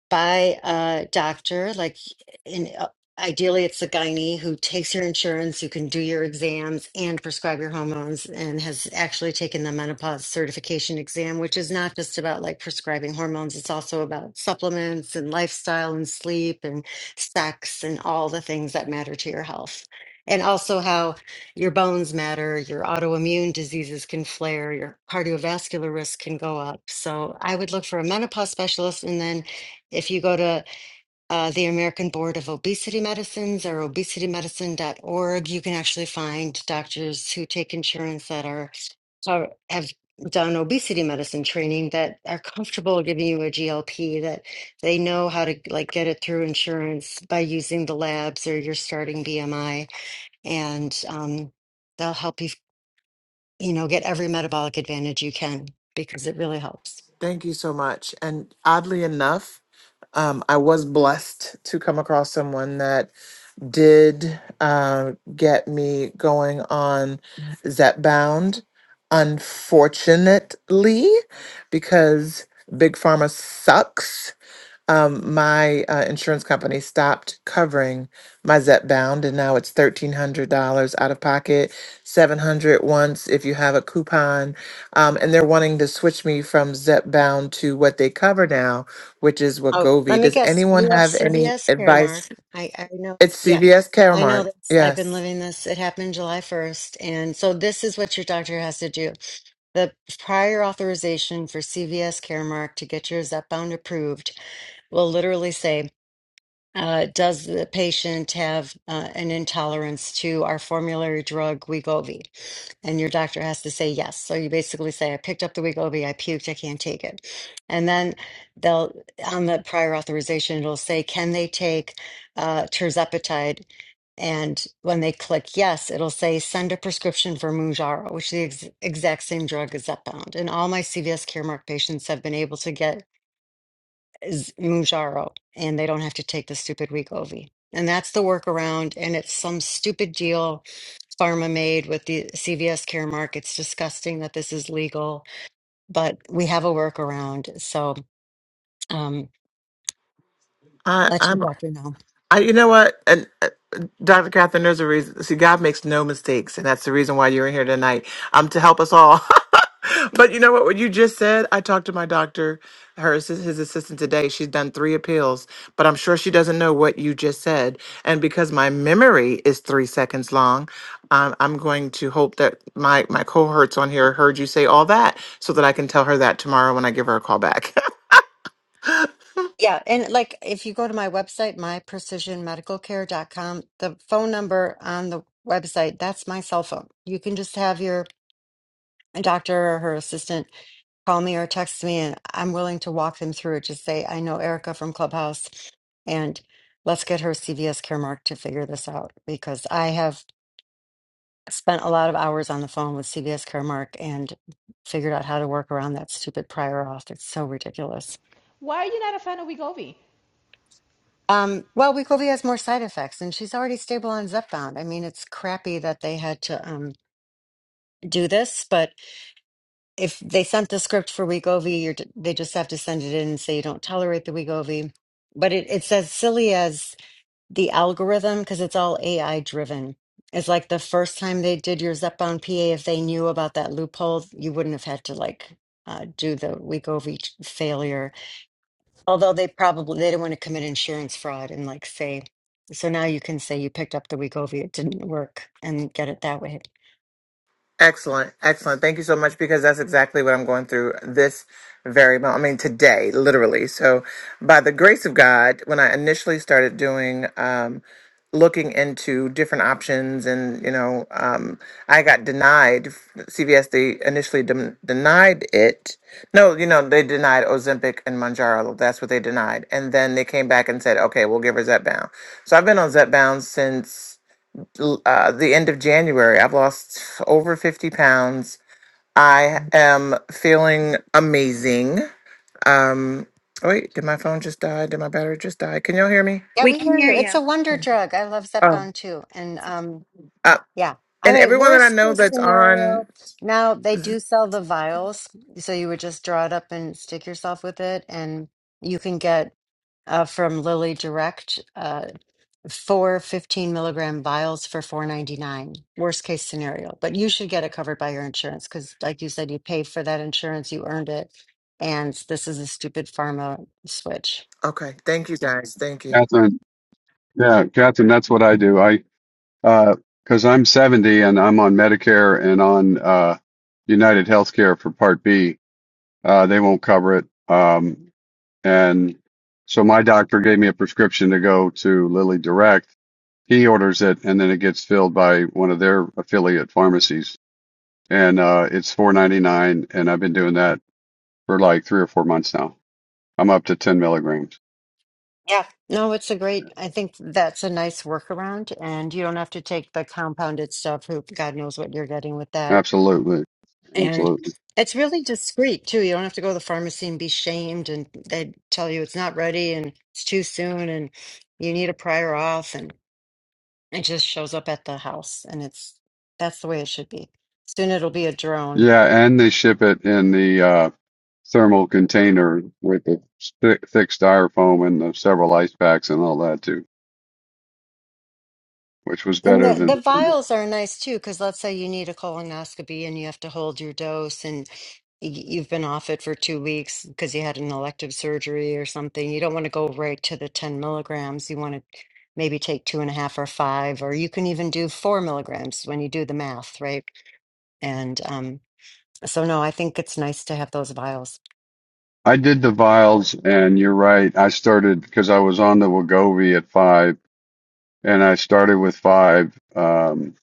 Speaker 10: by a doctor, like in, uh, ideally it's a gynae who takes your insurance, who can do your exams and prescribe your hormones and has actually taken the menopause certification exam, which is not just about like prescribing hormones. It's also about supplements and lifestyle and sleep and sex and all the things that matter to your health. And also how your bones matter, your autoimmune diseases can flare, your cardiovascular risk can go up. So I would look for a menopause specialist and then if you go to uh, the American Board of Obesity Medicines or obesity medicine dot org, you can actually find doctors who take insurance that are are- have done obesity medicine training that are comfortable giving you a GLP that they know how to like get it through insurance by using the labs or your starting BMI, and um, they'll help you, you know, get every metabolic advantage you can because it really helps.
Speaker 3: Thank you so much. And oddly enough, um, I was blessed to come across someone that did uh, get me going on Zepbound. Unfortunately, because Big Pharma sucks. um, my uh, insurance company stopped covering my Zep bound, and now it's thirteen hundred dollars out of pocket, seven hundred once if you have a coupon, um, and they're wanting to switch me from Zep bound to what they cover now, which is
Speaker 10: Oh, let
Speaker 3: Wegovy.
Speaker 10: me
Speaker 3: Does
Speaker 10: guess.
Speaker 3: anyone
Speaker 10: You have
Speaker 3: have any
Speaker 10: CVS care,
Speaker 3: advice?
Speaker 10: Mark. I, I know.
Speaker 3: It's
Speaker 10: Yeah,
Speaker 3: CVS
Speaker 10: I know
Speaker 3: Caremark.
Speaker 10: this. I've been
Speaker 3: Yes,
Speaker 10: living this. It happened July 1st. And so this is what your doctor has to do. The prior authorization for CVS Caremark to get your Zepbound approved will literally say uh, does the patient have uh, an intolerance to our formulary drug Wegovy? And your doctor has to say yes. So you basically say, I picked up the Wegovy, I puked, I can't take it. And then they'll, on the prior authorization, it'll say, can they take uh, tirzepatide? And when they click yes, it'll say, send a prescription for Mounjaro, which is the ex- exact same drug as Zepbound. And all my CVS Caremark patients have been able to get is Mujaro, and they don't have to take the stupid Wegovy. And that's the workaround. And it's some stupid deal pharma made with the CVS Caremark. It's disgusting that this is legal, but we have a workaround. So um,
Speaker 3: I,
Speaker 10: let
Speaker 3: I'm
Speaker 10: your doctor know.
Speaker 3: I, you know what, and uh, Dr. Catherine, there's a reason. See, God makes no mistakes, and that's the reason why you're in here tonight. Um, to help us all. *laughs* but you know what? What you just said, I talked to my doctor, her assist- his assistant today. She's done three appeals, but I'm sure she doesn't know what you just said. And because my memory is three seconds long, um, I'm going to hope that my my cohorts on here heard you say all that, so that I can tell her that tomorrow when I give her a call back. *laughs*
Speaker 10: Yeah. And like if you go to my website, my precision medical care dot com, the phone number on the website, that's my cell phone. You can just have your doctor or her assistant call me or text me and I'm willing to walk them through it. Just say, I know Erica from Clubhouse and let's get her CVS Caremark to figure this out because I have spent a lot of hours on the phone with CVS Caremark and figured out how to work around that stupid prior auth. It's so ridiculous.
Speaker 6: *laughs* Why are you not a fan of Wegovy?
Speaker 10: Um, well, Wegovy has more side effects and she's already stable on Zepbound. I mean, it's crappy that they had to um, do this, but if they sent the script for Wegovy, you're, they just have to send it in and say you don't tolerate the Wegovy. But it, it's as silly as the algorithm because it's all AI driven. It's like the first time they did your Zepbound PA, if they knew about that loophole, you wouldn't have had to like uh, do the Wegovy ch- failure. Although they probably they didn't want to commit insurance fraud and like say, so now you can say you picked up the Wegovy, it didn't work, and get it that way.
Speaker 3: Excellent, excellent. Thank you so much because that's exactly what I'm going through this very moment. I mean, today, literally. So, by the grace of God, when I initially started doing, um, looking into different options, and you know, um, I got denied. CVS they initially dem- denied it. No, you know, they denied Ozempic and Manjaro. That's what they denied, and then they came back and said, "Okay, we'll give her Zepbound." So I've been on Zepbound since l- uh, the end of January. I've lost over 50 pounds. I am feeling amazing. Um, oh, wait, did my phone just die? Did my battery just die? Can y'all hear me?
Speaker 10: Yeah,
Speaker 7: We
Speaker 10: we
Speaker 7: can
Speaker 10: hear
Speaker 7: hear
Speaker 10: you. It's
Speaker 7: you.
Speaker 10: a wonder drug. I love Zepbound too, and um,
Speaker 3: Uh,
Speaker 10: Yeah. I
Speaker 3: and
Speaker 10: mean,
Speaker 3: everyone that I
Speaker 10: worst
Speaker 3: know
Speaker 10: case
Speaker 3: that's on.
Speaker 10: scenario, now they do sell the vials. So you would just draw it up and stick yourself with it. And you can get uh, from Lilly Direct uh, four fifteen milligram vials for four ninety nine. Worst case scenario. But you should get it covered by your insurance because, like you said, you paid for that insurance, you earned it. And this is a stupid pharma switch.
Speaker 3: Okay, thank you guys. Thank you.
Speaker 8: Catherine. Yeah, Catherine, that's what I do. I uh, because I'm 70 and I'm on Medicare and on uh, United Healthcare for Part B. Uh, they won't cover it, um, and so my doctor gave me a prescription to go to Lilly Direct He orders it, and then it gets filled by one of their affiliate pharmacies, and uh, it's four ninety nine. And I've been doing that for like three or four months now. I'm up to ten milligrams.
Speaker 10: Yeah, no, it's a great, I think that's a nice workaround, and you don't have to take the compounded stuff, who God knows what you're getting with that.
Speaker 8: Absolutely,
Speaker 10: And
Speaker 8: absolutely.
Speaker 10: it's really discreet too. You don't have to go to the pharmacy and be shamed, and they tell you it's not ready and it's too soon and you need a prior auth, and it just shows up at the house. And it's that's the way it should be. Soon it'll be a drone
Speaker 8: Yeah, and they ship it in the uh, thermal container with the thick, thick styrofoam and the several ice packs and all that too, which was
Speaker 10: And
Speaker 8: better
Speaker 10: the,
Speaker 8: than.
Speaker 10: the vials are nice too, because let's say you need a colonoscopy and you have to hold your dose and y- you've been off it for two weeks because you had an elective surgery or something. You don't want to go right to the 10 milligrams. You want to maybe take two and a half or five, or you can even do four milligrams when you do the math, right? And um, so, no, I think it's nice to have those vials.
Speaker 8: I did the vials, and you're right. I started because I was on the Wegovy at five and I started with five um,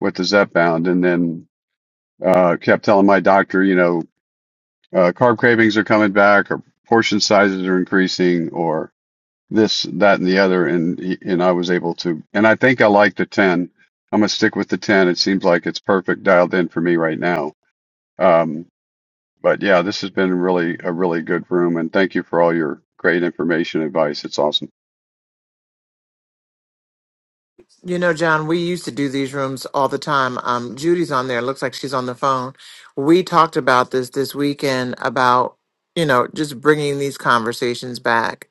Speaker 8: with the Zepbound, and then uh, kept telling my doctor, you know, uh, carb cravings are coming back, or portion sizes are increasing, or this, that, and the other, and he- and I was able to, and I think I like the ten. I'm gonna stick with the ten. It seems like it's perfect dialed in for me right now. Um, but yeah, this has been really a really good room, and thank you for all your great information and advice. It's awesome.
Speaker 3: You know, John, we used to do these rooms all the time. Um, Judy's on there. Looks like she's on the phone. We talked about this this weekend about, you know, just bringing these conversations back.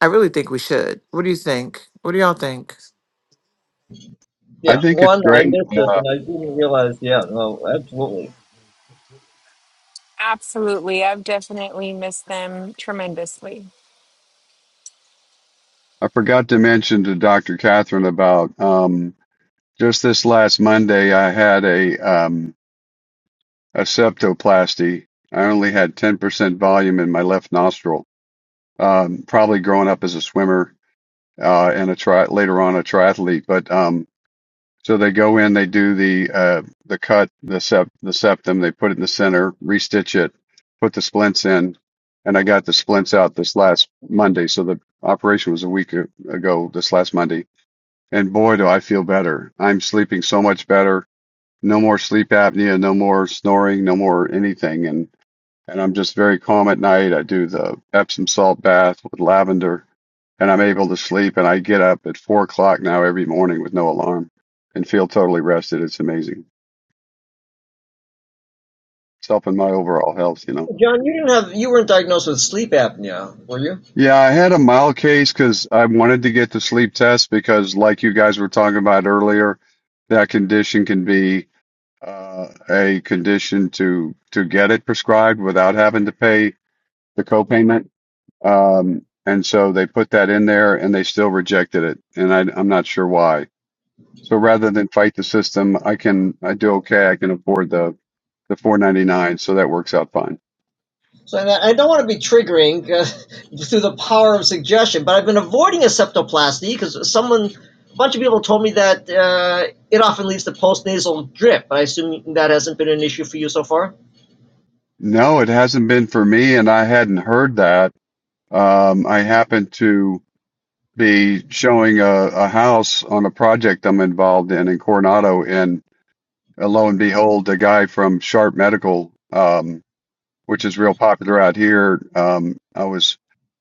Speaker 3: I really think we should. What do you think? What do y'all think?
Speaker 8: I
Speaker 5: Yeah,
Speaker 8: think it's
Speaker 5: one, I
Speaker 8: great.
Speaker 5: missed it
Speaker 8: Uh,
Speaker 5: and I didn't realize. Yeah, no, absolutely.
Speaker 4: Absolutely. I've definitely missed them tremendously.
Speaker 8: I forgot to mention to Dr. Catherine about um, just this last Monday, I had a um, a septoplasty. I only had 10% volume in my left nostril. Um, probably growing up as a swimmer uh, and a tri- later on a triathlete. But um, so they go in, they do the uh, the cut, the sept, the septum. They put it in the center, restitch it, put the splints in, and I got the splints out this last Monday. So the operation was a week ago, this last Monday And boy, do I feel better. I'm sleeping so much better. No more sleep apnea, no more snoring, no more anything. And, and I'm just very calm at night. I do the Epsom salt bath with lavender and I'm able to sleep. And I get up at four o'clock now every morning with no alarm and feel totally rested. It's amazing. It's helping my overall health, you know.
Speaker 5: John, you didn't have you weren't diagnosed with sleep apnea, were you?
Speaker 8: Yeah, I had a mild case because I wanted to get the sleep test because, like you guys were talking about earlier, that condition can be uh, a condition to to get it prescribed without having to pay the copayment. Um, and so they put that in there, and they still rejected it, and I, I'm not sure why. So rather than fight the system, I can I do okay. I can afford the the 4.99, so that works out fine.
Speaker 5: So I don't want to be triggering uh, *laughs* through the power of suggestion, but I've been avoiding a septoplasty because someone, a bunch of people told me that uh, it often leads to postnasal drip. I assume that hasn't been an issue for you so far.
Speaker 8: No, it hasn't been for me, and I hadn't heard that. Um, I happen to be showing a, a house on a project I'm involved in in Coronado, and uh, lo and behold, the guy from Sharp Medical, um, which is real popular out here, um, I was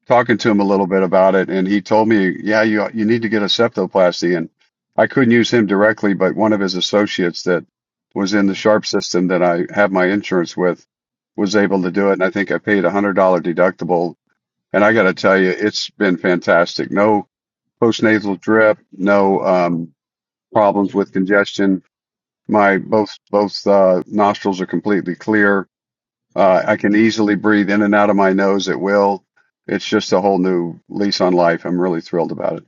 Speaker 8: talking to him a little bit about it, and he told me, "Yeah, you you need to get a septoplasty." And I couldn't use him directly, but one of his associates that was in the Sharp system that I have my insurance with was able to do it, and I think I paid a hundred dollar deductible and I got to tell you, it's been fantastic. No postnasal drip, no um, problems with congestion. My both both uh, nostrils are completely clear. Uh, I can easily breathe in and out of my nose at will. It's just a whole new lease on life. I'm really thrilled about it.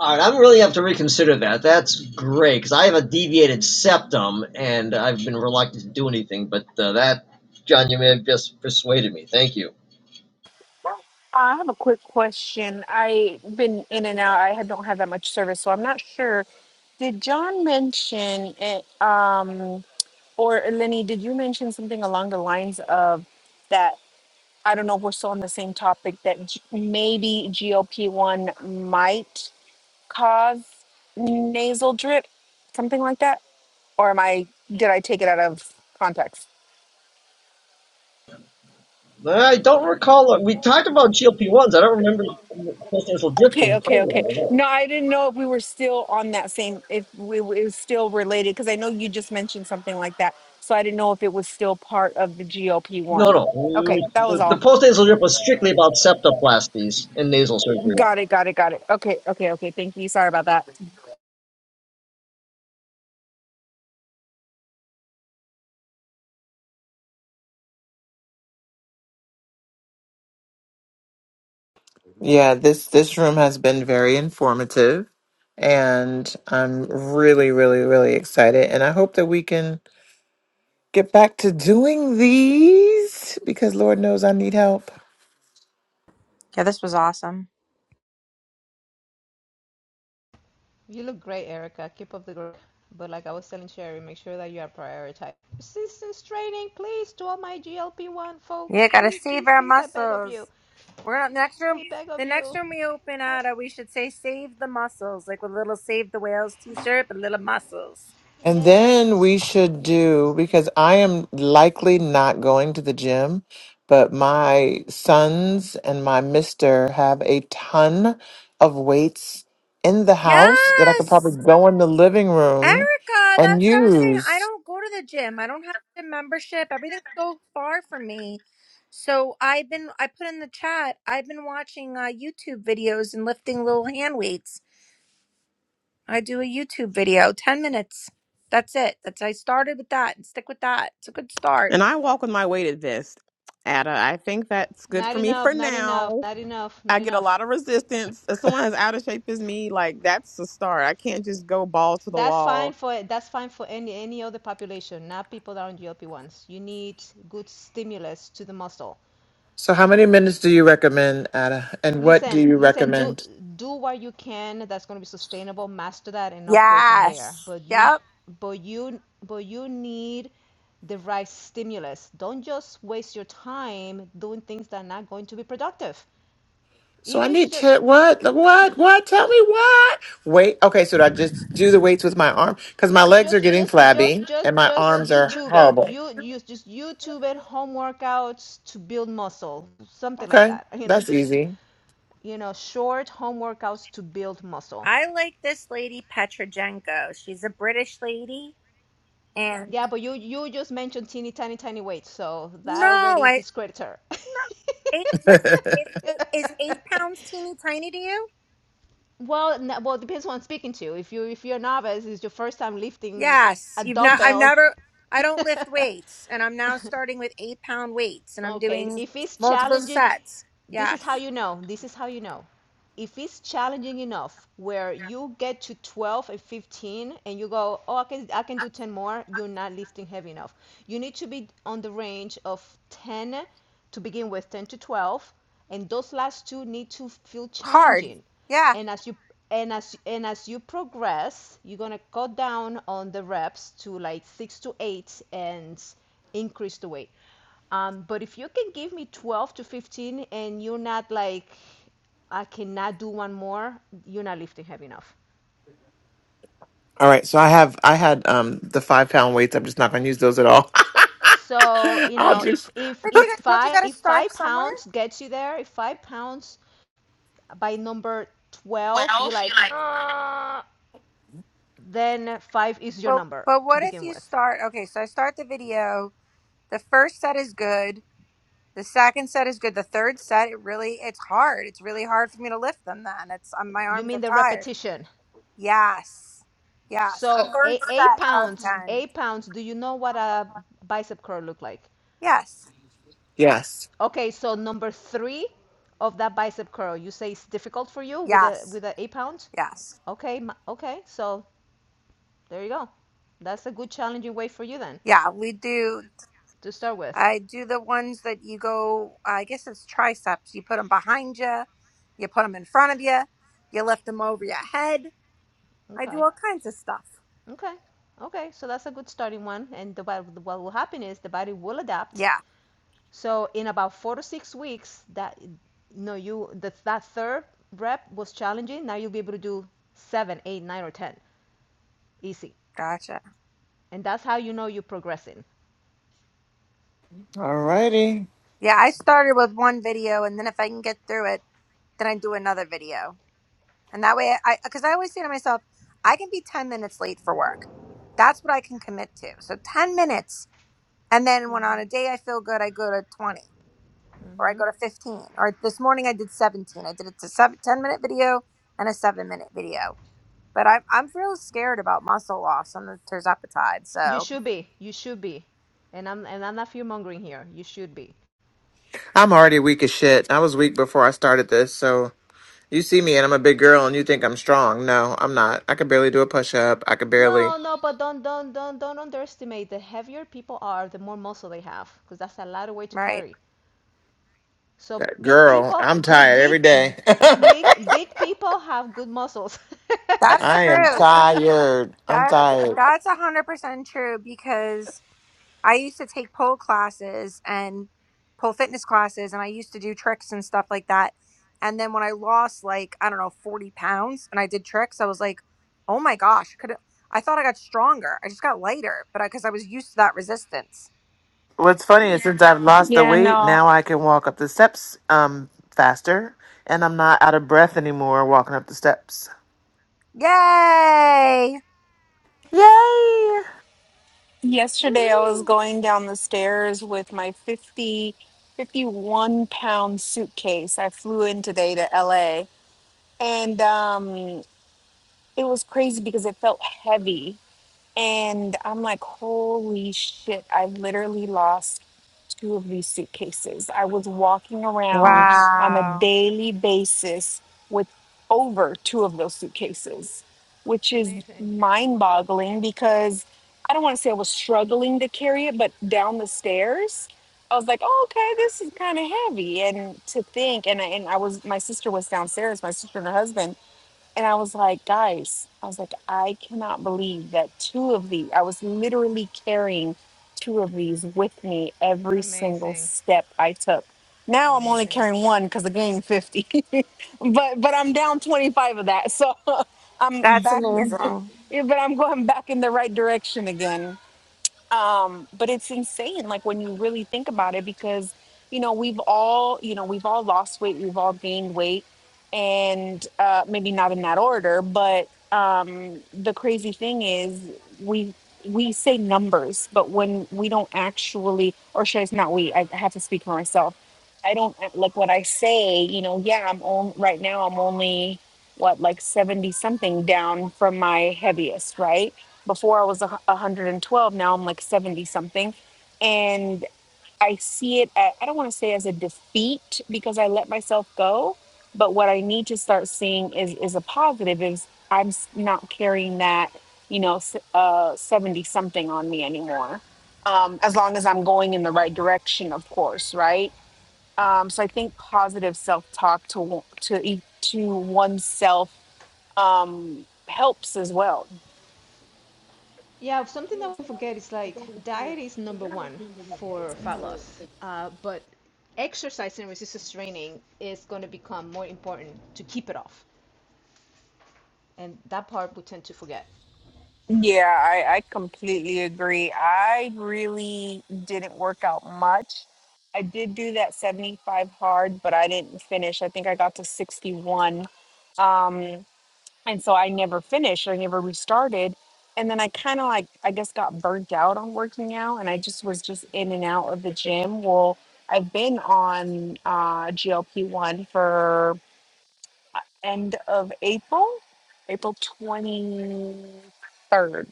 Speaker 5: All right, I'm really have to reconsider that. That's great because I have a deviated septum and I've been reluctant to do anything, but uh, that John, you may have just persuaded me. Thank you.
Speaker 4: I have a quick question. I've been in and out. I had- don't have that much service, so I'm not sure. Did John mention it? Um, or Lenny, did you mention something along the lines of that? I don't know if we're still on the same topic that G- maybe GOP one might. cause nasal drip, something like that? Or am I did I take it out of context?
Speaker 5: I don't recall. We talked about GLP ones. I don't remember postnasal drip
Speaker 4: Okay,
Speaker 5: being part
Speaker 4: okay, okay.
Speaker 5: of it.
Speaker 4: No, I didn't know if we were still on that same if we it was still related because I know you just mentioned something like that. So I didn't know if it was still part of the GOP
Speaker 5: No,
Speaker 4: one.
Speaker 5: no. we were-
Speaker 4: Okay, that was
Speaker 5: The, the
Speaker 4: all.
Speaker 5: post-nasal drip was strictly about septoplasties and nasal surgery.
Speaker 4: Got it, got it, got it. Okay, okay, okay. Thank you. Sorry about that.
Speaker 3: Yeah, this this room has been very informative and I'm really really really excited and I hope that we can get back to doing these because Lord knows I need help.
Speaker 7: Yeah, this was awesome.
Speaker 6: You look great, Erica. Keep up the good work. But like I was telling Sherry, make sure that you are prioritized. Resistance training, please, to all my GLP-1
Speaker 7: Yeah,
Speaker 6: folks.
Speaker 7: gotta
Speaker 6: Please,
Speaker 7: save
Speaker 6: please,
Speaker 7: our
Speaker 6: please, I beg of you.
Speaker 7: muscles. We're not next room.
Speaker 6: I beg of
Speaker 7: The next
Speaker 6: you.
Speaker 7: room we open
Speaker 6: I,
Speaker 7: at, uh, we should say "Save the Muscles," like with a little "Save the Whales" T-shirt, but little muscles.
Speaker 3: And then
Speaker 6: Yes.
Speaker 3: we should
Speaker 6: Yes.
Speaker 3: do, because I am likely not going to the gym, but my sons and my mister have a ton of weights in the house that I could probably
Speaker 7: Yes,
Speaker 3: go in the living room
Speaker 7: Erica,
Speaker 3: and
Speaker 7: that's what I was saying. I
Speaker 3: use.
Speaker 7: don't go to the gym. I don't have a membership. Everything's so far from me. So I've been I put in the chat. I've been watching uh, YouTube videos and lifting little hand weights. I do a YouTube video, 10 minutes. That's it. That's I started with that and stick with that. It's a good start.
Speaker 2: and I walk with my weighted vest. Ada, I think that's good
Speaker 6: Not
Speaker 2: for me for
Speaker 6: enough, not enough,
Speaker 2: now.
Speaker 6: not enough,
Speaker 2: I
Speaker 6: not
Speaker 2: get a
Speaker 6: enough.
Speaker 2: lot of resistance. If someone as out of shape as me, like that's a start. I can't just go ball to the
Speaker 6: That's fine
Speaker 2: wall.
Speaker 6: for that's fine for any any other population, not people that are on GLP-1s. You need good stimulus to the muscle.
Speaker 3: So, how many minutes do you recommend, Ada? And what do
Speaker 6: Listen,
Speaker 3: you
Speaker 6: listen, do
Speaker 3: recommend?
Speaker 6: do what you can that's going to be sustainable, master that and upgrade from
Speaker 7: Yes.
Speaker 6: there. But you
Speaker 7: Yep.
Speaker 6: but you but you need the right stimulus. Don't just waste your time doing things that are not going to be productive.
Speaker 3: So, I
Speaker 6: Even if you
Speaker 3: need
Speaker 6: just
Speaker 3: to, what? What? What? Tell me what? Wait. Okay, so do I just do the weights with my arm? Because my legs are
Speaker 6: just
Speaker 3: getting
Speaker 6: just just
Speaker 3: flabby
Speaker 6: just
Speaker 3: and my
Speaker 6: just
Speaker 3: arms are
Speaker 6: youtube it
Speaker 3: horrible.
Speaker 6: you you just youtube it home workouts to build muscle something like
Speaker 3: Okay,
Speaker 6: that you know
Speaker 3: that's
Speaker 6: just
Speaker 3: easy.
Speaker 6: you know short home workouts to build muscle
Speaker 7: I like this lady Petrojenko. She's a British lady and
Speaker 6: yeah but you you just mentioned teeny tiny tiny weights so that
Speaker 7: no,
Speaker 6: already
Speaker 7: I
Speaker 6: discredits her
Speaker 7: no, eight,
Speaker 3: *laughs* all
Speaker 7: listen,
Speaker 6: *laughs*
Speaker 7: is, is eight pounds teeny tiny to you?
Speaker 6: well n- well depends who i'm speaking to if you if you're a novice it's your first time lifting
Speaker 7: Yes.
Speaker 6: a
Speaker 7: You've not, I've
Speaker 6: dumbbell *laughs*
Speaker 7: never, I don't lift weights and I'm now starting with eight pound weights and I'm
Speaker 6: Okay,
Speaker 7: doing
Speaker 6: if it's
Speaker 7: multiple
Speaker 6: challenging,
Speaker 7: sets.
Speaker 6: this is
Speaker 7: Yes.
Speaker 6: how you know. This is how you know. If it's challenging enough where you get to 12 and 15 and you go, oh, I can, I can do 10 more, you're not lifting heavy enough. You need to be on the range of 10 to begin with, 10 to 12, and those last two need to feel
Speaker 7: Hard.
Speaker 6: challenging.
Speaker 7: Yeah.
Speaker 6: And as you and as and as you progress, you're gonna cut down on the reps to like six to eight and increase the weight. Um, but if you can give me 12 to 15 and you're not like, I cannot do one more, you're not lifting heavy enough.
Speaker 3: right, so I have I had um the five pound weights. I'm just not going to use those at all.
Speaker 6: So,
Speaker 3: *laughs*
Speaker 6: you
Speaker 3: I'll
Speaker 6: know,
Speaker 3: just
Speaker 6: if if
Speaker 7: But you,
Speaker 6: if
Speaker 7: got- don't you
Speaker 6: five
Speaker 7: got to
Speaker 6: if
Speaker 7: start
Speaker 6: five
Speaker 7: somewhere?
Speaker 6: pounds gets you there, if five pounds by number 12, you're
Speaker 3: Yourself, you
Speaker 6: like,
Speaker 3: like
Speaker 6: uh, then five is your
Speaker 7: But
Speaker 6: number
Speaker 7: but
Speaker 6: to
Speaker 7: what if
Speaker 6: begin
Speaker 7: you
Speaker 6: with.
Speaker 7: start okay, so I start the video, the first set is good, the second set is good, the third set it really it's hard. It's really hard for me to lift them then. It's um, my
Speaker 6: You
Speaker 7: arms are
Speaker 6: mean the
Speaker 7: tired.
Speaker 6: repetition.
Speaker 7: Yes. Yes. The
Speaker 6: So
Speaker 7: third
Speaker 6: eight, eight
Speaker 7: set of
Speaker 6: pounds,
Speaker 7: 10.
Speaker 6: eight pounds, do you know what a bicep curl look like?
Speaker 7: Yes.
Speaker 3: yes.
Speaker 6: Okay, so number three of that bicep curl, you say it's difficult for you with a
Speaker 7: Yes.
Speaker 6: with a eight pound.
Speaker 7: Yes.
Speaker 6: Okay, okay, so there you go. That's a good challenging weight for you then
Speaker 7: Yeah, we do
Speaker 6: to start with.
Speaker 7: I do the ones that you go I guess it's triceps. You put them behind you, you put them in front of you, you lift them over your head. I do
Speaker 6: Okay,
Speaker 7: all kinds of stuff.
Speaker 6: okay, okay. So that's a good starting one, and the, what will happen is the body will adapt.
Speaker 7: Yeah.
Speaker 6: So in about four to six weeks, that no, you that that third rep was challenging. Now you'll be able to do seven, eight, nine, or ten easy,
Speaker 7: gotcha.
Speaker 6: and that's how you know you're progressing.
Speaker 3: All righty.
Speaker 7: Yeah, I started with one video, and then if I can get through it, then I do another video. And that way, I because I always say to myself, I can be 10 minutes late for work. That's what I can commit to. So 10 minutes. And then when on
Speaker 6: Mhm.
Speaker 7: a day I feel good, I go to 20 or I
Speaker 6: Mhm.
Speaker 7: go to 15. Or this morning I did 17. I did a t- seven- 10 minute video and a seven minute video. But I'm, I'm real scared about muscle loss on the terzepatide.
Speaker 6: You
Speaker 7: So,
Speaker 6: should be. You should be. And I'm and I'm not fear mongering here. You should be.
Speaker 3: I'm already weak as shit. I was weak before I started this, so you see me and I'm a big girl and you think I'm strong. No, I'm not. I could barely do a push up. I could barely.
Speaker 6: No, no, but don't don't don't don't underestimate. The heavier people are, the more muscle they have, because that's a lot of weight to
Speaker 7: right.
Speaker 6: carry. So
Speaker 3: That
Speaker 6: big
Speaker 3: girl,
Speaker 6: people,
Speaker 3: I'm
Speaker 6: good
Speaker 3: tired
Speaker 6: big,
Speaker 3: every day. *laughs*
Speaker 7: Mhm.
Speaker 6: big big people have good muscles. *laughs*
Speaker 7: That's
Speaker 3: I am
Speaker 7: true.
Speaker 3: tired. I'm
Speaker 7: That's,
Speaker 3: tired.
Speaker 7: that's 100% true because I used to take pole classes and pole fitness classes, and I used to do tricks and stuff like that. And then when I lost like I don't know forty pounds, and I did tricks, I was like, oh my gosh, could I thought I got stronger? I just got lighter, but I because I was used to that resistance.
Speaker 3: What's funny is since I've lost the
Speaker 4: Yeah,
Speaker 3: weight,
Speaker 4: no.
Speaker 3: now I can walk up the steps um faster, and I'm not out of breath anymore walking up the steps.
Speaker 6: yeah.
Speaker 7: Yay!
Speaker 3: Yay!
Speaker 4: Yesterday, I was
Speaker 6: Woohoo!
Speaker 4: going down the stairs with my fifty, fifty-one pound suitcase. I flew in today to LA and um, it was crazy because it felt heavy. And I'm like, holy shit, I literally lost two of these suitcases. I was walking around on a
Speaker 7: Wow,
Speaker 4: daily basis with over two of those suitcases, which is
Speaker 6: Amazing,
Speaker 4: mind boggling because I don't want to say I was struggling to carry it, but down the stairs, I was like, oh, okay, this is kind of heavy. And to think, and I, and I was, my sister was downstairs, my sister and her husband. And I was like, guys, I was like, I cannot believe that two of these, I was literally carrying two of these with me every single
Speaker 6: amazing,
Speaker 4: step I took. Now I'm only
Speaker 6: amazing.
Speaker 4: carrying one because I gained 50, *laughs* but but I'm down 25 of that. So *laughs* I'm
Speaker 7: that's
Speaker 4: back,
Speaker 7: amazing,
Speaker 4: *laughs* yeah, but I'm going back in the right direction again um but it's insane like when you really think about it because you know we've all you know we've all lost weight we've all gained weight and uh maybe not in that order but um the crazy thing is we we say numbers but when we don't actually or should I say not we I have to speak for myself I don't uh, like what I say you know yeah I'm on right now I'm only what like 70 something down from my heaviest right before I was a 112, now I'm like 70 something. And I see it, at, I don't want to say as a defeat because I let myself go. But what I need to start seeing is, is a positive is I'm s- not carrying that, you know, s- uh, 70 something on me anymore. Um, as long as I'm going in the right direction, of course, right? Um, so I think positive self-talk to, to, e- to oneself um, helps as well
Speaker 6: Yeah, something that we forget is like diet is number one for fat loss, uh, but exercise and resistance training is going to become more important to keep it off. And that part we tend to forget.
Speaker 4: Yeah, I, I completely agree. I really didn't work out much. I did do that 75 hard, but I didn't finish. I think I got to 61. Um, and so I never finished. I never restarted. And then I kind of like, I guess, got burnt out on working out and I just was just in and out of the gym. Well, I've been on uh, GLP 1 for end of April, April 23rd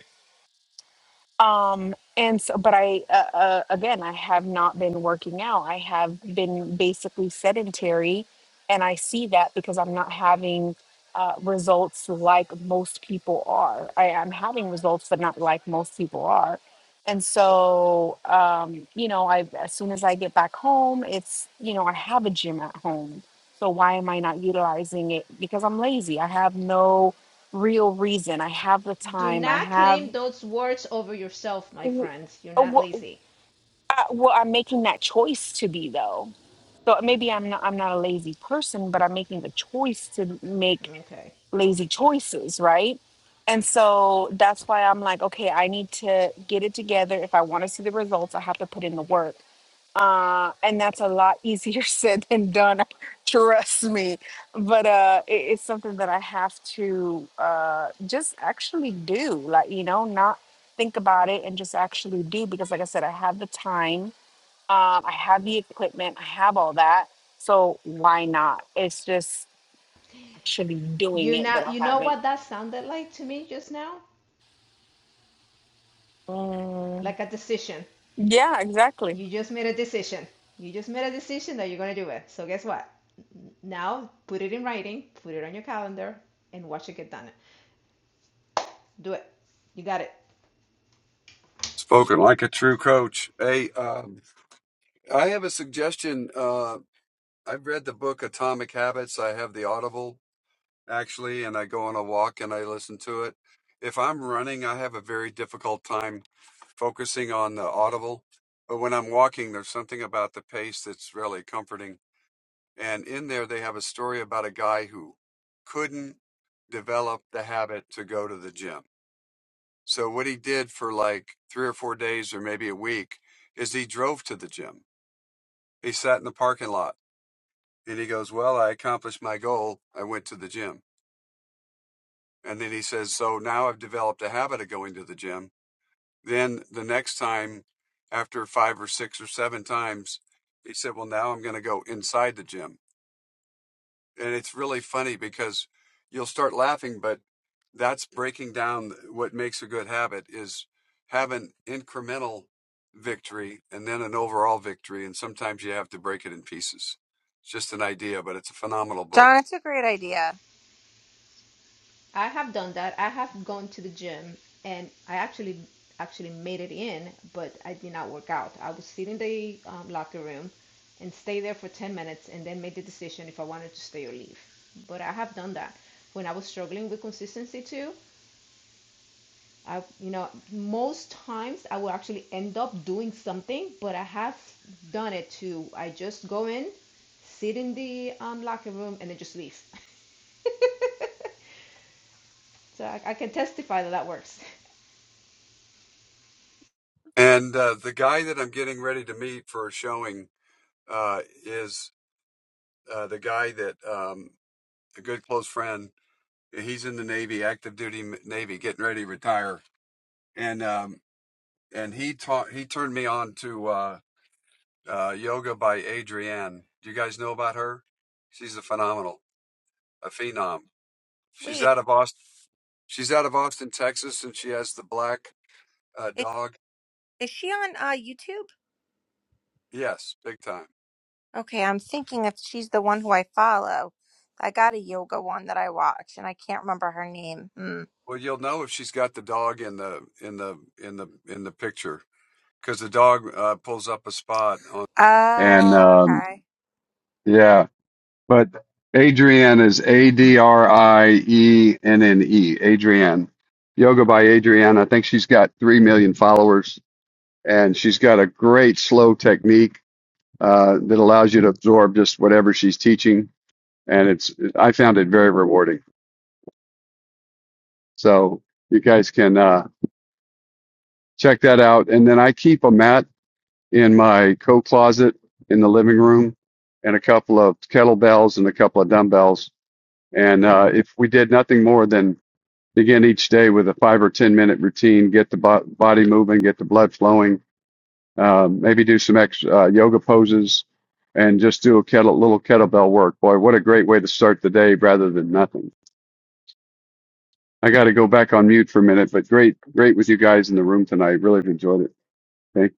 Speaker 4: um and so but i uh, uh, again i have not been working out i have been basically sedentary and i see that because i'm not having uh, results like most people are I, i'm having results but not like most people are and so um you know i as soon as i get back home it's you know i have a gym at home so why am i not utilizing it because i'm lazy i have no real reason i have the
Speaker 6: Do
Speaker 4: time i
Speaker 6: not
Speaker 4: have
Speaker 6: claim those words over yourself, my
Speaker 4: w-
Speaker 6: friends. You're
Speaker 4: uh,
Speaker 6: not
Speaker 4: well,
Speaker 6: lazy.
Speaker 4: I- well, I'm making that choice to be though. So uh, maybe I'm not I'm not a lazy person, but I'm making the choice to make
Speaker 6: Okay.
Speaker 4: lazy choices, right? And so that's why I'm like, okay, I need to get it together. If I want to see the results, I have to put in the work uh, and that's a lot easier *laughs* said than done *laughs* trust me but uh, it, it's something that i have to uh, just actually do like you know not think about it and just actually do because like i said i have the time um, i have the equipment i have all that so why not it's just actually doing
Speaker 6: You
Speaker 4: it that
Speaker 6: not
Speaker 4: i
Speaker 6: you know
Speaker 4: haven't
Speaker 6: what that sounded like to me just now?
Speaker 4: Mm,
Speaker 6: Like a decision.
Speaker 4: yeah exactly
Speaker 6: You just made a decision. You just made a decision that you're going to do it. So guess what? Now put it in writing, put it on your calendar, and watch it get done. Do it. You got it.
Speaker 8: Spoken like a true coach. Hey, um, I have a suggestion. Uh, I've read the book Atomic Habits. I have the Audible. actually, and I go on a walk and I listen to it. If I'm running, I have a very difficult time focusing on the audible. But when I'm walking, there's something about the pace that's really comforting. And in there, they have a story about a guy who couldn't develop the habit to go to the gym. So, what he did for like three or four days or maybe a week is he drove to the gym. He sat in the parking lot and he goes, Well, I accomplished my goal. I went to the gym. And then he says, So now I've developed a habit of going to the gym. Then the next time, after five or six or seven times, he said, Well, now I'm going to go inside the gym. And it's really funny because you'll start laughing, but that's breaking down what makes a good habit is have an incremental victory and then an overall victory. And sometimes you have to break it in pieces. It's just an idea, but it's a phenomenal
Speaker 7: John.
Speaker 8: book.
Speaker 7: It's a great idea.
Speaker 6: I have done that. I have gone to the gym and I actually actually made it in, but I did not work out. I would sit in the um, locker room and stay there for 10 minutes and then make the decision if I wanted to stay or leave. But I have done that. When I was struggling with consistency too, I, you know, most times I will actually end up doing something, but I have done it too. I just go in, sit in the um, locker room, and then just leave. *laughs* So I, I can testify that that works. *laughs*
Speaker 8: And uh, the guy that I'm getting ready to meet for a showing uh, is uh, the guy that um, a good close friend. He's in the Navy, active duty Navy, getting ready to retire, and um, and he taught he turned me on to uh, uh, yoga by Adrienne. Do you guys know about her? She's a phenomenal, a phenom. She's
Speaker 7: Wait,
Speaker 8: out of Austin. She's out of Austin, Texas, and she has the black uh,
Speaker 7: is,
Speaker 8: dog.
Speaker 7: is she on uh, YouTube?
Speaker 8: Yes, big time.
Speaker 7: Okay, I'm thinking if she's the one who I follow. I got a yoga one that I watch, and I can't remember her name. Hmm.
Speaker 8: Well, you'll know if she's got the dog in the in the in the in the picture because the dog uh, pulls up a spot on. And um,
Speaker 7: Okay.
Speaker 8: yeah, but Adrienne is A D R I E N N E, Adrienne. Yoga by Adrienne. I think she's got 3 million followers and she's got a great slow technique uh, that allows you to absorb just whatever she's teaching. And it's, I found it very rewarding. So you guys can uh, check that out. And then I keep a mat in my coat closet in the living room and a couple of kettlebells and a couple of dumbbells. And uh, if we did nothing more than begin each day with a five or 10 minute routine, get the bo- body moving, get the blood flowing, um, maybe do some ex- uh, yoga poses and just do a kettle- little kettlebell work. Boy, what a great way to start the day rather than nothing. I got to go back on mute for a minute, but great, great with you guys in the room tonight. Really enjoyed it. Thank you.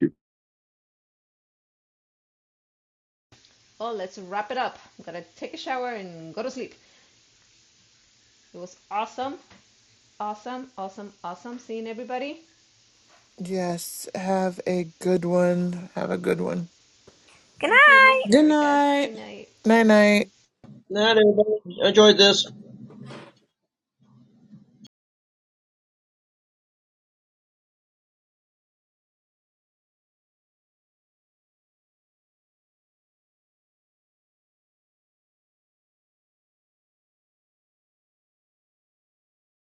Speaker 6: Oh, let's wrap it up. I'm gonna take a shower and go to sleep. It was awesome, awesome, awesome, awesome seeing everybody.
Speaker 3: Yes, have a good one. Have a good one.
Speaker 7: Good
Speaker 6: Thank you,
Speaker 7: night.
Speaker 6: Miss
Speaker 2: Good
Speaker 6: Erica.
Speaker 2: night.
Speaker 6: Good night.
Speaker 3: Night night.
Speaker 5: Not everybody enjoyed this.